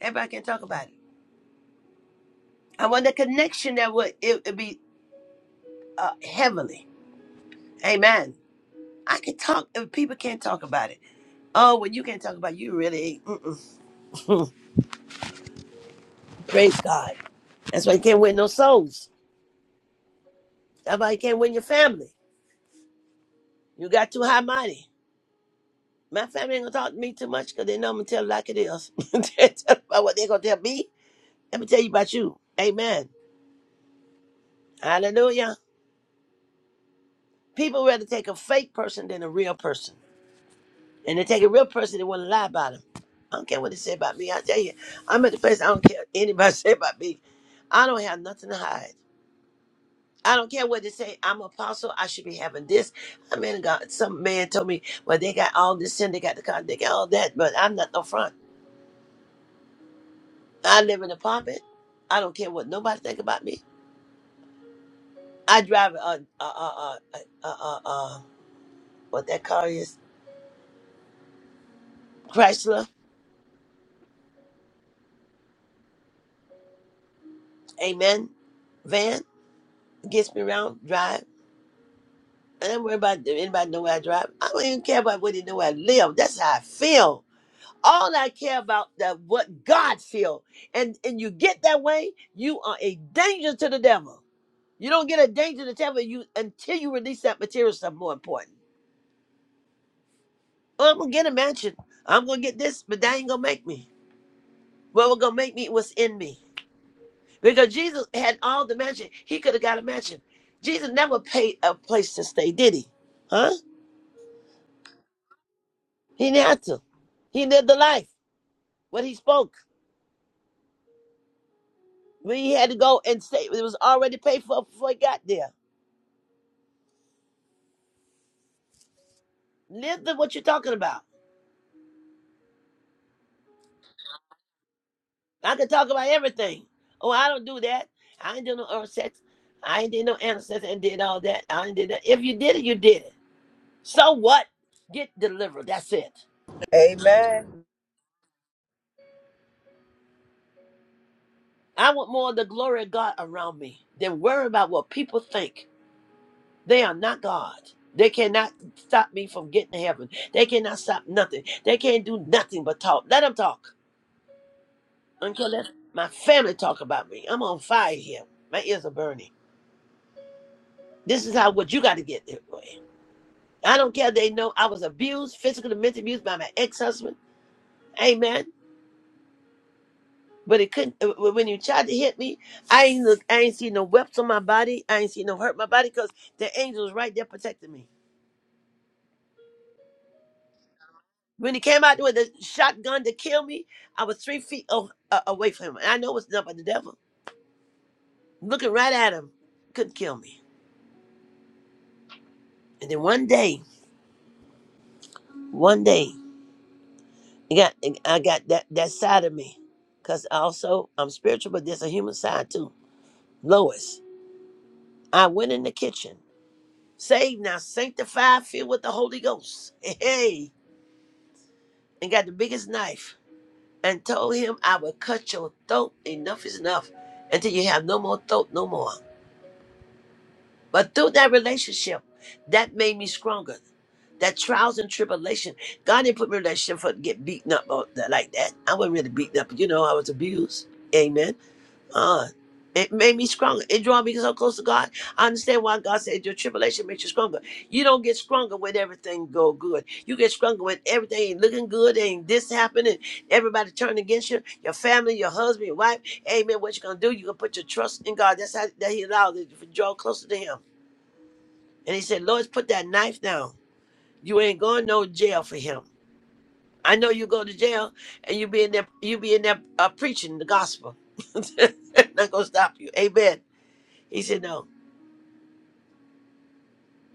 Speaker 2: Everybody can talk about it. I want the connection that would it would be uh, heavenly. Amen. I can talk if people can't talk about it. Oh, when you can't talk about it, you really. ain't- Mm-mm. (laughs) Praise God. That's why you can't win no souls. That's why you can't win your family. You got too high mighty. My family ain't gonna talk to me too much because they know I'm gonna tell it like it is. (laughs) They tell about what they gonna tell me. Let me tell you about you. Amen. Hallelujah. People rather take a fake person than a real person. And they take a real person, they wanna lie about them. I don't care what they say about me. I tell you, I'm at the place I don't care what anybody (laughs) say about me. I don't have nothing to hide. I don't care what they say. I'm apostle. I should be having this. I mean, God, some man told me, well, they got all this sin. They got the car. They got all that. But I'm not no front. I live in an apartment. I don't care what nobody think about me. I drive a, a, a, a, a, a, a, a what that car is, Chrysler, amen, van. Gets me around, drive. I don't worry about if anybody know where I drive. I don't even care about where they know where I live. That's how I feel. All I care about that what God feel. And and you get that way, you are a danger to the devil. You don't get a danger to the devil you until you release that material stuff more important. Oh, I'm gonna get a mansion. I'm gonna get this, but that ain't gonna make me. Well, What was gonna make me was in me. Because Jesus had all the mansion. He could have got a mansion. Jesus never paid a place to stay, did he? Huh? He didn't have to. He lived the life. What he spoke. When he had to go and stay, it was already paid for before he got there. Listen, what you talking about? I can talk about everything. Oh, I don't do that. I ain't do no oral sex. I ain't did no ancestor and did all that. I ain't did that. If you did it, you did it. So what? Get delivered. That's it.
Speaker 7: Amen.
Speaker 2: I want more of the glory of God around me than worry about what people think. They are not God. They cannot stop me from getting to heaven. They cannot stop nothing. They can't do nothing but talk. Let them talk until let my family talk about me. I'm on fire here. My ears are burning. This is how what you got to get. I don't care. if They know I was abused, physical and mental abuse by my ex-husband. Amen. But it couldn't. uh, uh, When you tried to hit me, I ain't look. I ain't see no webs on my body. I ain't see no hurt my body because the angel was right there protecting me. When he came out with a shotgun to kill me, I was three feet o- uh, away from him. And I know it's not but the devil looking right at him. Couldn't kill me. And then one day, one day, I got I got that that side of me, because also I'm spiritual, but there's a human side too. Lois, I went in the kitchen Saved now, sanctified, filled with the Holy Ghost. Hey, and got the biggest knife and told him, I will cut your throat. Enough is enough until you have no more throat, no more. But through that relationship, that made me stronger. That trials and tribulation, God didn't put me in that shit for to get beaten up or that, like that. I wasn't really beaten up, but you know, I was abused. Amen. Uh, it made me stronger. It draw me so close to God. I understand why God said your tribulation makes you stronger. You don't get stronger when everything go good. You get stronger when everything ain't looking good, ain't this happening, everybody turning against you, your family, your husband, your wife. Amen. What you gonna do? You gonna put your trust in God. That's how that He allowed it to draw closer to Him. And He said, "Lord, put that knife down. You ain't going no jail for Him. I know you go to jail and you be in there, you be in there uh, preaching the gospel. (laughs) Not gonna stop you. Amen." He said no,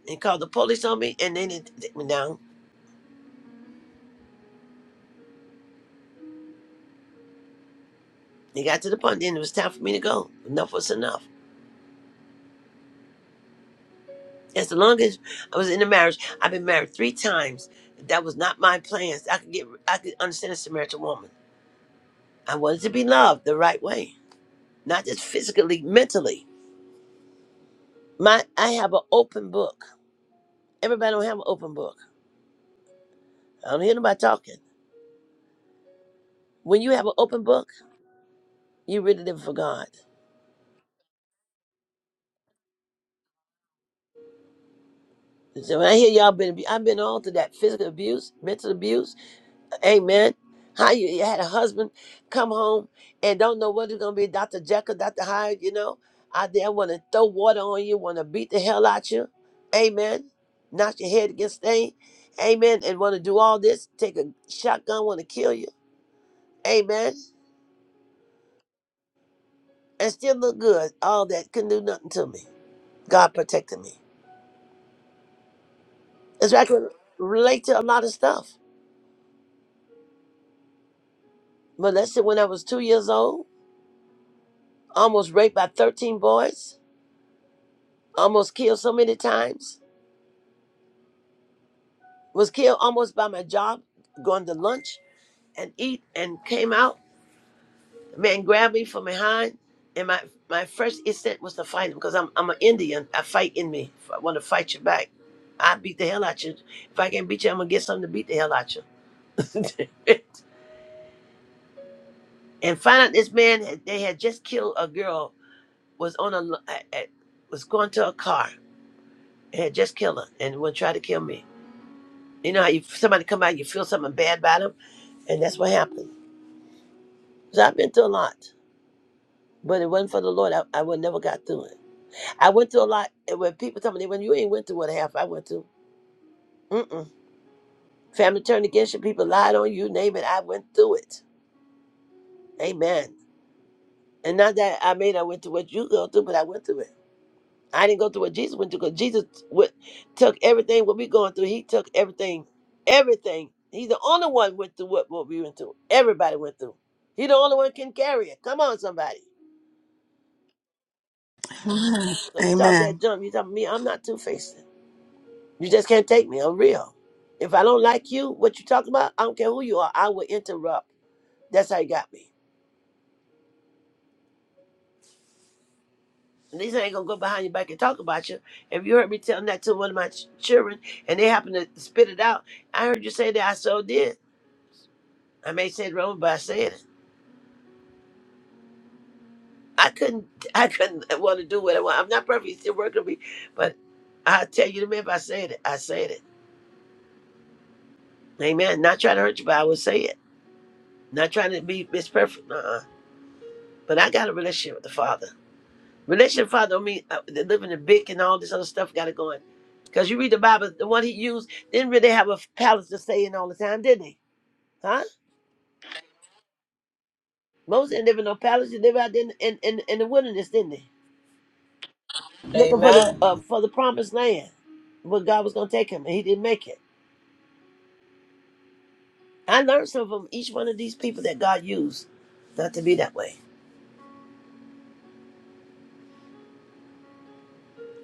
Speaker 2: and called the police on me, and then it took me down. They got to the point, then it was time for me to go. Enough was enough. As long as I was in a marriage, I've been married three times. That was not my plans. I could get, I could understand a Samaritan woman. I wanted to be loved the right way, not just physically, mentally. My, I have an open book. Everybody don't have an open book. I don't hear nobody talking. When you have an open book, you really live for God. So when I hear y'all been, abu- I've been all through that physical abuse, mental abuse Amen. How you, you had a husband come home and don't know what it's gonna be, Dr. Jekyll, Dr. Hyde, you know, out there wanna throw water on you, wanna beat the hell out you. Amen. Knock your head against thing. Amen. And wanna do all this, take a shotgun, wanna kill you. Amen. And still look good. All that couldn't do nothing to me. God protected me. It's I can relate to a lot of stuff. Molested when I was two years old, almost raped by 13 boys, almost killed so many times was killed almost by my job, going to lunch and eat, and came out. A man grabbed me from behind, and my, my first instinct was to fight him because I'm, I'm an Indian. I fight in me. If I want to fight you back, I beat the hell out you. If I can't beat you, I'm going to get something to beat the hell out you. (laughs) and find out this man, had- they had just killed a girl, was on a, l- a- a- was going to a car, and had just killed her, and would try to kill me. You know how you, somebody come out, you feel something bad about them, and that's what happened. So I've been through a lot. But it wasn't for the Lord, I, I would never got through it. I went through a lot. And when people tell me, when you ain't went through what half I went through, mm-mm. Family turned against you, people lied on you, name it. I went through it. Amen. And not that I mean I went through what you go through, but I went through it. I didn't go through what Jesus went through because Jesus went, took everything what we going through. He took everything, everything. He's the only one went through what, what we went through. Everybody went through. He the only one can carry it. Come on, somebody. So you talk
Speaker 3: Amen. Amen.
Speaker 2: that jump. You talk me. I'm not two faced. You just can't take me. I'm real. If I don't like you, what you talking about, I don't care who you are, I will interrupt. That's how you got me. And these ain't gonna go behind your back and talk about you. If you heard me telling that to one of my ch- children and they happen to spit it out, I heard you say that I so did. I may say it wrong, but I said it. I couldn't (laughs) I couldn't want to do what I want. I'm not perfect, it's still working on me. But I tell you the minute I said it, I said it. Amen. Not trying to hurt you, but I will say it. Not trying to be Miss Perfect, uh uh. But I got a relationship with the Father. Relationship father, I mean, uh, they live in the big and all this other stuff got it going. Because you read the Bible, the one he used didn't really have a palace to stay in all the time, did they? Huh? Moses didn't live in no palace. He lived out in, in, in, in the wilderness, didn't he? Looking for the uh,
Speaker 7: Amen.
Speaker 2: for the promised land where God was going to take him, and he didn't make it. I learned something from each one of these people that God used not to be that way.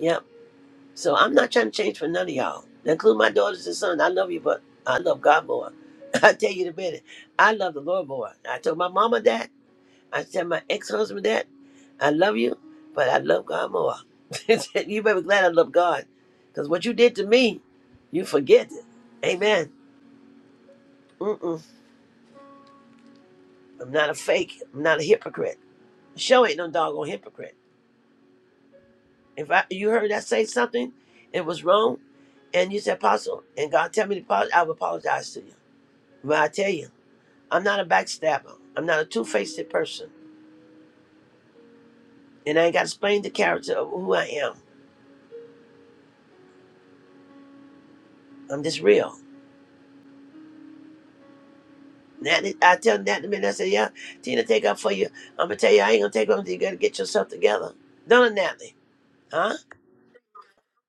Speaker 2: Yep. So I'm not trying to change for none of y'all, include my daughters and sons. I love you, but I love God more. (laughs) I tell you the minute, I love the Lord more. I told my mama that. I said my ex-husband that. I love you, but I love God more. (laughs) you better be glad I love God, because what you did to me, you forget it. Amen. Mm-mm. I'm not a fake. I'm not a hypocrite. Show ain't no doggone hypocrite. If I you heard I say something, it was wrong, and you said apostle, and God tell me to apologize, I will apologize to you. But I tell you, I'm not a backstabber. I'm not a two faced person. And I ain't got to explain the character of who I am. I'm just real. Natalie, I tell Natalie, man, I say, yeah, Tina, take up for you. I'm going to tell you, I ain't going to take up until you got to get yourself together. Don't Natalie. Huh? (laughs)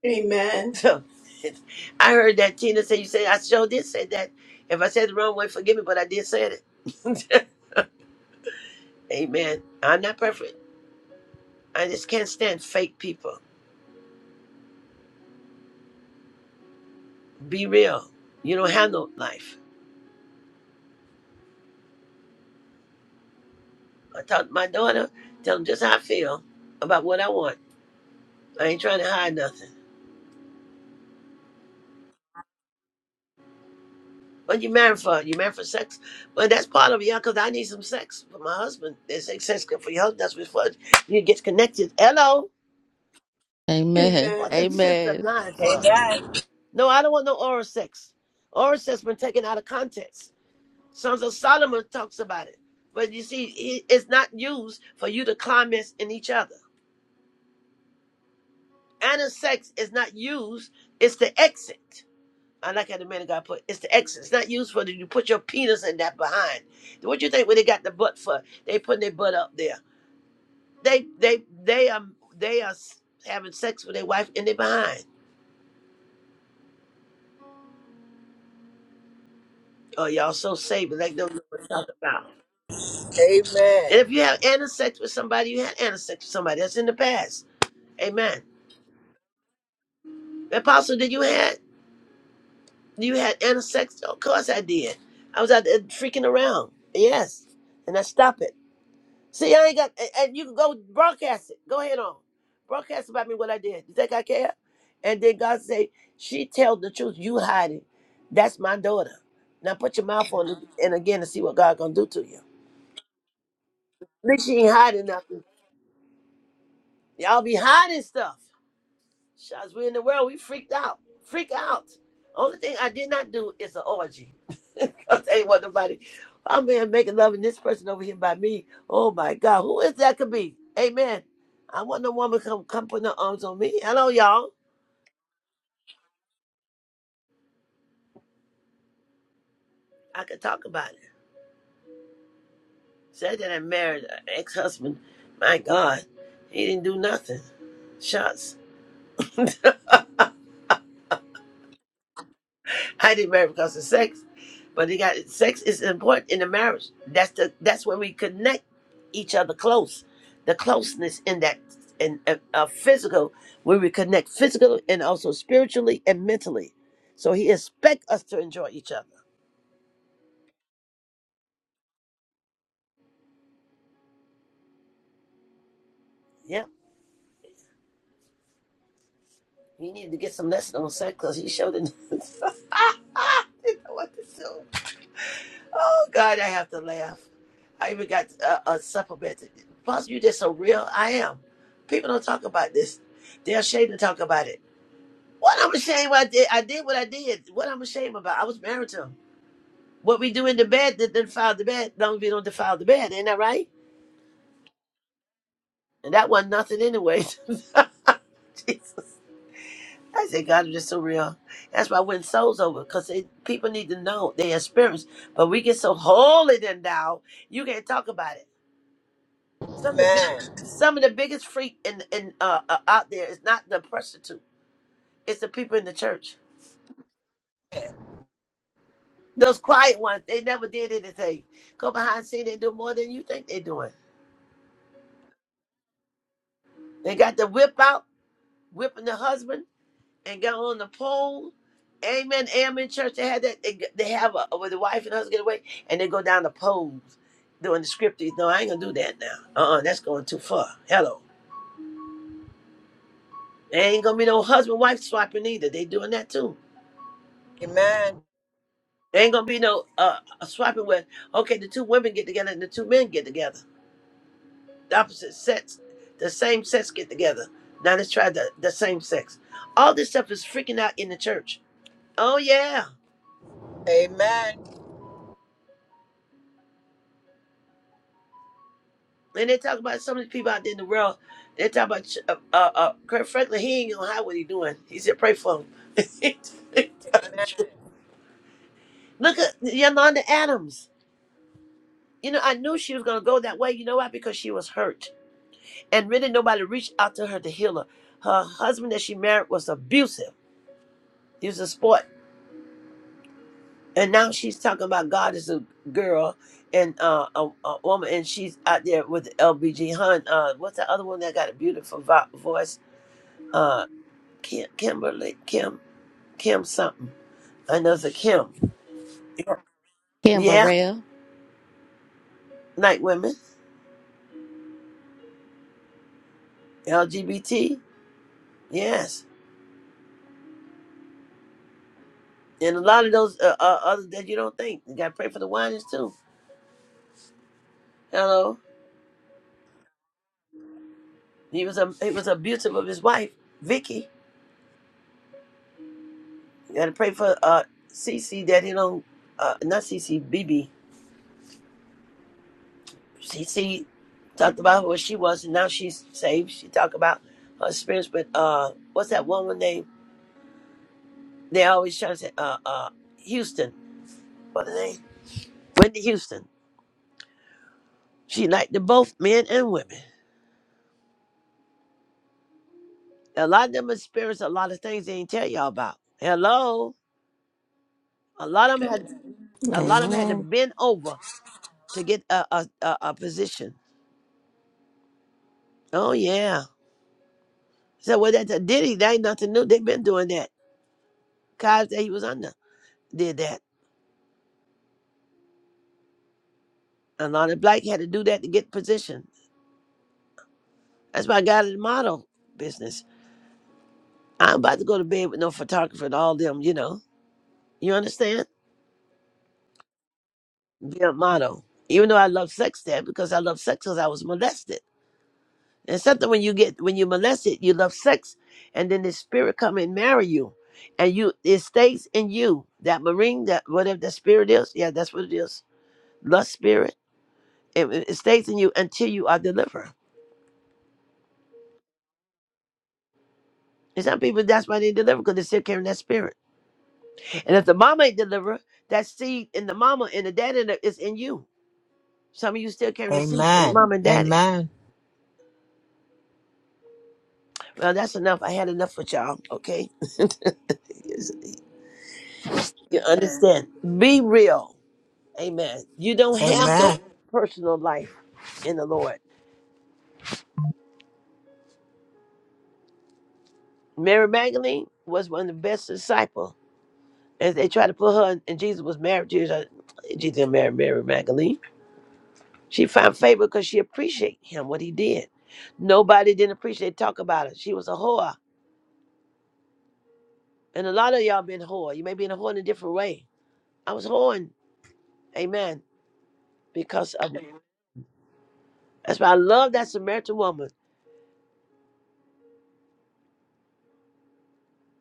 Speaker 1: Amen.
Speaker 2: So I heard that Tina say, you say, I sure did say that. If I said the wrong way, forgive me, but I did say it. (laughs) Amen. I'm not perfect. I just can't stand fake people. Be real. You don't have no life. I talk to my daughter, tell them just how I feel about what I want. I ain't trying to hide nothing. What you married for? You married for sex? Well, that's part of it, yeah, because I need some sex for my husband. There's sex sex good for your husband. That's before you get connected. Hello?
Speaker 4: Amen.
Speaker 2: What
Speaker 1: Amen.
Speaker 2: the sister
Speaker 4: Amen.
Speaker 2: lying for?
Speaker 7: Amen.
Speaker 2: No, I don't want no oral sex. Oral sex been taken out of context. Sons of Solomon talks about it. But you see, he- it's not used for you to comment in each other. Anal sex is not used, it's the exit. I like how the man of God put it's the exit. It's not used for the, you put your penis in that behind. What you think when they got the butt for? They putting their butt up there. They they they are they are s- having sex with their wife in their behind. Oh y'all so saved like don't know what to talk about. And
Speaker 7: Amen.
Speaker 2: if you have anal sex with somebody, you had anal sex with somebody. That's in the past. Amen. Apostle, did you had you had anal sex? Of course I did. I was out there freaking around. Yes. And I stopped it. See, I ain't got, and and you can go broadcast it. Go ahead on. Broadcast about me what I did. You think I care? And then God say, she tell the truth. You hide it. That's my daughter. Now put your mouth on it and again to see what God gonna do to you. At least she ain't hiding nothing. Y'all be hiding stuff. Shots, we in the world, we freaked out. Freak out. Only thing I did not do is an orgy. (laughs) Cause ain't what nobody. I'm here making love, and this person over here by me. Oh my God, who is that? Could be. Amen. I want no woman come come putting her arms on me. Hello, y'all. I could talk about it. Said that I married an ex husband. My God, he didn't do nothing. Shots. (laughs) I didn't marry because of sex, but they got sex is important in the marriage. That's the that's when we connect each other close. The closeness in that in a, a physical where we connect physically and also spiritually and mentally. So he expect us to enjoy each other. Yeah, he needed to get some lesson on sex because he showed it. (laughs) I didn't know what to do. Oh God, I have to laugh. I even got a, a supplement. Possible you just so real. I am. People don't talk about this. They're ashamed to talk about it. What I'm ashamed I did. I did what I did. What I'm ashamed about. I was married to him. What we do in the bed that defile the bed. Long as we don't defile the bed, ain't that right? And that wasn't nothing anyway. (laughs) Jeez. I said, God, you're so real. That's why I win souls over, because people need to know their experience. But we get so holy then now, you can't talk about it. Some of the
Speaker 7: Amen.
Speaker 2: biggest, some of the biggest freak in in uh, uh, out there is not the prostitute; it's the people in the church. Those quiet ones, they never did anything. Go behind scene, they do more than you think they're doing. They got the whip out, whipping the husband, and got on the pole. Amen, amen. Church, they had that. They, they have a where the wife and husband get away, and they go down the poles doing the scripties. No, I ain't gonna do that now. Uh, uh that's going too far. Hello, they ain't gonna be no husband wife swapping either. They doing that too.
Speaker 7: Amen.
Speaker 2: There ain't gonna be no uh swapping with okay, the two women get together and the two men get together. The opposite sex, the same sex get together. Now let's try the, the same sex. All this stuff is freaking out in the church. Oh yeah.
Speaker 7: Amen.
Speaker 2: And they talk about some of these people out there in the world. They talk about ch- uh, uh, uh, Kurt Franklin. He ain't gonna hide what he doing. He said, "Pray for him." (laughs) Look at Yolanda Adams. You know, I knew she was gonna go that way. You know why? Because she was hurt and really nobody reached out to her to heal her. Her husband that she married was abusive. He was a sport, and now she's talking about God is a girl and uh, a, a woman, and she's out there with LBG Hun. Uh, what's the other one that got a beautiful vo- voice? Uh, Kim, Kimberly, Kim, Kim something. I know it's a Kim.
Speaker 4: Kim
Speaker 2: Yeah,
Speaker 4: Burrell,
Speaker 2: like women, LGBT. Yes, and a lot of those uh, uh, others that you don't think. You got to pray for the whiners too. Hello. He was a he was abusive of his wife, Vicky. You gotta pray for uh Cece that he don't uh not Cece, BB. Cece talked about who she was and now she's saved. She talked about her experience with uh what's that woman name? They always try to say uh uh Houston. What her name? Whitney Houston. She liked the both men and women. A lot of them experienced a lot of things they ain't tell y'all about. Hello. A lot of them had a lot of them had to
Speaker 3: Amen.
Speaker 2: bend over to get a a, a, a position Oh yeah. So well that Diddy, that ain't nothing new. They've been doing that. Cause that he was under did that. A lot of black had to do that to get position. That's why I got in the model business. I'm about to go to bed with no photographer and all them, you know. You understand? Be a model. Even though I love sex then because I love sex because I was molested. And something when you get when you molested, you love sex and then the spirit come and marry you. And you it stays in you. That marine, that whatever that spirit is, yeah, that's what it is. Lust spirit It, it stays in you until you are delivered. And some people, that's why they deliver because they're still carrying that spirit. And if the mama ain't delivered, that seed in the mama and the daddy that is in you. Some of you still carrying the seed from your
Speaker 7: Amen.
Speaker 2: mom and daddy.
Speaker 7: Amen.
Speaker 2: Well, that's enough. I had enough with y'all. Okay, Yes, you understand? Be real. Amen. You don't have no
Speaker 7: Amen.
Speaker 2: personal life in the Lord. Mary Magdalene was one of the best disciples. As they tried to put her, and Jesus was married to Jesus. Jesus didn't marry Mary Magdalene. She found favor because she appreciated him, what he did. Nobody didn't appreciate talk about it. She was a whore. And a lot of y'all been whore. You may be in a whore in a different way. I was whoring, amen, because of that's why I love that Samaritan woman.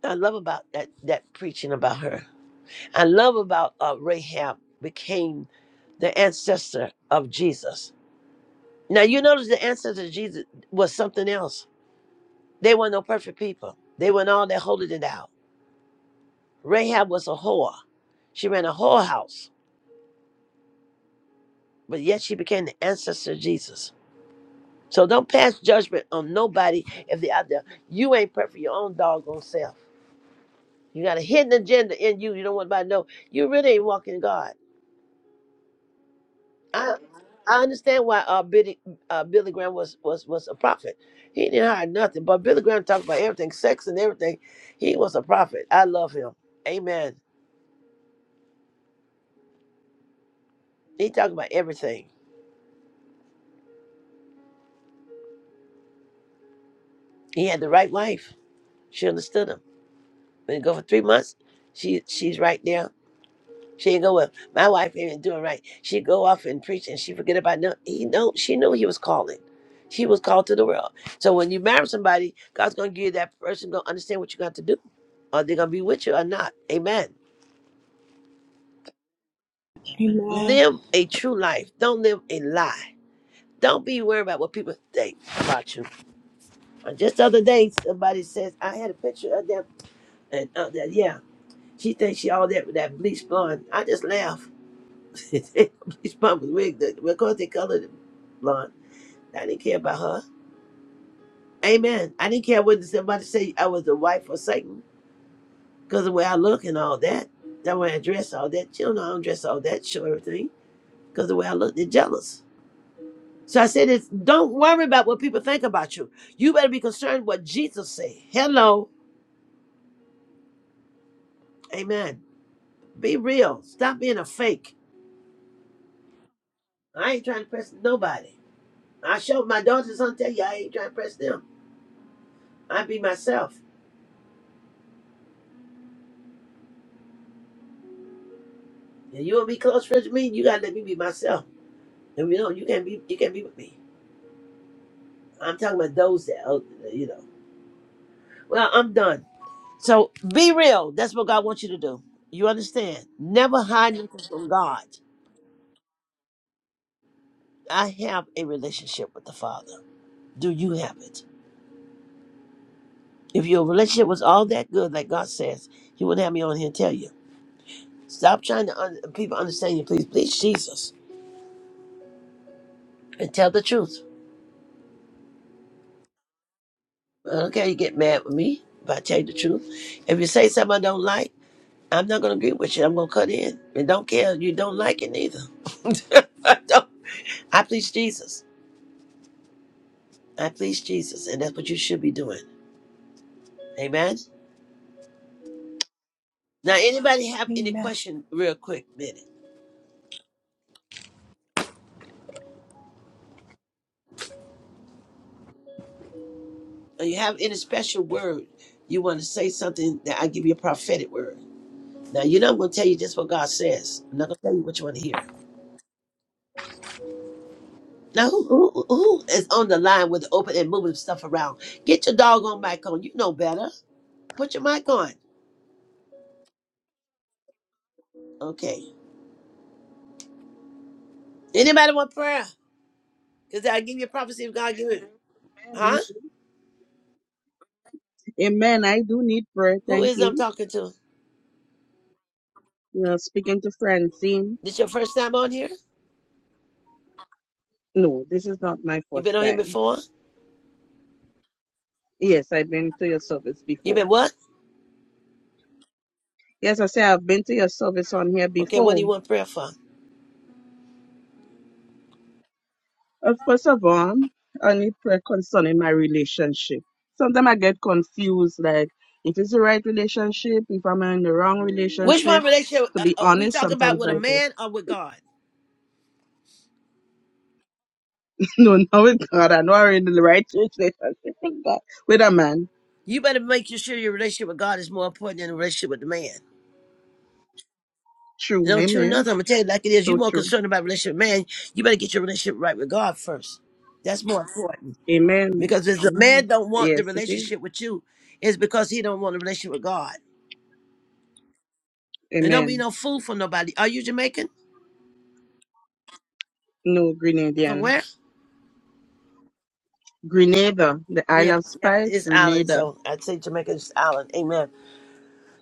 Speaker 2: I love about that that preaching about her. I love about uh, Rahab became the ancestor of Jesus. Now you notice the ancestor of Jesus was something else. They were not no perfect people. They weren't all that holy than thou. Rahab was a whore. She ran a whorehouse, but yet she became the ancestor of Jesus. So don't pass judgment on nobody if they're out there. You ain't perfect for your own doggone self. You got a hidden agenda in you. You don't want nobody to know. You really ain't walking God. I I understand why uh, Billy, uh, Billy Graham was, was was a prophet. He didn't hide nothing, but Billy Graham talked about everything, sex and everything. He was a prophet. I love him. Amen. He talked about everything. He had the right wife. She understood him. Been go for three months. She she's right there. She ain't go well. My wife ain't doing right. She go off and preach and she forget about no. He know she knew he was calling. She was called to the world. So when you marry somebody, God's gonna give you that person gonna understand what you got to do. Are they gonna be with you or not? Amen.
Speaker 1: Amen.
Speaker 2: Live a true life. Don't live a lie. Don't be worried about what people think about you. Uh, Just the other day, somebody says I had a picture of them and uh, that yeah, she thinks she all that with that bleach blonde. I just laugh. (laughs) bleach mama's wig. the- Because they colored it blonde. I didn't care about her. Amen. I didn't care what somebody say I was the wife of Satan because the way I look and all that. That way I dress all that. You know, I don't dress all that show everything because the way I look, they're jealous. So I said, it's, don't worry about what people think about you. You better be concerned what Jesus say. Hello. Amen. Be real. Stop being a fake. I ain't trying to press nobody. I showed my daughters on tell you I ain't trying to press them. I be myself. If you want to be close friends with me, you gotta let me be myself. And you know, you can't be you can't be with me. I'm talking about those that oh, you know. Well, I'm done. So be real. That's what God wants you to do. You understand? Never hide anything from God. I have a relationship with the Father. Do you have it? If your relationship was all that good, like God says, He wouldn't have me on here and tell you. Stop trying to un- people understand you. Please, please, Jesus, and tell the truth. I don't care. You get mad with me if I tell you the truth. If you say something I don't like. I'm not gonna agree with you. I'm gonna cut in and don't care. You don't like it neither. (laughs) I don't. I please Jesus. I please Jesus, and that's what you should be doing. Amen. Now, anybody have any
Speaker 1: Amen.
Speaker 2: question, real quick, minute? Or you have any special word you want to say something that I give you a prophetic word? Now, you know I'm gonna tell you just what God says. I'm not gonna tell you what you want to hear. Now, who, who, who is on the line with open and moving stuff around? Get your doggone mic on. You know better. Put your mic on. Okay. Anybody want prayer? Because I give you a prophecy if God give it.
Speaker 8: Amen.
Speaker 2: Huh?
Speaker 8: I, amen. I do need prayer.
Speaker 2: Who
Speaker 8: Thank
Speaker 2: is I'm
Speaker 8: you.
Speaker 2: talking to?
Speaker 8: You know, speaking to Francine.
Speaker 2: This your first time on here?
Speaker 8: No, this is not my
Speaker 2: you been
Speaker 8: first
Speaker 2: on here
Speaker 8: time.
Speaker 2: before?
Speaker 8: Yes, I've been to your service
Speaker 2: you
Speaker 8: before.
Speaker 2: been what?
Speaker 8: Yes, I say I've been to your service on here
Speaker 2: Okay, what do
Speaker 8: before.
Speaker 2: you want prayer for?
Speaker 8: Uh, first of all, I need prayer concerning my relationship. Sometimes I get confused, like if it's the right relationship, if I'm in the wrong
Speaker 2: Which one
Speaker 8: relationship.
Speaker 2: relationship
Speaker 8: To
Speaker 2: uh,
Speaker 8: be
Speaker 2: uh, we
Speaker 8: honest,
Speaker 2: talking about
Speaker 8: sometimes
Speaker 2: with a
Speaker 8: I go,
Speaker 2: man or with God?
Speaker 8: (laughs) no, no, with God, I know I'm in the right (laughs) relationship with God, with a man.
Speaker 2: You better make sure your relationship with God is more important than the relationship with the man.
Speaker 8: True,
Speaker 2: Don't you know? I'm
Speaker 8: amen.
Speaker 2: gonna tell you like it is. You
Speaker 8: So
Speaker 2: more
Speaker 8: true.
Speaker 2: concerned about relationship with man. You better get your relationship right with God first. That's more important
Speaker 8: Amen.
Speaker 2: because if the man
Speaker 8: Amen.
Speaker 2: don't want the
Speaker 8: Yes, it is.
Speaker 2: relationship with you, it's because he don't want a relationship with God. And don't be
Speaker 8: Amen.
Speaker 2: no fool for nobody. Are you Jamaican?
Speaker 8: No,
Speaker 2: From
Speaker 8: Grenadian.
Speaker 2: where?
Speaker 8: Grenada, the
Speaker 2: Yeah,
Speaker 8: Isle of
Speaker 2: yeah,
Speaker 8: Spice,
Speaker 2: it's island.
Speaker 8: Grenada.
Speaker 2: So I'd say Jamaica is island. Amen.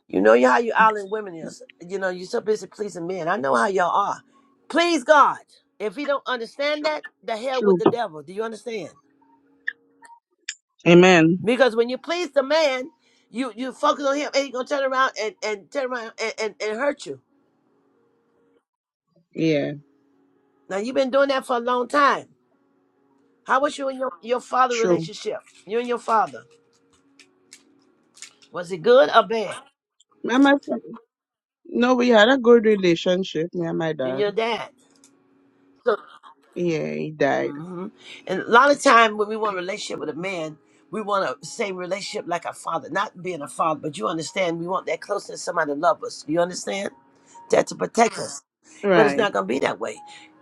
Speaker 2: You know how you island women is. You know you're so busy pleasing men. I know how y'all are. Please God. If he don't understand that, the hell with
Speaker 8: True.
Speaker 2: the devil. Do you understand?
Speaker 8: Amen.
Speaker 2: Because when you please the man, you you focus on him, and he gonna turn around and and turn around and, and, and hurt you.
Speaker 8: Yeah,
Speaker 2: Now you've been doing that for a long time. How was you and your your father
Speaker 8: true.
Speaker 2: relationship? You and your father was it good or bad?
Speaker 8: Me and My fr- no, we had a good relationship, me and my
Speaker 2: You and
Speaker 8: dad.
Speaker 2: your dad. So
Speaker 8: Yeah, he died.
Speaker 2: hmm And a lot of time when we want a relationship with a man, we want a same relationship like a father, not being a father, but you understand we want that closeness, somebody to love us. You understand? That to protect us. But it's
Speaker 8: Right.
Speaker 2: not gonna be that way.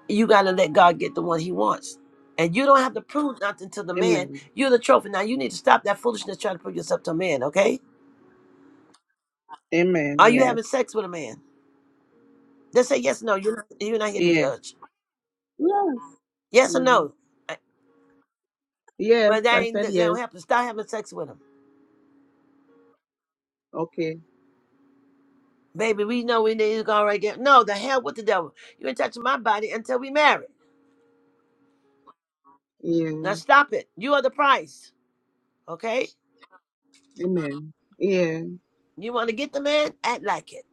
Speaker 2: You gotta let God get the one he wants. And you don't have to prove nothing to the man.
Speaker 8: Amen.
Speaker 2: You're the trophy. Now you need to stop that foolishness trying to prove yourself to a man, okay?
Speaker 8: Amen.
Speaker 2: Are you having
Speaker 8: Yes.
Speaker 2: sex with a man? Just say yes or no. You're not, you're not here to
Speaker 8: Yes.
Speaker 2: judge.
Speaker 8: Yes.
Speaker 2: Yes or
Speaker 8: Mm.
Speaker 2: no. Uh,
Speaker 8: Yes,
Speaker 2: But that
Speaker 8: I
Speaker 2: ain't
Speaker 8: said
Speaker 2: that
Speaker 8: yes.
Speaker 2: don't happen. Stop having sex with him.
Speaker 8: Okay.
Speaker 2: Baby, we know we need to go right there. No, the hell with the devil. You ain't touching my body until we marry.
Speaker 8: Yeah.
Speaker 2: Now stop it. You are the price. Okay?
Speaker 8: Amen. Yeah.
Speaker 2: You want to get the man? Act like it.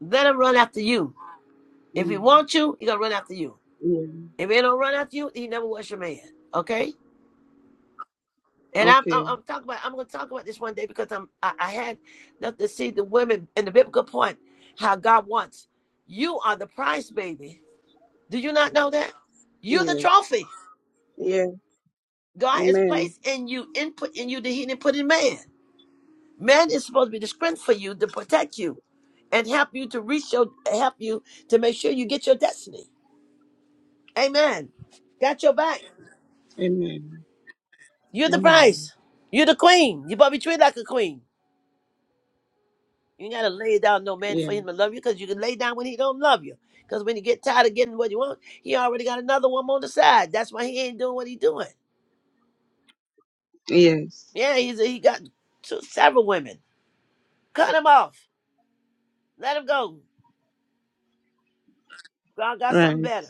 Speaker 2: Let him run after you. If he
Speaker 8: Mm.
Speaker 2: wants you, he gonna run after you.
Speaker 8: Yeah.
Speaker 2: If he don't run after you, he never was your man. Okay? And I'm, I'm,
Speaker 8: Okay.
Speaker 2: I'm talking about I'm gonna talk about this one day because I'm I, I had enough to see the women in the biblical point how God wants. You are the price, baby. Do you not know that? You're the
Speaker 8: Yes.
Speaker 2: trophy.
Speaker 8: Yeah.
Speaker 2: God has
Speaker 8: Amen.
Speaker 2: placed in you input in you that He didn't put in man. Man is supposed to be the strength for you to protect you and help you to reach your help you to make sure you get your destiny. Amen. Got your back.
Speaker 8: Amen.
Speaker 2: You're the
Speaker 8: Amen.
Speaker 2: prize. You're the queen. You better be treated like a queen. You ain't gotta lay down no man for
Speaker 8: Yes.
Speaker 2: him to love you because you can lay down when he don't love you. Because when you get tired of getting what you want, he already got another woman on the side. That's why he ain't doing what he doing.
Speaker 8: Yes.
Speaker 2: Yeah, he's he got two, several women. Cut him off. Let him go. God got something
Speaker 8: Right.
Speaker 2: better.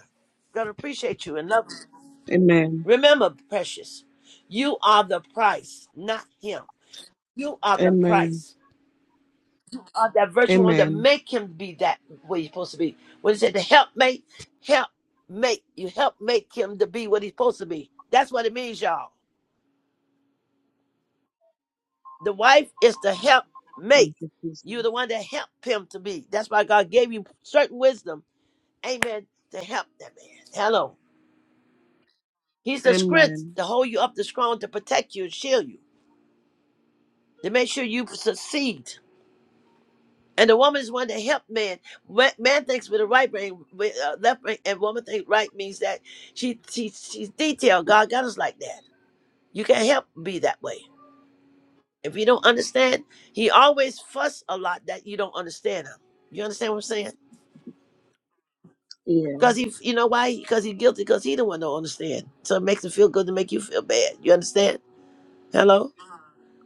Speaker 2: God appreciate you and love you.
Speaker 8: Amen.
Speaker 2: Remember, precious, you are the price, not him. You are the
Speaker 8: Amen.
Speaker 2: price of that virtual one that
Speaker 8: Amen.
Speaker 2: make him be that what he's supposed to be. What he said, the helpmate, help make you help make him to be what he's supposed to be. That's what it means, y'all. The wife is the helpmate.
Speaker 8: Thank you, Jesus.
Speaker 2: You're the one that helped him to be. That's why God gave you certain wisdom, amen, to help that man. Hello. He's the strength
Speaker 8: Amen.
Speaker 2: to hold you up, the strong to protect you and shield you, to make sure you succeed. And the woman is one to help man. Ma- Man thinks with the right brain, with uh, left brain, and woman think right means that she, she she's detailed. God got us like that. You can't help be that way. If you don't understand, He always fuss a lot that you don't understand Him. You understand what I'm saying?
Speaker 8: Yeah.
Speaker 2: Because he, you know why? Because he's guilty. Because he the one don't understand. So it makes him feel good to make you feel bad. You understand? Hello?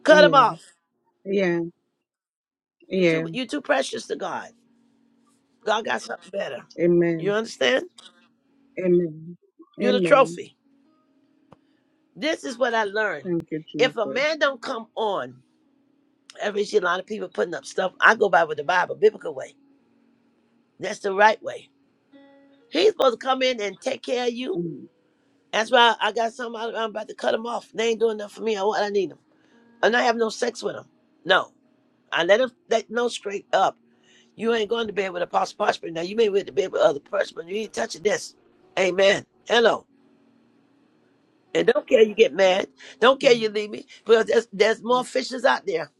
Speaker 2: Cut him
Speaker 8: Yeah.
Speaker 2: off.
Speaker 8: Yeah.
Speaker 2: You too.
Speaker 8: Yeah.
Speaker 2: You too precious to God. God got something better. You
Speaker 8: Amen.
Speaker 2: understand?
Speaker 8: Amen.
Speaker 2: You're the
Speaker 8: Amen.
Speaker 2: trophy. This is what I learned.
Speaker 8: Thank you,
Speaker 2: If a
Speaker 8: Jesus.
Speaker 2: man don't come on, every see a lot of people putting up stuff. I go by with the Bible, biblical way. That's the right way. He's supposed to come in and take care of you.
Speaker 8: Amen.
Speaker 2: That's why I got some. I- am about to cut them off. They ain't doing nothing for me. I want. I need them. I'm not having no sex with them. No, I let them let know straight up. You ain't going to bed with a possible Now you may be with the bed with other person, but you ain't touching this. Amen. Hello. And don't care you get mad. Don't care
Speaker 8: Amen.
Speaker 2: you leave me because there's, there's more fishes out there.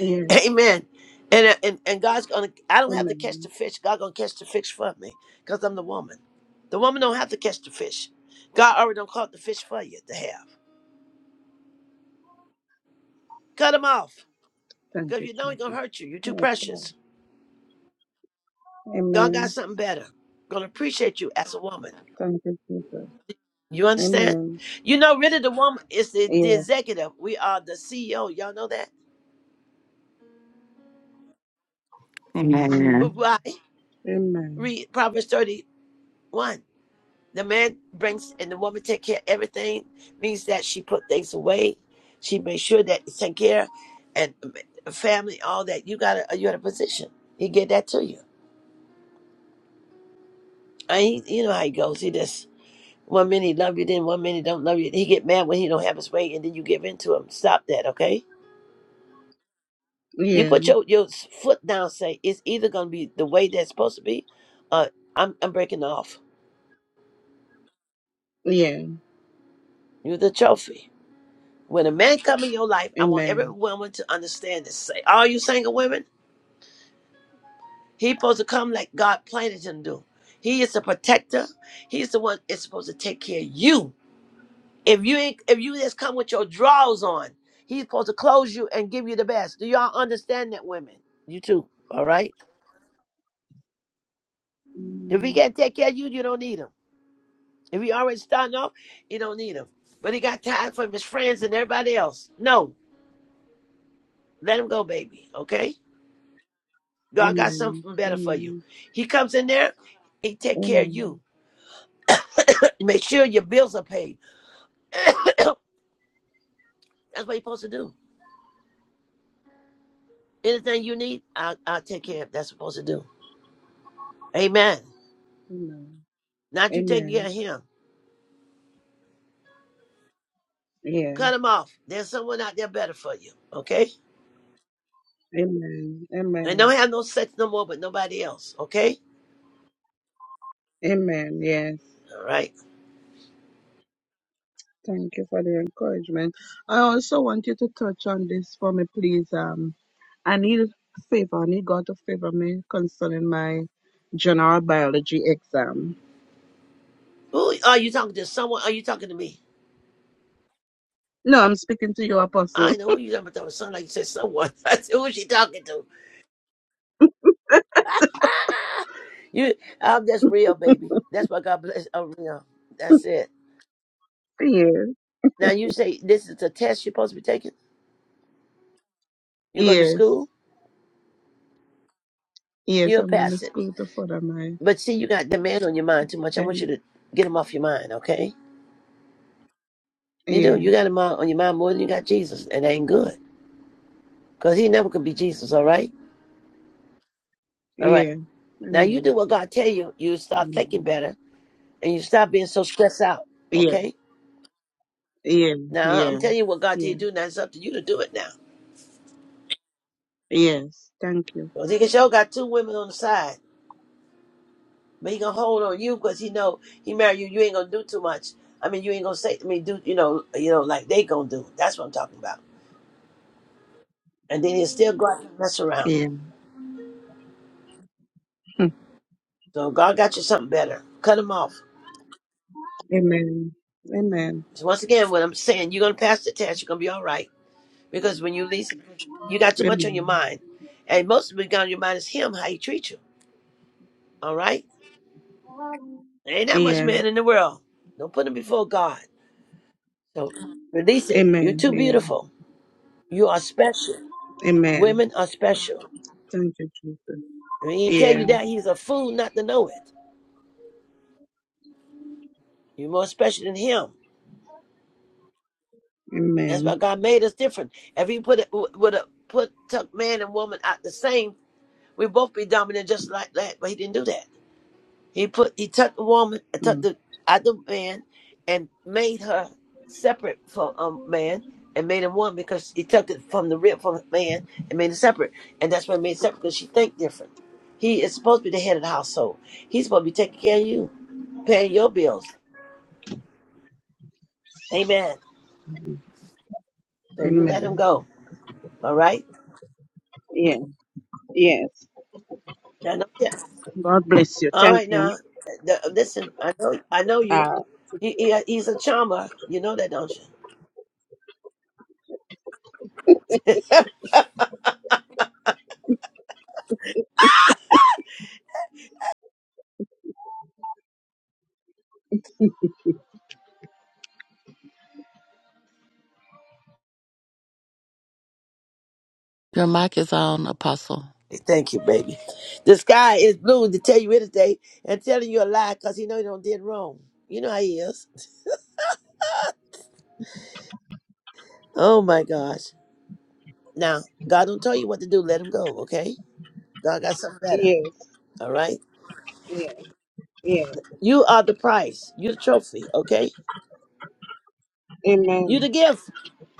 Speaker 8: Yes.
Speaker 2: (laughs) Amen. And, uh, and and God's gonna. I don't have to catch the
Speaker 8: Amen.
Speaker 2: fish. God gonna catch the fish for me because I'm the woman. The woman don't have to catch the fish. God already done caught the fish for you to have. Cut him off
Speaker 8: Thank
Speaker 2: because
Speaker 8: you,
Speaker 2: you know he gonna
Speaker 8: Jesus.
Speaker 2: hurt you. You're too
Speaker 8: Yes, Lord.
Speaker 2: precious. God got
Speaker 8: Amen.
Speaker 2: something better. Gonna appreciate you as a woman.
Speaker 8: Thank you, Jesus.
Speaker 2: You understand?
Speaker 8: Amen.
Speaker 2: You know, really, the woman is the, the
Speaker 8: Yes.
Speaker 2: executive. We are the CEO. Y'all know that.
Speaker 6: Amen.
Speaker 8: Amen.
Speaker 2: right?
Speaker 8: Amen.
Speaker 2: Read Proverbs 30 One, the man brings and the woman take care of everything means that she put things away. She makes sure that it's taken care of, and uh, family, all that. You got a you got a position. He get that to you. And he, you know how he goes. He just one minute he love you, then one minute he don't love you. He get mad when he don't have his way, and then you give in to him. Stop that, okay? You
Speaker 8: Yeah.
Speaker 2: put your your foot down. Say it's either gonna be the way that's supposed to be, or I'm I'm breaking off.
Speaker 8: Yeah.
Speaker 2: You're the trophy. When a man come in your life, I want every
Speaker 8: Amen.
Speaker 2: woman to understand this. Say, all you single women, he supposed to come like God planned it him to do. He is the protector. He's the one is supposed to take care of you. If you ain't, if you just come with your drawers on, he's supposed to close you and give you the best. Do y'all understand that, women? You too. All right. If he can't take care of you, you don't need him. If he already starting off, you don't need him. But he got time for his friends and everybody else. No, let him go, baby. Okay. God got
Speaker 8: Amen.
Speaker 2: something better for you.
Speaker 8: Amen.
Speaker 2: He comes in there, he take care of you.
Speaker 8: Amen.
Speaker 2: (clears throat) Make sure your bills are paid. (clears throat) That's what you're supposed to do. Anything you need, I'll, I'll take care of. That's supposed to do. Amen.
Speaker 8: Amen.
Speaker 2: Not you taking care
Speaker 8: Amen.
Speaker 2: of him.
Speaker 8: Yeah.
Speaker 2: Cut him off. There's someone out there better for you. Okay?
Speaker 8: Amen.
Speaker 2: And don't
Speaker 8: Amen.
Speaker 2: have no sex no more with nobody else. Okay?
Speaker 8: Amen. Yes.
Speaker 2: All right.
Speaker 8: Thank you for the encouragement. I also want you to touch on this for me, please. Um, I need favor. I need God to favor me concerning my general biology exam.
Speaker 2: Who are you talking to? Someone? Are you talking to me?
Speaker 8: No, I'm speaking to you, Apostle.
Speaker 2: I
Speaker 8: (laughs)
Speaker 2: know who you talking to. Sound like you said someone. (laughs) I said, who is she talking to? (laughs) You, I'm just real, baby. That's why God bless. I'm real. That's it.
Speaker 8: Yes.
Speaker 2: Now you say this is a test you're supposed to be taking. You're going to
Speaker 8: Yes.
Speaker 2: school.
Speaker 8: Yes.
Speaker 2: You'll
Speaker 8: I'm going to
Speaker 2: pass it.
Speaker 8: school to further my.
Speaker 2: But see, you got demand on your mind too much. I
Speaker 8: (laughs)
Speaker 2: want you to get him off your mind, okay? You do.
Speaker 8: Yeah.
Speaker 2: You got him on on your mind more than you got Jesus, and that ain't good. Cause he never could be Jesus. All right. All right.
Speaker 8: Yeah.
Speaker 2: Now you do
Speaker 8: Amen.
Speaker 2: what God tell you. You start thinking
Speaker 8: Amen.
Speaker 2: better, and you stop being so stressed out.
Speaker 8: Yeah.
Speaker 2: Okay.
Speaker 8: Yeah,
Speaker 2: Now I'm
Speaker 8: yeah,
Speaker 2: telling you what God tell you
Speaker 8: yeah.
Speaker 2: to do. Now it's up to you to do it now.
Speaker 8: Yes. Thank you.
Speaker 2: Cause he can show got two women on the side. But he gonna hold on you because he know he married you. You ain't gonna do too much. I mean, you ain't gonna say. I mean, do you know? You know, like they gonna do. That's what I'm talking about. And then he'll still go out and mess around.
Speaker 8: Yeah.
Speaker 2: So God got you something better. Cut him off.
Speaker 8: Amen. Amen.
Speaker 2: So once again, what I'm saying, you're gonna pass the test. You're gonna be all right because when you least, you got too much on your
Speaker 8: Amen.
Speaker 2: mind, and most of it got on your mind is him how he treat you. All right, there ain't that much
Speaker 8: Yeah.
Speaker 2: man in the world. Don't put him before God. So release it. You're
Speaker 8: Amen.
Speaker 2: too
Speaker 8: Yeah.
Speaker 2: beautiful. You are special.
Speaker 8: Amen.
Speaker 2: Women are special.
Speaker 8: Thank you, Jesus.
Speaker 2: When he tell you
Speaker 8: Yeah.
Speaker 2: that, he's a fool not to know it. You're more special than him. That's
Speaker 8: Amen.
Speaker 2: why God made us different. If he put it would have put took man and woman out the same, we both be dominant just like that. But he didn't do that. He put he took the woman, uh, took
Speaker 8: Mm.
Speaker 2: the other man, and made her separate from um, man and made him one because he took it from the rib from man and made it separate. And that's why he made it separate because she think different. He is supposed to be the head of the household. He's supposed to be taking care of you, paying your bills. Amen. So you let him
Speaker 8: Amen.
Speaker 2: go. All right.
Speaker 8: Yeah. Yes.
Speaker 2: I know. Yeah.
Speaker 8: God bless you.
Speaker 2: All
Speaker 8: Thank
Speaker 2: right
Speaker 8: you.
Speaker 2: now. th- th- listen, I know. I know you.
Speaker 8: Uh,
Speaker 2: He, he, he's a charmer. You know that, don't you?
Speaker 4: your mic is on, apostle.
Speaker 2: (laughs) Thank you, baby. The sky is blue to tell you anything and telling you a lie because he know you don't did wrong. You know how he is. Oh my gosh. Now God don't tell you what to do. Let him go. Okay. God got something better.
Speaker 8: yes.
Speaker 2: All right.
Speaker 8: Yeah. Yeah.
Speaker 2: You are the prize. You the trophy. Okay.
Speaker 8: Amen.
Speaker 2: You the gift.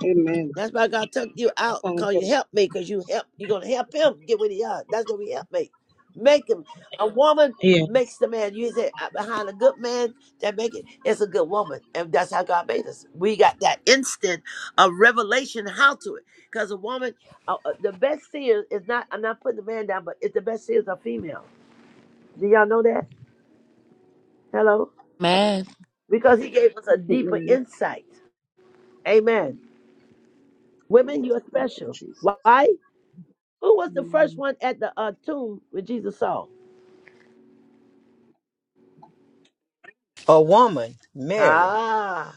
Speaker 8: Amen.
Speaker 2: That's why God took you out
Speaker 8: Thank
Speaker 2: because you
Speaker 8: you, Lord.
Speaker 2: help me, because you help you're gonna help him get what he has. That's what we help make. Make him a woman
Speaker 8: Yes.
Speaker 2: makes the man. You say "Uh, behind a good man that make it it's a good woman. And that's how God made us. We got that instant of revelation how to it. Because a woman uh, uh, the best seer is not I'm not putting the man down, but it's the best seers are female. Do y'all know that? Hello?
Speaker 4: Amen.
Speaker 2: Because he gave us a deeper
Speaker 8: Yes.
Speaker 2: insight. Amen. Women, you are
Speaker 8: Thank you,
Speaker 2: special.
Speaker 8: Jesus.
Speaker 2: Why? Who was the first
Speaker 8: Mm.
Speaker 2: one at the uh, tomb when Jesus saw?
Speaker 7: A woman, Mary.
Speaker 2: Ah,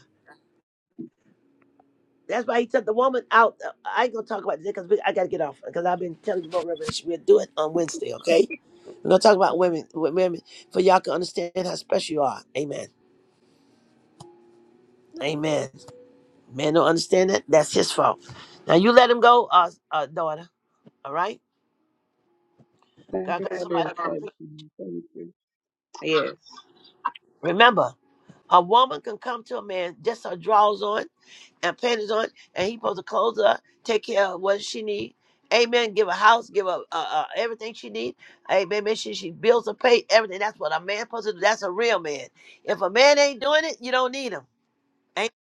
Speaker 2: that's why he took the woman out. Uh, I ain't gonna talk about this because I gotta get off because I've been telling you about Revelation. We'll do it on Wednesday, okay? We're gonna talk about women, with women, for y'all can understand how special you are. Amen. Amen. Man don't understand that. That's his fault. Now you let him go, uh, uh daughter. All right.
Speaker 8: Thank
Speaker 2: God,
Speaker 8: you
Speaker 2: got
Speaker 8: for the
Speaker 2: somebody. can-
Speaker 8: encouragement. Thank you. Yes.
Speaker 2: Remember, a woman can come to a man just her drawers on. and panties on, and he supposed to clothe her, take care of what she need. Amen. Give her house, give her uh, uh, everything she need. Amen. Make sure she bills are paid, everything. That's what a man supposed to do. That's a real man. If a man ain't doing it, you don't need him. Ain't-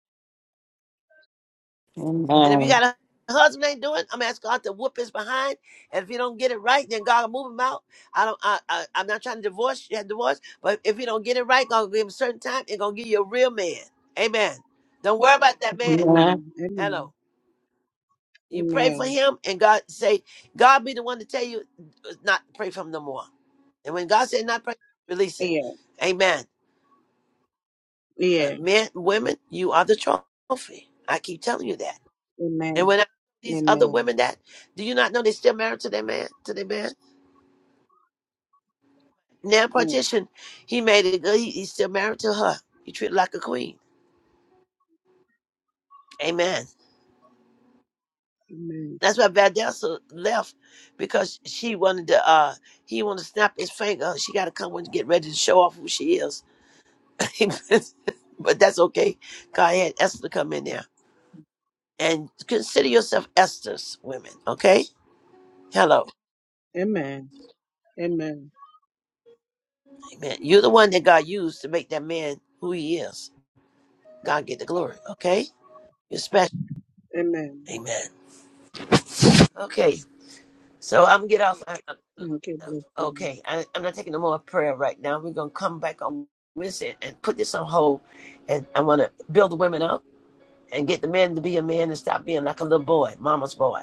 Speaker 6: Amen.
Speaker 2: And if you got a husband ain't doing, it, I'm asking God to whoop his behind. And if you don't get it right, then God will move him out. I don't. I, I I'm not trying to divorce. You have divorce, but if you don't get it right, God will give him a certain time and gonna give you a real man. Amen. Don't worry about that man.
Speaker 6: Amen.
Speaker 8: Amen.
Speaker 2: Hello.
Speaker 8: Amen.
Speaker 2: You pray for
Speaker 8: Amen.
Speaker 2: him, and God say, God be the one to tell you uh, not to pray for him no more. And when God said not pray, release it.
Speaker 8: Yeah.
Speaker 2: Amen. But
Speaker 8: Yeah.
Speaker 2: men, women, you are the trophy. I keep telling you that. And
Speaker 8: Amen.
Speaker 2: when I these other
Speaker 8: Amen.
Speaker 2: women that, do you not know they still married to their man? To their man? Now
Speaker 8: Mm.
Speaker 2: partition, he made it good. He, he's still married to her. He treated like a queen. Amen.
Speaker 8: Amen.
Speaker 2: That's why Valdelsa left because she wanted to. uh He wanted to snap his finger. She got to come and get ready to show off who she is (laughs) but that's okay. God had Esther come in there. And consider yourself Esther's women, okay? Hello.
Speaker 8: Amen. Amen.
Speaker 2: Amen. You're the one that God used to make that man who he is. God get the glory, okay? You're special.
Speaker 8: Amen.
Speaker 2: Amen. Okay. So I'm gonna get off. I- I-
Speaker 8: Thank you, bless you.
Speaker 2: Okay. I, I'm not taking no more prayer right now. We're gonna come back on Wednesday and put this on hold. And I wanna build the women up and get the men to be a man and stop being like a little boy, mama's boy.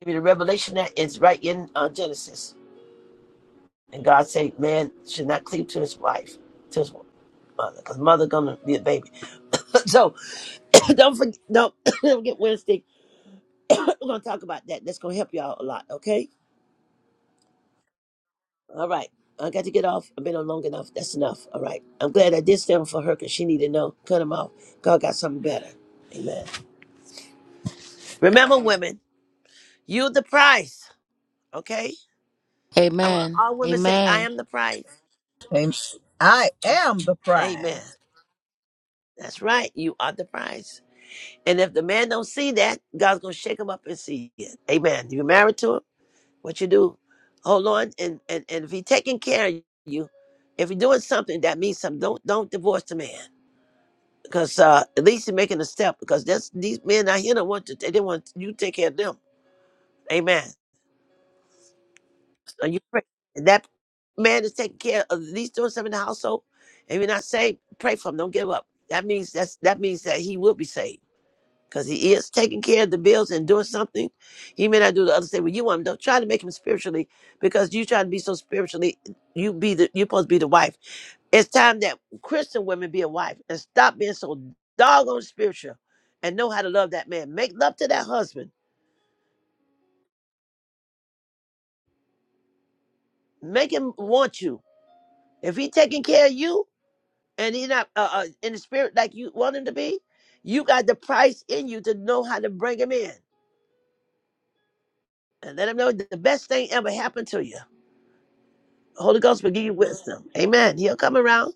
Speaker 2: Give you the revelation that is right in uh, Genesis. And God said, man should not cleave to his wife, to his mother, because mother gonna be a baby. (laughs) So (coughs) don't forget, don't, (coughs) don't forget Wednesday. (coughs) We're gonna talk about that. That's gonna help y'all a lot. Okay. All right. I got to get off. I've been on long enough. That's enough. All right. I'm glad I did stand for her because she needed to know. Cut him off. God got something better. Amen. Remember, women, you the price. Okay. I want
Speaker 4: Amen.
Speaker 2: all women say, I
Speaker 4: Amen.
Speaker 2: am the price.
Speaker 7: Amen. I am the
Speaker 2: Amen.
Speaker 7: prize.
Speaker 2: That's right. You are the price. And if the man don't see that, God's gonna shake him up and see it. Amen. You're married to him. What you do, hold on, and and, and if he taking care of you, if you're doing something that means something, don't don't divorce the man because uh, at least you're making a step because that's these men out here don't want to. They don't want you to take care of them. Amen. So you pray and that man is taking care of at least doing something in the household. If you're not saved, pray for him. Don't give up. That means that's that means that he will be saved. because he is taking care of the bills and doing something. He may not do the other thing, but you want him to try to make him spiritually because you try to be so spiritually. You be the you're supposed to be the wife. It's time that Christian women be a wife and stop being so doggone spiritual and know how to love that man. Make love to that husband. Make him want you. If he taking care of you and he not uh, uh, in the spirit like you want him to be, you got the price in you to know how to bring him in and let him know that the best thing ever happened to you. Holy Ghost will give you wisdom. Amen. He'll come around.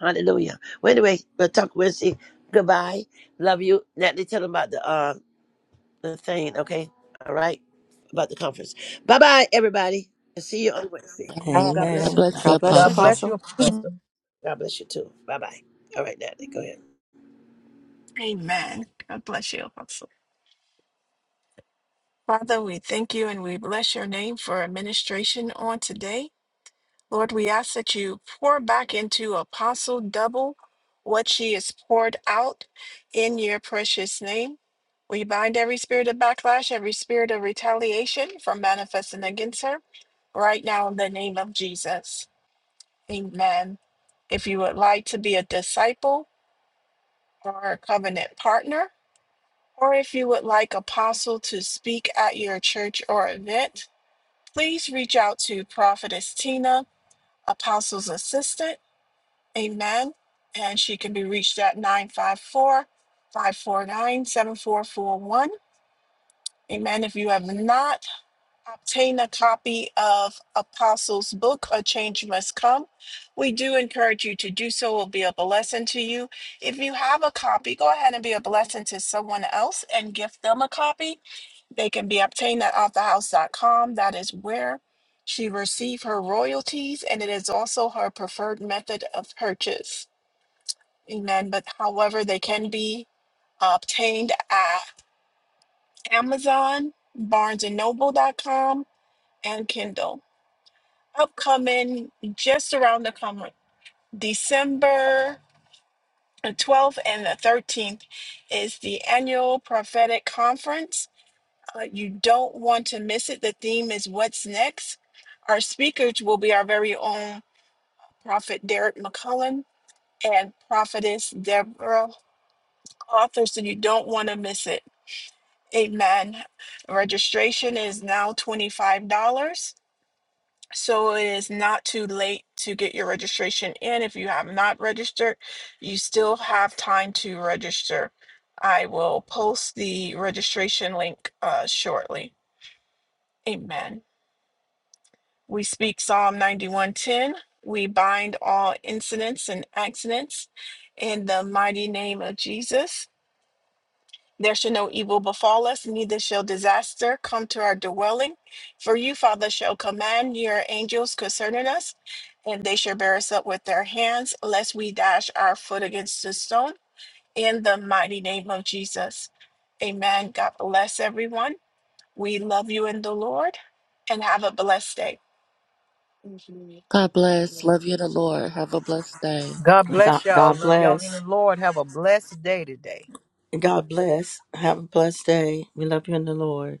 Speaker 2: Hallelujah. Well, anyway, we'll talk Wednesday. Goodbye. Love you. Natalie, tell them about the uh the thing, okay? All right? About the conference. Bye bye, everybody. And see you on Wednesday.
Speaker 4: Amen.
Speaker 2: God bless
Speaker 4: God
Speaker 3: amen.
Speaker 4: bless you,
Speaker 2: everybody.
Speaker 3: God bless you,
Speaker 7: God
Speaker 9: flesh
Speaker 7: bless
Speaker 4: apostle.
Speaker 3: Apostle.
Speaker 7: you, Pastor.
Speaker 2: God bless you too. Bye bye. All right, Natalie, go ahead.
Speaker 1: Amen. God bless you, Apostle. Father, we thank you and we bless your name for administration on today. Lord, we ask that you pour back into Apostle double what she has poured out in your precious name. We bind every spirit of backlash, every spirit of retaliation from manifesting against her right now in the name of Jesus. Amen. If you would like to be a disciple or a covenant partner, or if you would like Apostle to speak at your church or event, please reach out to Prophetess Tina, Apostle's assistant. Amen. And she can be reached at 954 549 7441. Amen. If you have not obtain a copy of Apostles' Book, A Change Must Come, we do encourage you to do so. It will be a blessing to you. If you have a copy, go ahead and be a blessing to someone else and gift them a copy. They can be obtained at authorhouse.com. That is where she received her royalties, and it is also her preferred method of purchase. Amen. But however, they can be obtained at Amazon, barnesandnoble.com, and noble dot com, and Kindle upcoming just around the corner december the 12th and the 13th is the annual prophetic conference Uh, you don't want to miss it the theme is what's next our speakers will be our very own prophet derek mccullen and prophetess deborah Arthur. so you don't want to miss it amen registration is now $25 So it is not too late to get your registration in. If you have not registered, you still have time to register. I will post the registration link uh, shortly. Amen. We speak Psalm 91:10. We bind all incidents and accidents in the mighty name of Jesus. There shall no evil befall us, neither shall disaster come to our dwelling. For you, Father, shall command your angels concerning us, and they shall bear us up with their hands, lest we dash our foot against the stone. In the mighty name of Jesus. Amen. God bless everyone. We love you in the Lord, and have a blessed day.
Speaker 4: God bless. Love you, in the Lord. Have a blessed day.
Speaker 7: God
Speaker 3: God,
Speaker 7: bless y'all.
Speaker 3: God
Speaker 7: Love y'all in the
Speaker 3: bless.
Speaker 7: Lord. Have a blessed day today.
Speaker 3: God bless. Have a blessed day. We love you in the Lord.